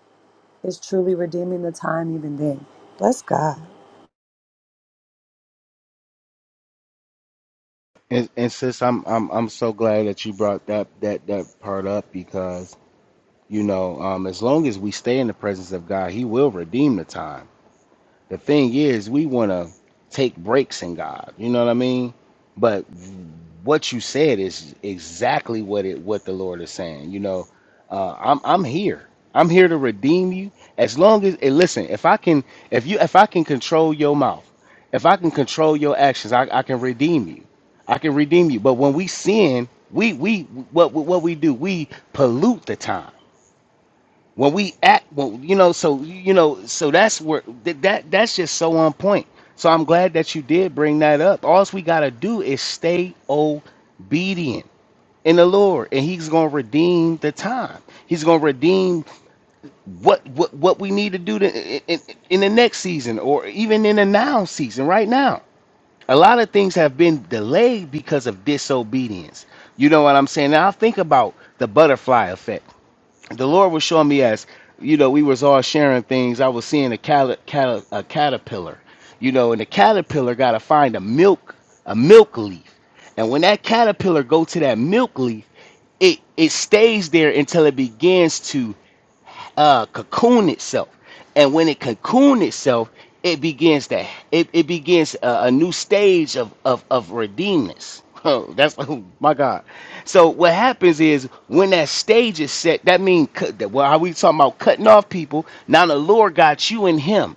[SPEAKER 3] is truly redeeming the time even then. Bless God.
[SPEAKER 1] And, and sis, I'm I'm I'm so glad that you brought that that that part up because you know um, as long as we stay in the presence of God, He will redeem the time The thing is, we want to take breaks in God. You know what I mean? But what you said is exactly what it what the Lord is saying. You know, uh, I'm I'm here. I'm here to redeem you. As long as and listen, if I can, if you, if I can control your mouth, if I can control your actions, I, I can redeem you. I can redeem you. But when we sin, we we what what we do, we pollute the time when we act well you know so you know so that's where th- that that's just so on point so i'm glad that you did bring that up all we got to do is stay obedient in the lord and he's going to redeem the time he's going to redeem what what what we need to do to, in, in the next season or even in the now season right now a lot of things have been delayed because of disobedience you know what i'm saying now I think about the butterfly effect the Lord was showing me as you know we was all sharing things. I was seeing a cat, cat, a caterpillar, you know, and the caterpillar got to find a milk a milk leaf, and when that caterpillar go to that milk leaf, it it stays there until it begins to uh, cocoon itself. And when it cocoon itself, it begins to it, it begins a, a new stage of of of redeemness. Oh, that's oh my God. So what happens is when that stage is set, that means well, are we talking about cutting off people? Now the Lord got you in Him.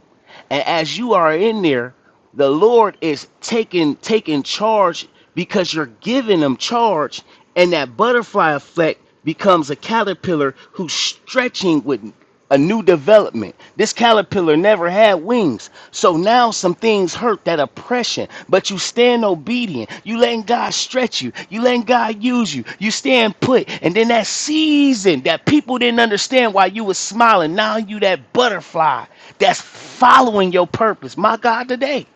[SPEAKER 1] And as you are in there, the Lord is taking taking charge because you're giving him charge, and that butterfly effect becomes a caterpillar who's stretching with a new development. This caterpillar never had wings, so now some things hurt that oppression, but you stand obedient. You letting God stretch you. You letting God use you. You stand put. And then that season that people didn't understand why you was smiling. Now you that butterfly that's following your purpose. My God today.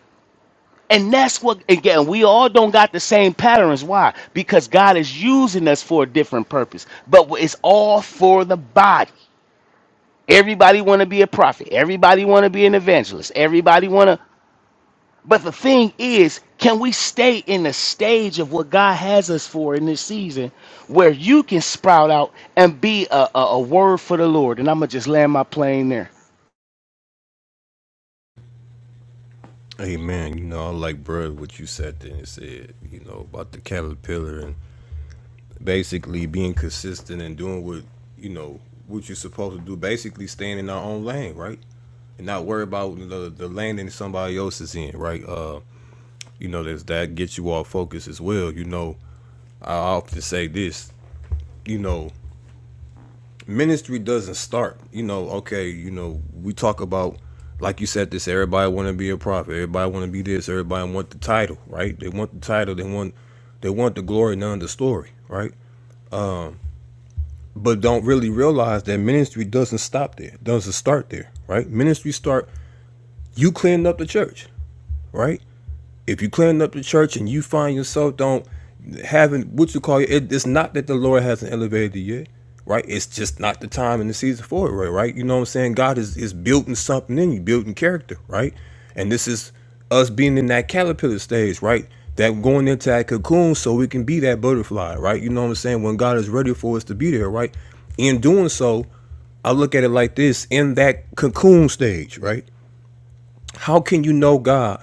[SPEAKER 1] And that's what again, we all don't got the same patterns. Why? Because God is using us for a different purpose. But it's all for the body. Everybody want to be a prophet. Everybody want to be an evangelist. Everybody want to but the thing is, can we stay in the stage of what God has us for in this season where you can sprout out and be a, a, a word for the Lord? And I'm going to just land my plane there.
[SPEAKER 2] Amen. You know, I like, bruh, what you said there and said, you know, about the caterpillar and basically being consistent and doing what, you know, what you're supposed to do. Basically staying in our own lane, right? and not worry about the the lane that somebody else is in, right? Uh, you know, there's that gets you all focused as well. You know, I often say this, you know, ministry doesn't start you know okay you know we talk about like you said this everybody want to be a prophet everybody want to be this everybody want the title right they want the title they want they want the glory none the story right but don't really realize that ministry doesn't stop there doesn't start there right ministry start you cleaning up the church right If you clean up the church and you find yourself don't having what you call it, it's not that the Lord hasn't elevated you yet, right? It's just not the time and the season for it, right? Right? You know what I'm saying? God is is building something in you, building character, right? And this is us being in that caterpillar stage, right? That going into that cocoon so we can be that butterfly, right? You know what I'm saying? When God is ready for us to be there, right? In doing so, I look at it like this in that cocoon stage, right? How can you know God?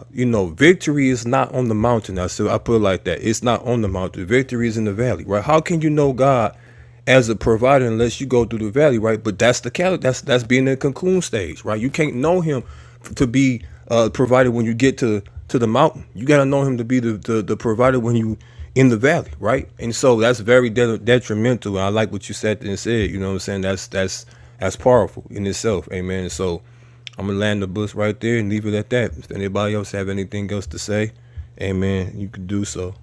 [SPEAKER 2] uh, you know, victory is not on the mountain. I said, I put it like that. It's not on the mountain. Victory is in the valley, right? How can you know God as a provider unless you go through the valley, right? But that's the cal- that's that's being in the cocoon stage, right? You can't know Him to be uh, provider when you get to to the mountain. You got to know Him to be the, the the provider when you in the valley, right? And so that's very de- detrimental. And I like what you said and said. You know what I'm saying? That's that's that's powerful in itself. Amen. So I'm gonna land the bus right there and leave it at that. If anybody else have anything else to say, amen, you can do so.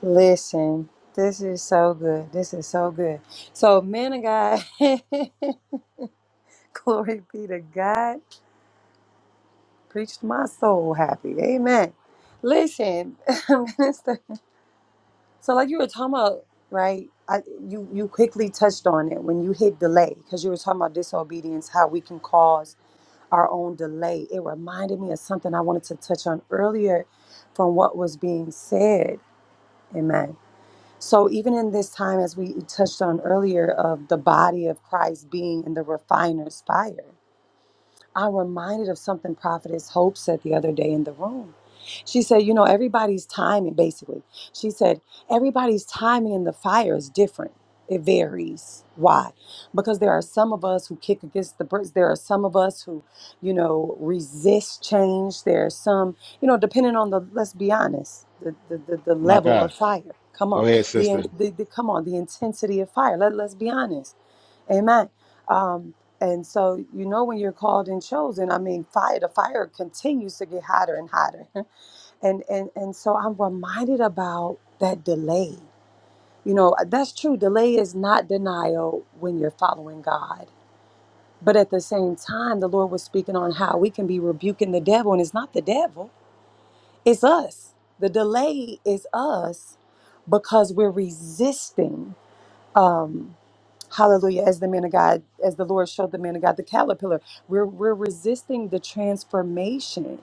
[SPEAKER 3] Listen, this is so good. This is so good. So, man of God, glory be to God, preached my soul happy. Amen. Listen, minister. So, like you were talking about, right? I, you you quickly touched on it when you hit delay because you were talking about disobedience, how we can cause our own delay. It reminded me of something I wanted to touch on earlier from what was being said. Amen. So, even in this time, as we touched on earlier, of the body of Christ being in the refiner's fire, I'm reminded of something Prophetess Hope said the other day in the room. She said, You know, everybody's timing, basically. She said, Everybody's timing in the fire is different. It varies. Why? Because there are some of us who kick against the bricks. There are some of us who, you know, resist change. There are some, you know, depending on the, let's be honest, the, the, the, the
[SPEAKER 1] My
[SPEAKER 3] level
[SPEAKER 1] God.
[SPEAKER 3] of fire. Come
[SPEAKER 1] Go
[SPEAKER 3] on.
[SPEAKER 1] ahead, sister.
[SPEAKER 3] The, the, the, come on, the intensity of fire. Let, let's be honest Amen. Um, and so you know when you're called and chosen, I mean, fire the fire continues to get hotter and hotter. And and and so I'm reminded about that delay. You know, uh, that's true. Delay is not denial when you're following God. But at the same time, the Lord was speaking on how we can be rebuking the devil, and it's not the devil, it's us. The delay is us because we're resisting. Um, Hallelujah. As the man of God, as the Lord showed the man of God, the caterpillar, we're, we're resisting the transformation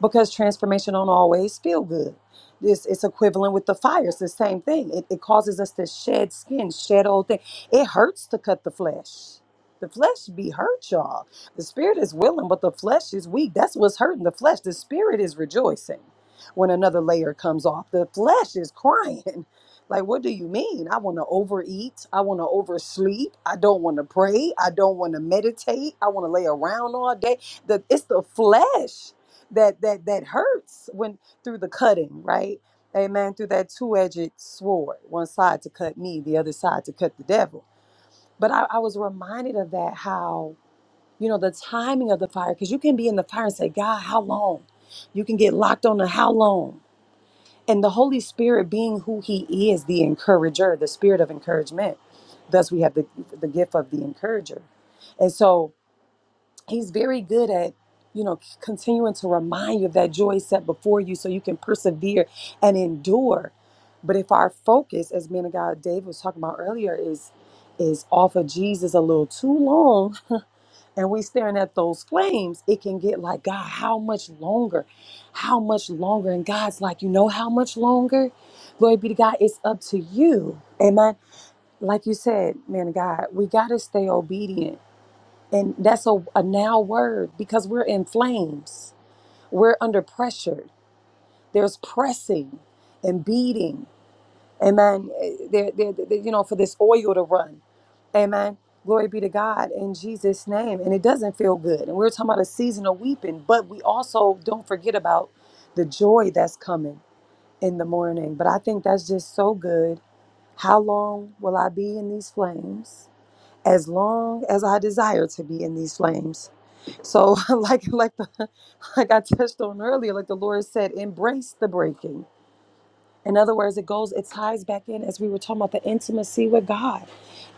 [SPEAKER 3] because transformation don't always feel good. This it's equivalent with the fire. It's the same thing. It, it causes us to shed skin, shed old thing. It hurts to cut the flesh. The flesh be hurt, y'all. The spirit is willing, but the flesh is weak. That's what's hurting the flesh. The spirit is rejoicing when another layer comes off. The flesh is crying Like, what do you mean? I want to overeat. I want to oversleep. I don't want to pray. I don't want to meditate. I want to lay around all day. The, it's the flesh that that that hurts when through the cutting, right? Amen. Through that two-edged sword, one side to cut me, the other side to cut the devil. But I, I was reminded of that how you know the timing of the fire, because you can be in the fire and say, God, how long? You can get locked on to how long and the Holy Spirit being who He is, the encourager, the spirit of encouragement. Thus, we have the, the gift of the encourager. And so, He's very good at, you know, continuing to remind you of that joy set before you so you can persevere and endure. But if our focus, as man of God David was talking about earlier, is is off of Jesus a little too long, and we staring at those flames, it can get like, God, how much longer? How much longer? And God's like, you know how much longer? Glory be to God. It's up to you. Amen. Like you said, man of God, we got to stay obedient. And that's a, a now word because we're in flames. We're under pressure. There's pressing and beating. Amen. Eh, There, there, there- you know, for this oil to run. Amen. Glory be to God in Jesus' name. And it doesn't feel good. And we are talking about a season of weeping, but we also don't forget about the joy that's coming in the morning. But I think that's just so good. How long will I be in these flames? As long as I desire to be in these flames. So, like like the, like I touched on earlier, like the Lord said, embrace the breaking in other words, it goes, it ties back in as we were talking about the intimacy with God.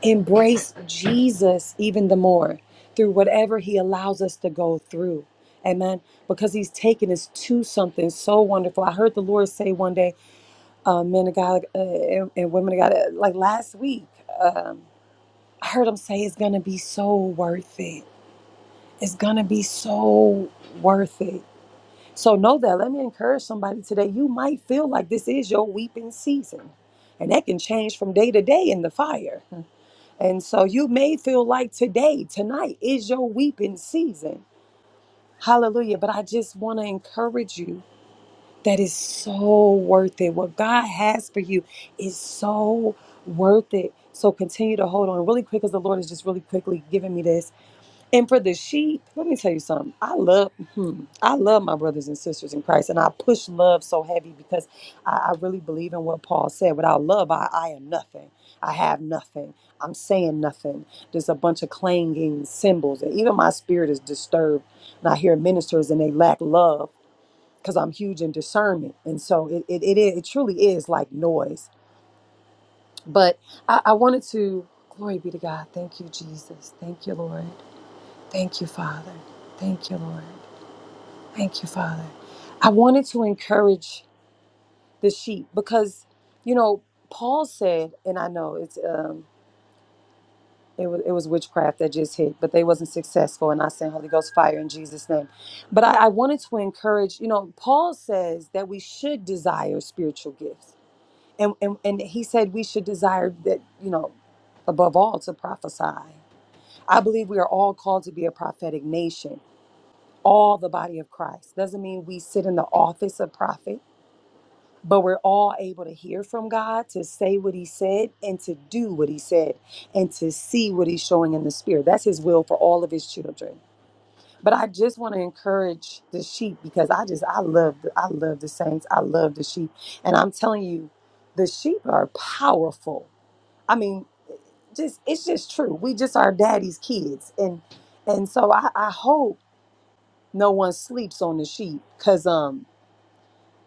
[SPEAKER 3] Embrace Jesus even the more through whatever He allows us to go through. Amen. Because He's taken us to something so wonderful. I heard the Lord say one day, uh, men of God uh, and, and women of God, uh, like last week, um, I heard Him say, it's going to be so worth it. It's going to be so worth it. So know that. Let me encourage somebody today. You might feel like this is your weeping season. And that can change from day to day in the fire. And so you may feel like today, tonight is your weeping season. Hallelujah. But I just want to encourage you that it's so worth it. What God has for you is so worth it. So continue to hold on really quick because the Lord is just really quickly giving me this. And for the sheep, let me tell you something. I love, hmm, I love my brothers and sisters in Christ, and I push love so heavy because I, I really believe in what Paul said. Without love, I, I am nothing. I have nothing. I'm saying nothing. There's a bunch of clanging cymbals, and even my spirit is disturbed. And I hear ministers, and they lack love because I'm huge in discernment, and so it it, it, is, it truly is like noise. But I, I wanted to. Glory be to God. Thank you, Jesus. Thank you, Lord. Thank you, Father. Thank you, Lord. Thank you, Father. I wanted to encourage the sheep because, you know, Paul said, and I know it's um, it was it was witchcraft that just hit, but they wasn't successful, and I sent Holy Ghost fire in Jesus' name. But I, I wanted to encourage, you know, Paul says that we should desire spiritual gifts, and and and he said we should desire that, you know, above all to prophesy. I believe we are all called to be a prophetic nation all the body of Christ. Doesn't mean we sit in the office of prophet, but we're all able to hear from God, to say what he said, and to do what he said, and to see what he's showing in the spirit. That's his will for all of his children. But I just want to encourage the sheep because I just I love the, I love the saints. I love the sheep. And I'm telling you, the sheep are powerful. I mean, just it's just true. We just are daddy's kids. And and so I, I hope no one sleeps on the sheep because um.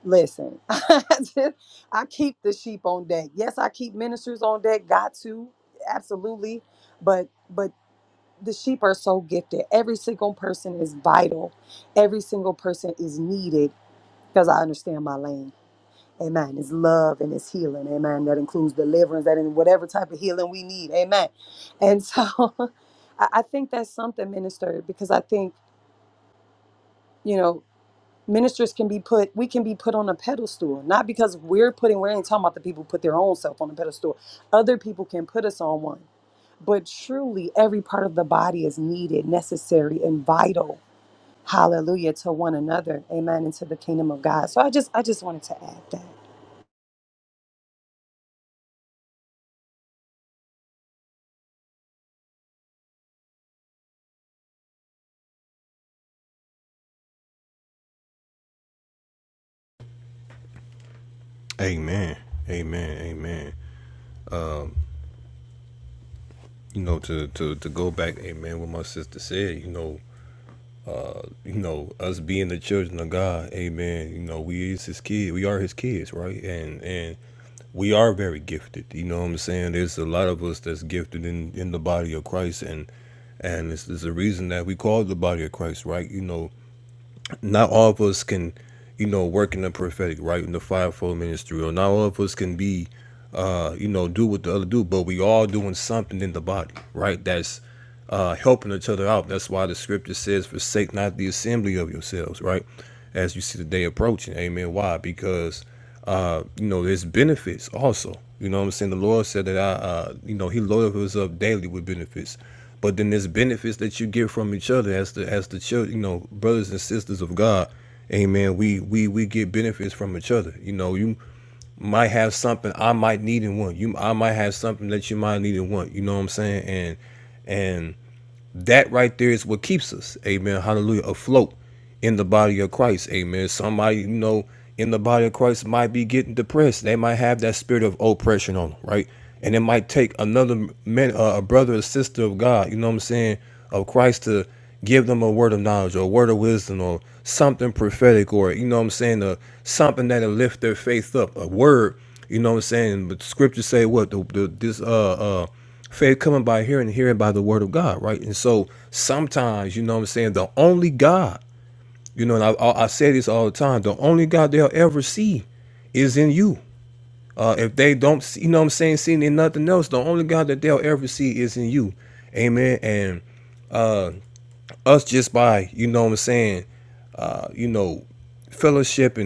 [SPEAKER 3] Listen, I just, I keep the sheep on deck. Yes, I keep ministers on deck. Got to, absolutely. But but the sheep are so gifted. Every single person is vital. Every single person is needed because I understand my lane. Amen. It's love and it's healing. Amen. That includes deliverance. That in whatever type of healing we need. Amen. And so, I I think that's something, minister, because I think you know. ministers can be put we can be put on a pedestal not because we're putting we ain't talking about the people who put their own self on a pedestal other people can put us on one but truly every part of the body is needed necessary and vital hallelujah to one another amen and to the kingdom of god so i just i just wanted to add that
[SPEAKER 2] Amen. Amen. Amen. Um, you know, to to to go back, amen, what my sister said, you know, uh, you know, us being the children of God, amen, you know, we is his kid. We are his kids, right? And and we are very gifted. You know what I'm saying? There's a lot of us that's gifted in in the body of Christ and and it's, it's a reason that we call it the body of Christ, right? You know, not all of us can, you know, work in the prophetic, right? In the fivefold ministry, or not all of us can be, uh, you know, do what the other do, but we all doing something in the body, right? That's uh, helping each other out. That's why the scripture says, "Forsake not the assembly of yourselves," right? As you see the day approaching, Amen. Why? Because uh, you know, there's benefits also. You know what I'm saying? The Lord said that I, uh, you know, He loaded us up daily with benefits. But then there's benefits that you get from each other as the as the church, you know, brothers and sisters of God. Amen. We we we get benefits from each other. You know, you might have something I might need in one. You I might have something that you might need in one. You know what I'm saying? And and that right there is what keeps us, amen, hallelujah, afloat in the body of Christ, amen. Somebody, you know, in the body of Christ might be getting depressed. They might have that spirit of oppression on them, right? And it might take another man, uh, a brother or sister of God, you know what I'm saying, of Christ to give them a word of knowledge or a word of wisdom or something prophetic or, you know what I'm saying, uh, something that'll lift their faith up, a word, you know what I'm saying? But scriptures say what? The, the, this, uh, uh, Faith coming by hearing, and hearing by the word of God, right? And so sometimes, you know what I'm saying, the only God, you know, and I, I I say this all the time, the only God they'll ever see is in you. Uh, if they don't, see, you know what I'm saying, seeing in nothing else, the only God that they'll ever see is in you. Amen. And us just by, you know what I'm saying, uh, you know, fellowship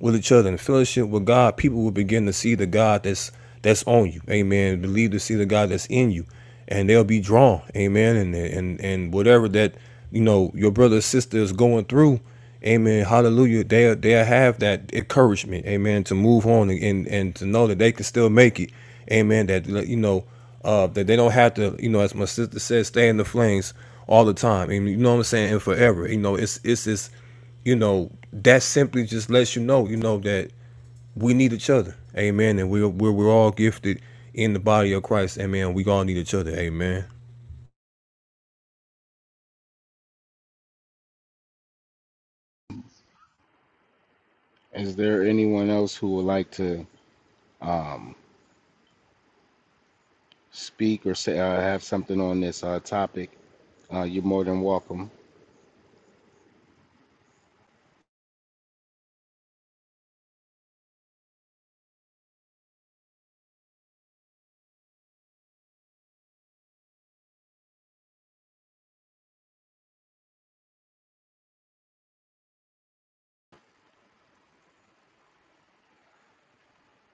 [SPEAKER 2] with each other and fellowship with God, people will begin to see the God that's that's on you. Amen. Believe to see the God that's in you, and they'll be drawn. Amen. And and and whatever that you know your brother or sister is going through. Amen. Hallelujah. They they have that encouragement. Amen. To move on and and to know that they can still make it. Amen. That you know uh, that they don't have to, you know, as my sister said, stay in the flames all the time. And you know what I'm saying? And forever. You know, it's it's this you know, that simply just lets you know, you know, that we need each other. Amen. And we're, we're, we're all gifted in the body of Christ. Amen. We all need each other. Amen.
[SPEAKER 1] Is there anyone else who would like to um, speak or say uh, have something on this uh, topic? Uh, you're more than welcome.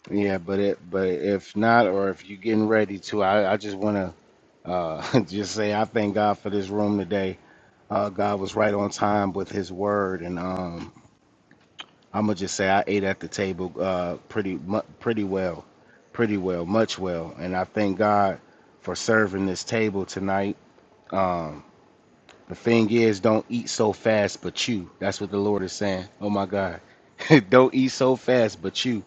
[SPEAKER 1] Yeah, but it, but if not, or if you're getting ready to, I, I just want to uh, just say I thank God for this room today. Uh, God was right on time with His word, and um, I'm gonna just say I ate at the table uh, pretty mu- pretty well, pretty well, much well, and I thank God for serving this table tonight. Um, the thing is, don't eat so fast, but you. That's what the Lord is saying. Oh my God. don't eat so fast, but you.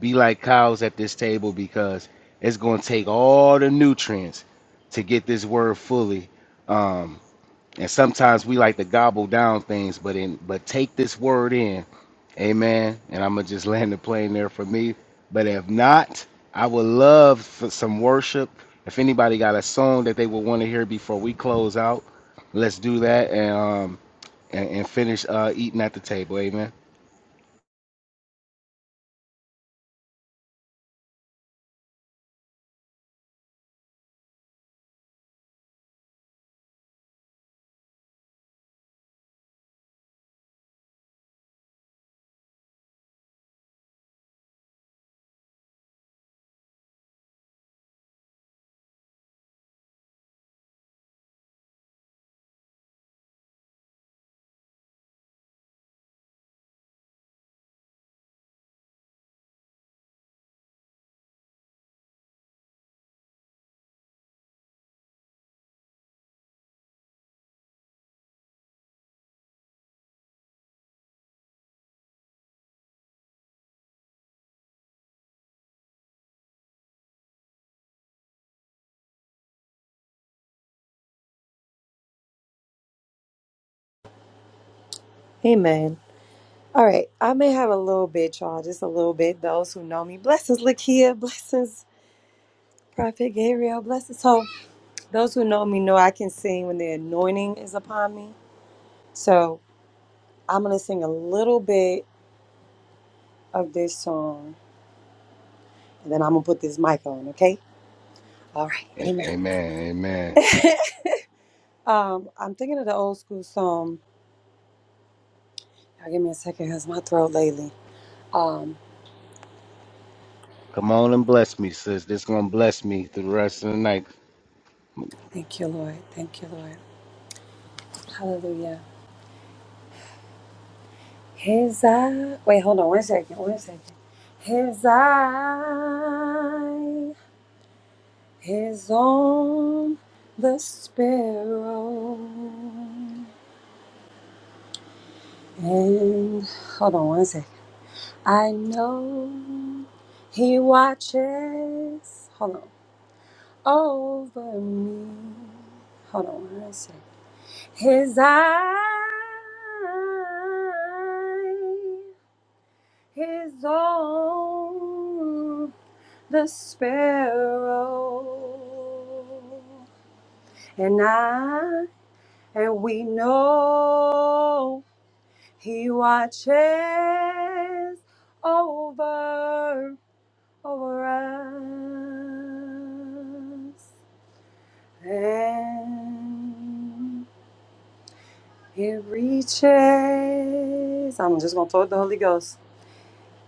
[SPEAKER 1] Be like cows at this table because it's going to take all the nutrients to get this word fully. um, and sometimes we like to gobble down things but in but take this word in amen and i'm gonna just land the plane there for me but if not i would love for some worship if anybody got a song that they would want to hear before we close out let's do that and um and, and finish uh eating at the table amen
[SPEAKER 3] Amen. All right. I may have a little bit, y'all, just a little bit. Those who know me, blessings, Lakia, blessings, Prophet Gabriel, blessings. So, those who know me know I can sing when the anointing is upon me. So, I'm gonna sing a little bit of this song, and then I'm gonna put this mic on. Okay. All right.
[SPEAKER 1] A-
[SPEAKER 3] Amen.
[SPEAKER 1] amen amen
[SPEAKER 3] um, I'm thinking of the old school song. Now give me a second, cause my throat lately. Um,
[SPEAKER 1] come on and bless me sis this gonna bless me through the rest of the night
[SPEAKER 3] thank you, Lord. Thank you, Lord. Hallelujah. His eye. Wait, hold on. One second. One second. His eye is on the sparrow. And hold on one second. I know he watches. Hold on. Over me. Hold on one second. His eye is on the sparrow. And I, and we know he watches over over us, and it reaches. I'm just gonna throw the Holy Ghost.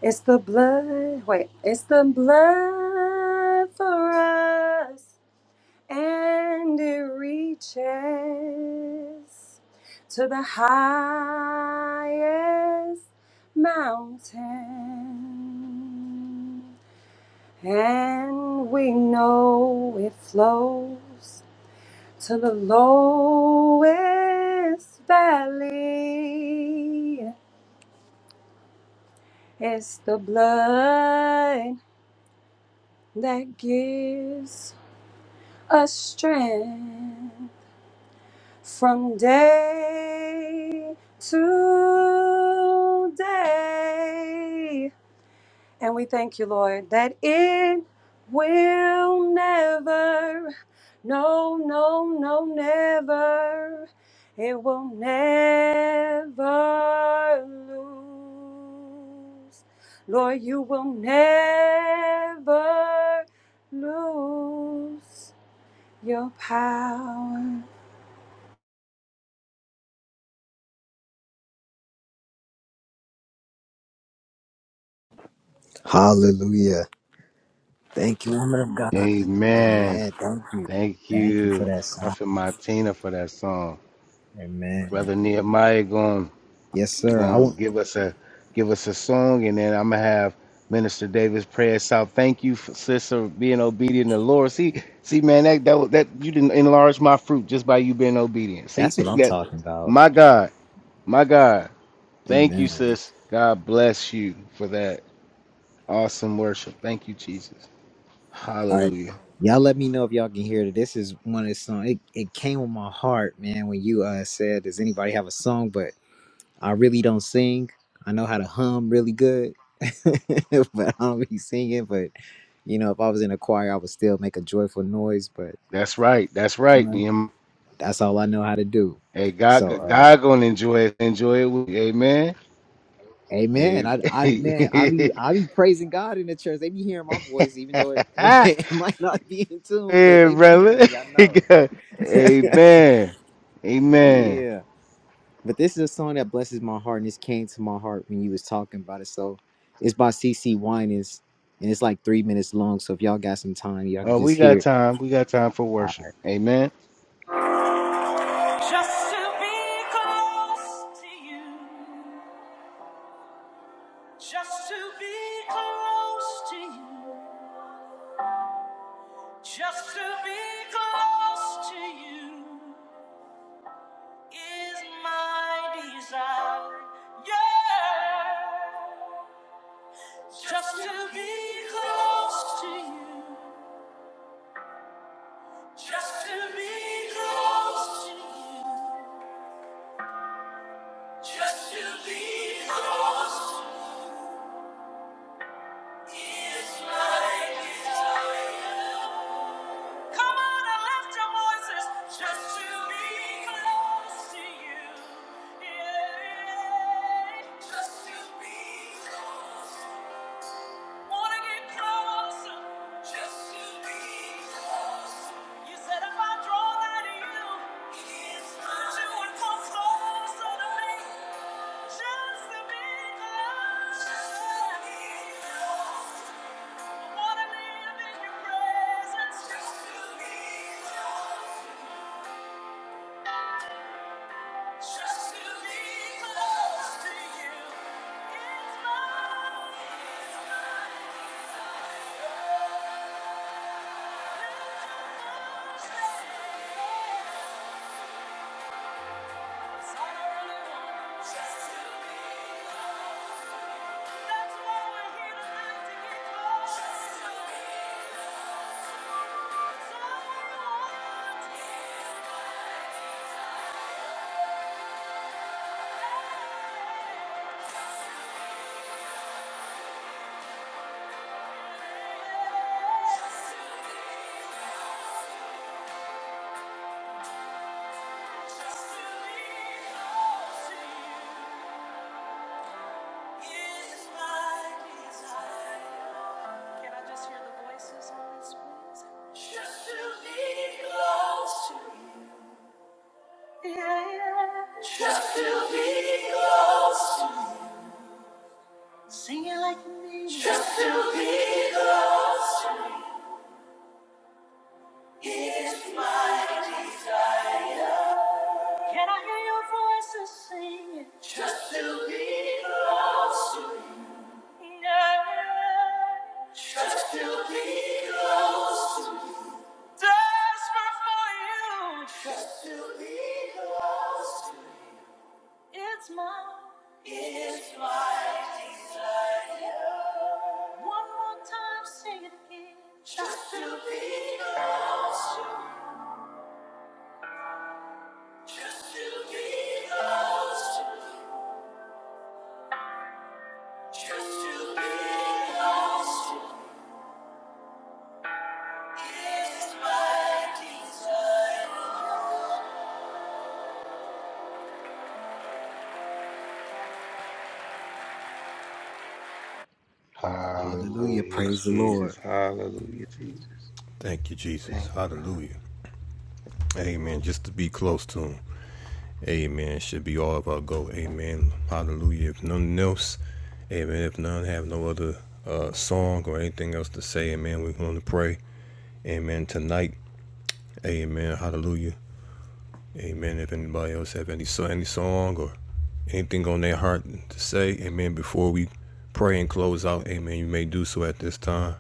[SPEAKER 3] It's the blood. Wait, it's the blood for us, and it reaches to the highest mountain. And we know it flows to the lowest valley. It's the blood that gives us strength from day to day. And we thank you, Lord, that it will never, no, no, no, never, it will never lose. Lord, you will never lose your power.
[SPEAKER 4] Hallelujah. Thank you, woman of God.
[SPEAKER 1] amen
[SPEAKER 4] Amen. Thank you.
[SPEAKER 1] thank
[SPEAKER 4] Thank you for
[SPEAKER 1] you
[SPEAKER 4] that song.
[SPEAKER 1] prophet martina for that song
[SPEAKER 4] Amen.
[SPEAKER 1] Brother Nehemiah going
[SPEAKER 4] Yes, sir. I
[SPEAKER 1] going to
[SPEAKER 4] want
[SPEAKER 1] give us a give us a song, and then I'm gonna have Minister Davis pray us out. Thank you, for, sis, for being obedient to the Lord. See, see, man, that that was- that you didn't enlarge my fruit just by you being obedient. See
[SPEAKER 4] that's what I'm
[SPEAKER 1] that,
[SPEAKER 4] talking about.
[SPEAKER 1] my God, my God. Thank you,
[SPEAKER 4] Amen.
[SPEAKER 1] sis. God bless you for that awesome worship. Thank you, Jesus.
[SPEAKER 4] All right.
[SPEAKER 1] Hallelujah.
[SPEAKER 4] Y'all let me know if y'all can hear it. This is one of the songs. It, it came on my heart, man, when you uh said, Does anybody have a song? But I really don't sing. I know how to hum really good, but I don't be singing. But, you know, if I was in a choir, I would still make a joyful noise. But,
[SPEAKER 1] That's right. That's
[SPEAKER 4] you
[SPEAKER 1] right.
[SPEAKER 4] know,
[SPEAKER 1] Nehemiah.
[SPEAKER 4] that's all I know how to do.
[SPEAKER 1] Hey,
[SPEAKER 4] So,
[SPEAKER 1] God,
[SPEAKER 4] uh,
[SPEAKER 1] God gonna enjoy it. Enjoy it. With you. Amen.
[SPEAKER 4] Amen. I, I, man, I
[SPEAKER 1] Hey.
[SPEAKER 4] be, I be praising God in the church. They be hearing my voice, even though it, it,
[SPEAKER 1] yeah,
[SPEAKER 4] might, it might not be in tune, but they be
[SPEAKER 1] brother.
[SPEAKER 4] hearing me. I know.
[SPEAKER 1] Amen. Amen.
[SPEAKER 4] Yeah. But this is a song that blesses my heart, and this came to my heart when you was talking about it. So it's by CC Winans, and it's like three minutes long. So if y'all got some time, y'all can
[SPEAKER 1] Oh,
[SPEAKER 4] just
[SPEAKER 1] we
[SPEAKER 4] hear
[SPEAKER 1] got
[SPEAKER 4] it.
[SPEAKER 1] time. We got time for worship. Amen.
[SPEAKER 4] Just to be close to you, just to be close to you, just to be close to you is my desire. Yeah, just to be close to you. Just to be close to you, just to be close to you is my desire. Come on and lift your voices, just to be close to you. Yeah. Just to be close. Wanna get closer? Just to be close. You said if I draw nigh to you, Yes, Lord. you would closer to me. Just to be close. Just Wanna live in your presence. Just to be close. Just to be close to you. It's my, it's Can I just hear the voices on this, please? Just to be close to you. Just to be close. Just to be. Can I hear your voices singing? Just to be close. Yeah. Just to be close. Desperate for you. Just to be close. It's my. It's my desire. One more time, sing it again. Just to be close. Just to be lost, just to be lost is my desire. Hallelujah,
[SPEAKER 1] Hallelujah,
[SPEAKER 4] praise the Lord.
[SPEAKER 1] Jesus. Hallelujah, Jesus.
[SPEAKER 2] Thank you, Jesus.
[SPEAKER 1] Thank you, God.
[SPEAKER 2] Hallelujah. Amen. Just to be close to Him. Amen. Should be all of our goal. Amen. Hallelujah. If nothing else, amen. If none have no other uh, song or anything else to say, amen, we're going to pray. Amen. Tonight. Amen. Hallelujah. Amen. If anybody else have any so any song or anything on their heart to say, Amen. Before we pray and close out, Amen. You may do so at this time.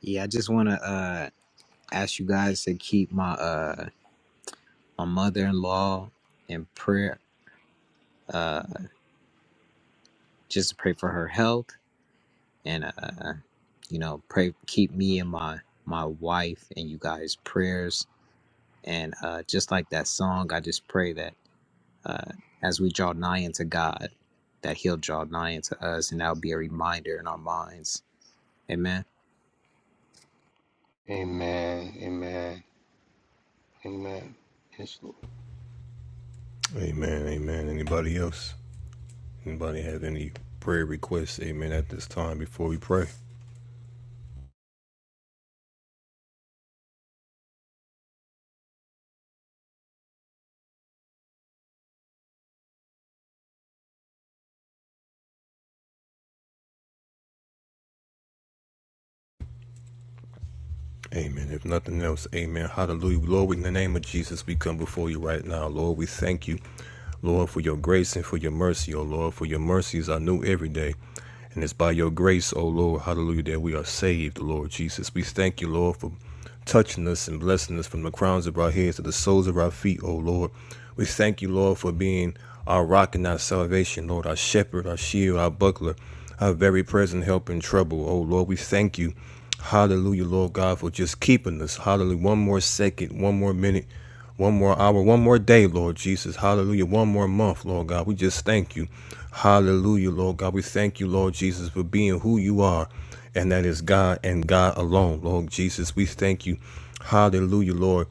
[SPEAKER 4] Yeah, I just want to uh ask you guys to keep my uh my mother-in-law in prayer. Uh just to pray for her health and uh you know, pray keep me and my my wife and you guys prayers and uh just like that song, I just pray that uh, as we draw nigh unto God, that He'll draw nigh unto us, and that'll be a reminder in our minds. Amen.
[SPEAKER 1] Amen. Amen. Amen. Yes, Lord.
[SPEAKER 2] Amen. Amen. Anybody else? Anybody have any prayer requests? Amen. At this time, before we pray. Amen. If nothing else, amen. Hallelujah. Lord, in the name of Jesus, we come before you right now. Lord, we thank you, Lord, for your grace and for your mercy, oh Lord, for your mercies are new every day. And it's by your grace, O Lord, hallelujah, that we are saved, Lord Jesus. We thank you, Lord, for touching us and blessing us from the crowns of our heads to the soles of our feet, O Lord. We thank you, Lord, for being our rock and our salvation, Lord, our shepherd, our shield, our buckler, our very present help in trouble, O Lord. We thank you Hallelujah, Lord God, for just keeping us. Hallelujah. One more second, one more minute, one more hour, one more day, Lord Jesus. Hallelujah. One more month, Lord God. We just thank you. Hallelujah, Lord God. We thank you, Lord Jesus, for being who you are, and that is God and God alone, Lord Jesus. We thank you. Hallelujah, Lord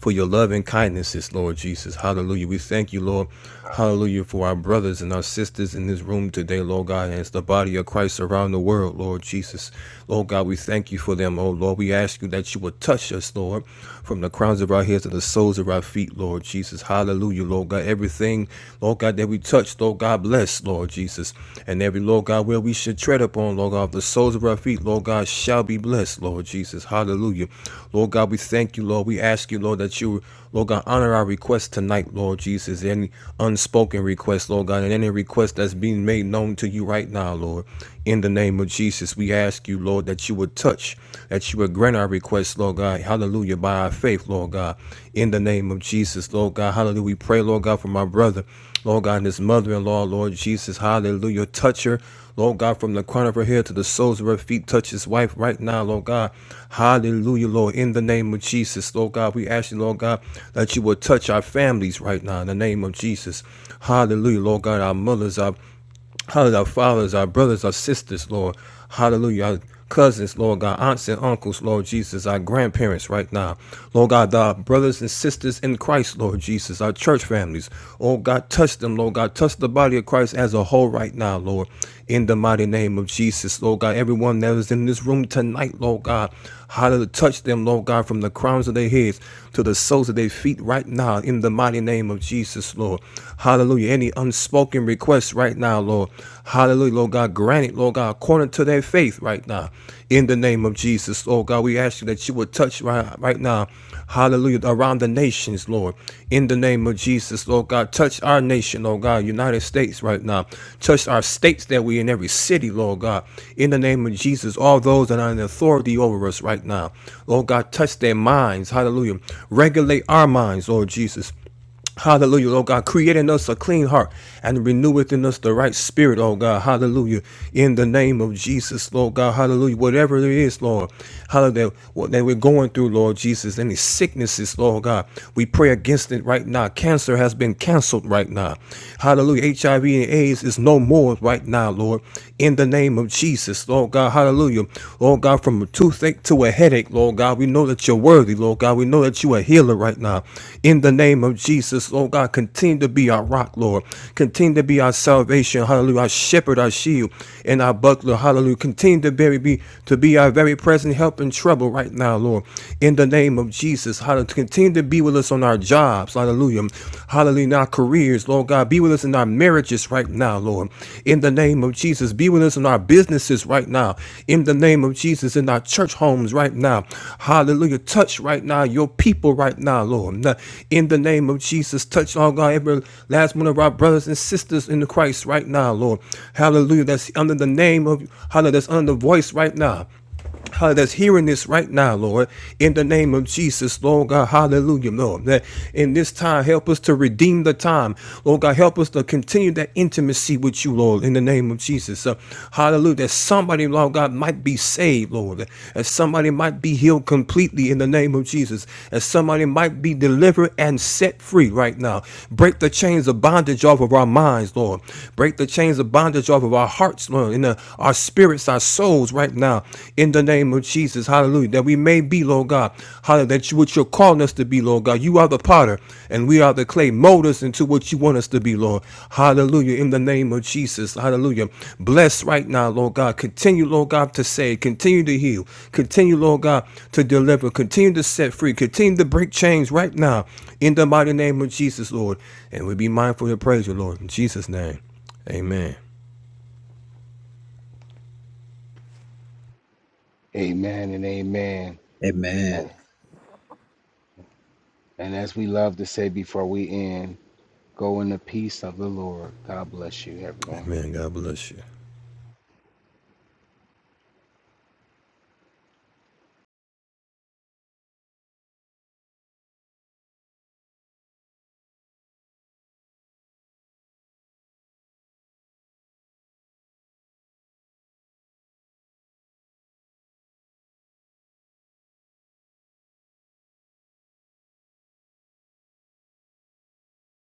[SPEAKER 2] for your love and kindnesses, Lord Jesus. Hallelujah. We thank you, Lord. Hallelujah. For our brothers and our sisters in this room today, Lord God, and as the body of Christ around the world, Lord Jesus. Lord God, we thank you for them, oh Lord. We ask you that you would touch us, Lord, from the crowns of our heads to the soles of our feet, Lord Jesus. Hallelujah, Lord God. Everything, Lord God, that we touch, Lord God, bless, Lord Jesus. And every, Lord God, where we should tread upon, Lord God, the soles of our feet, Lord God, shall be blessed, Lord Jesus. Hallelujah. Lord God, we thank you, Lord. We ask you, Lord, that you, Lord God, honor our request tonight, Lord Jesus. Any unspoken request, Lord God, and any request that's being made known to you right now, Lord. In the name of Jesus, we ask you, Lord, that you would touch, that you would grant our requests, Lord God. Hallelujah. By our faith, Lord God. In the name of Jesus, Lord God. Hallelujah. We pray, Lord God, for my brother. Lord God, and his mother in law, Lord Jesus, hallelujah. Touch her, Lord God, from the crown of her head to the soles of her feet. Touch his wife right now, Lord God. Hallelujah, Lord. In the name of Jesus, Lord God, we ask you, Lord God, that you will touch our families right now in the name of Jesus. Hallelujah, Lord God, our mothers, our Hallelujah. Our fathers, our brothers, our sisters, Lord. Hallelujah. Our cousins, Lord God, aunts and uncles, Lord Jesus, our grandparents right now. Lord God, our brothers and sisters in Christ, Lord Jesus, our church families. Oh God, touch them, Lord God. Touch the body of Christ as a whole right now, Lord. In the mighty name of Jesus, Lord God. Everyone that is in this room tonight, Lord God. Hallelujah. Touch them, Lord God, from the crowns of their heads to the soles of their feet right now, in the mighty name of Jesus, Lord. Hallelujah. Any unspoken requests right now, Lord. Hallelujah, Lord God. Grant it, Lord God, according to their faith right now. In the name of Jesus, Lord God, we ask you that you would touch right, right now. Hallelujah, around the nations, Lord. In the name of Jesus, Lord God, touch our nation, Lord God, United States right now. Touch our states that we in every city, Lord God. In the name of Jesus, all those that are in authority over us right now. Lord God, touch their minds. Hallelujah. Regulate our minds, Lord Jesus. Hallelujah, Lord God, create in us a clean heart and renew God, hallelujah. In the name of Jesus, Lord God, hallelujah. Whatever it is, Lord, hallelujah, what that we're going through, Lord Jesus, any sicknesses, Lord God, we pray against it right now. Cancer has been canceled right now. Hallelujah. HIV and AIDS is no more right now, Lord. In the name of Jesus, Lord God, hallelujah. Lord God, Lord God, worthy, Lord God. We know that healer right now. In the name of Jesus, Lord God, continue to be our rock, Lord. Continue to be our salvation, hallelujah, our shepherd, our shield, and our buckler, hallelujah. Continue to very be to be our very present help in trouble right now, Lord. In the name of Jesus, hallelujah. Continue to be with us on our jobs, hallelujah. Hallelujah, in our careers, Lord God. Be with us in our marriages right now, Lord in the name of Jesus. Be with us in our businesses right now, in the name of Jesus, in our church homes right now. Hallelujah. Touch right now your people right now, Lord. Now, In the name of Jesus, touch, all God, every last one of our brothers and sisters in the Christ right now, Lord. Hallelujah. That's under the name of, hallelujah, that's under the voice right now uh, that's hearing this right now, Lord, in the name of Jesus, Lord God, hallelujah, Lord, that in this time, help us to redeem the time, Lord God, help us to continue that intimacy with you, Lord, in the name of Jesus, uh, hallelujah, that somebody, Lord God, might be saved, Lord, that that somebody might be healed completely in the name of Jesus, that somebody might be delivered and set free right now. Break the chains of bondage off of our minds, Lord, break the chains of bondage off of our hearts, Lord, in the our spirits, our souls right now in the name of Jesus. Hallelujah. That we may be, Lord God. Hallelujah. That you, what you're calling us to be, Lord God. You are the potter and we are the clay. Mold us into what you want us to be, Lord. Hallelujah. In the name of Jesus. Hallelujah. Bless right now, Lord God. Continue, Lord God, to save. Continue to heal. Continue, Lord God, to deliver. Continue to set free. Continue to break chains right now in the mighty name of Jesus, Lord. And we be mindful to praise you, Lord. In Jesus' name. Amen.
[SPEAKER 1] Amen and amen.
[SPEAKER 4] Amen.
[SPEAKER 1] And and as we love to say before we end, go in the peace of the Lord. God bless you, everyone.
[SPEAKER 2] Amen. God bless you.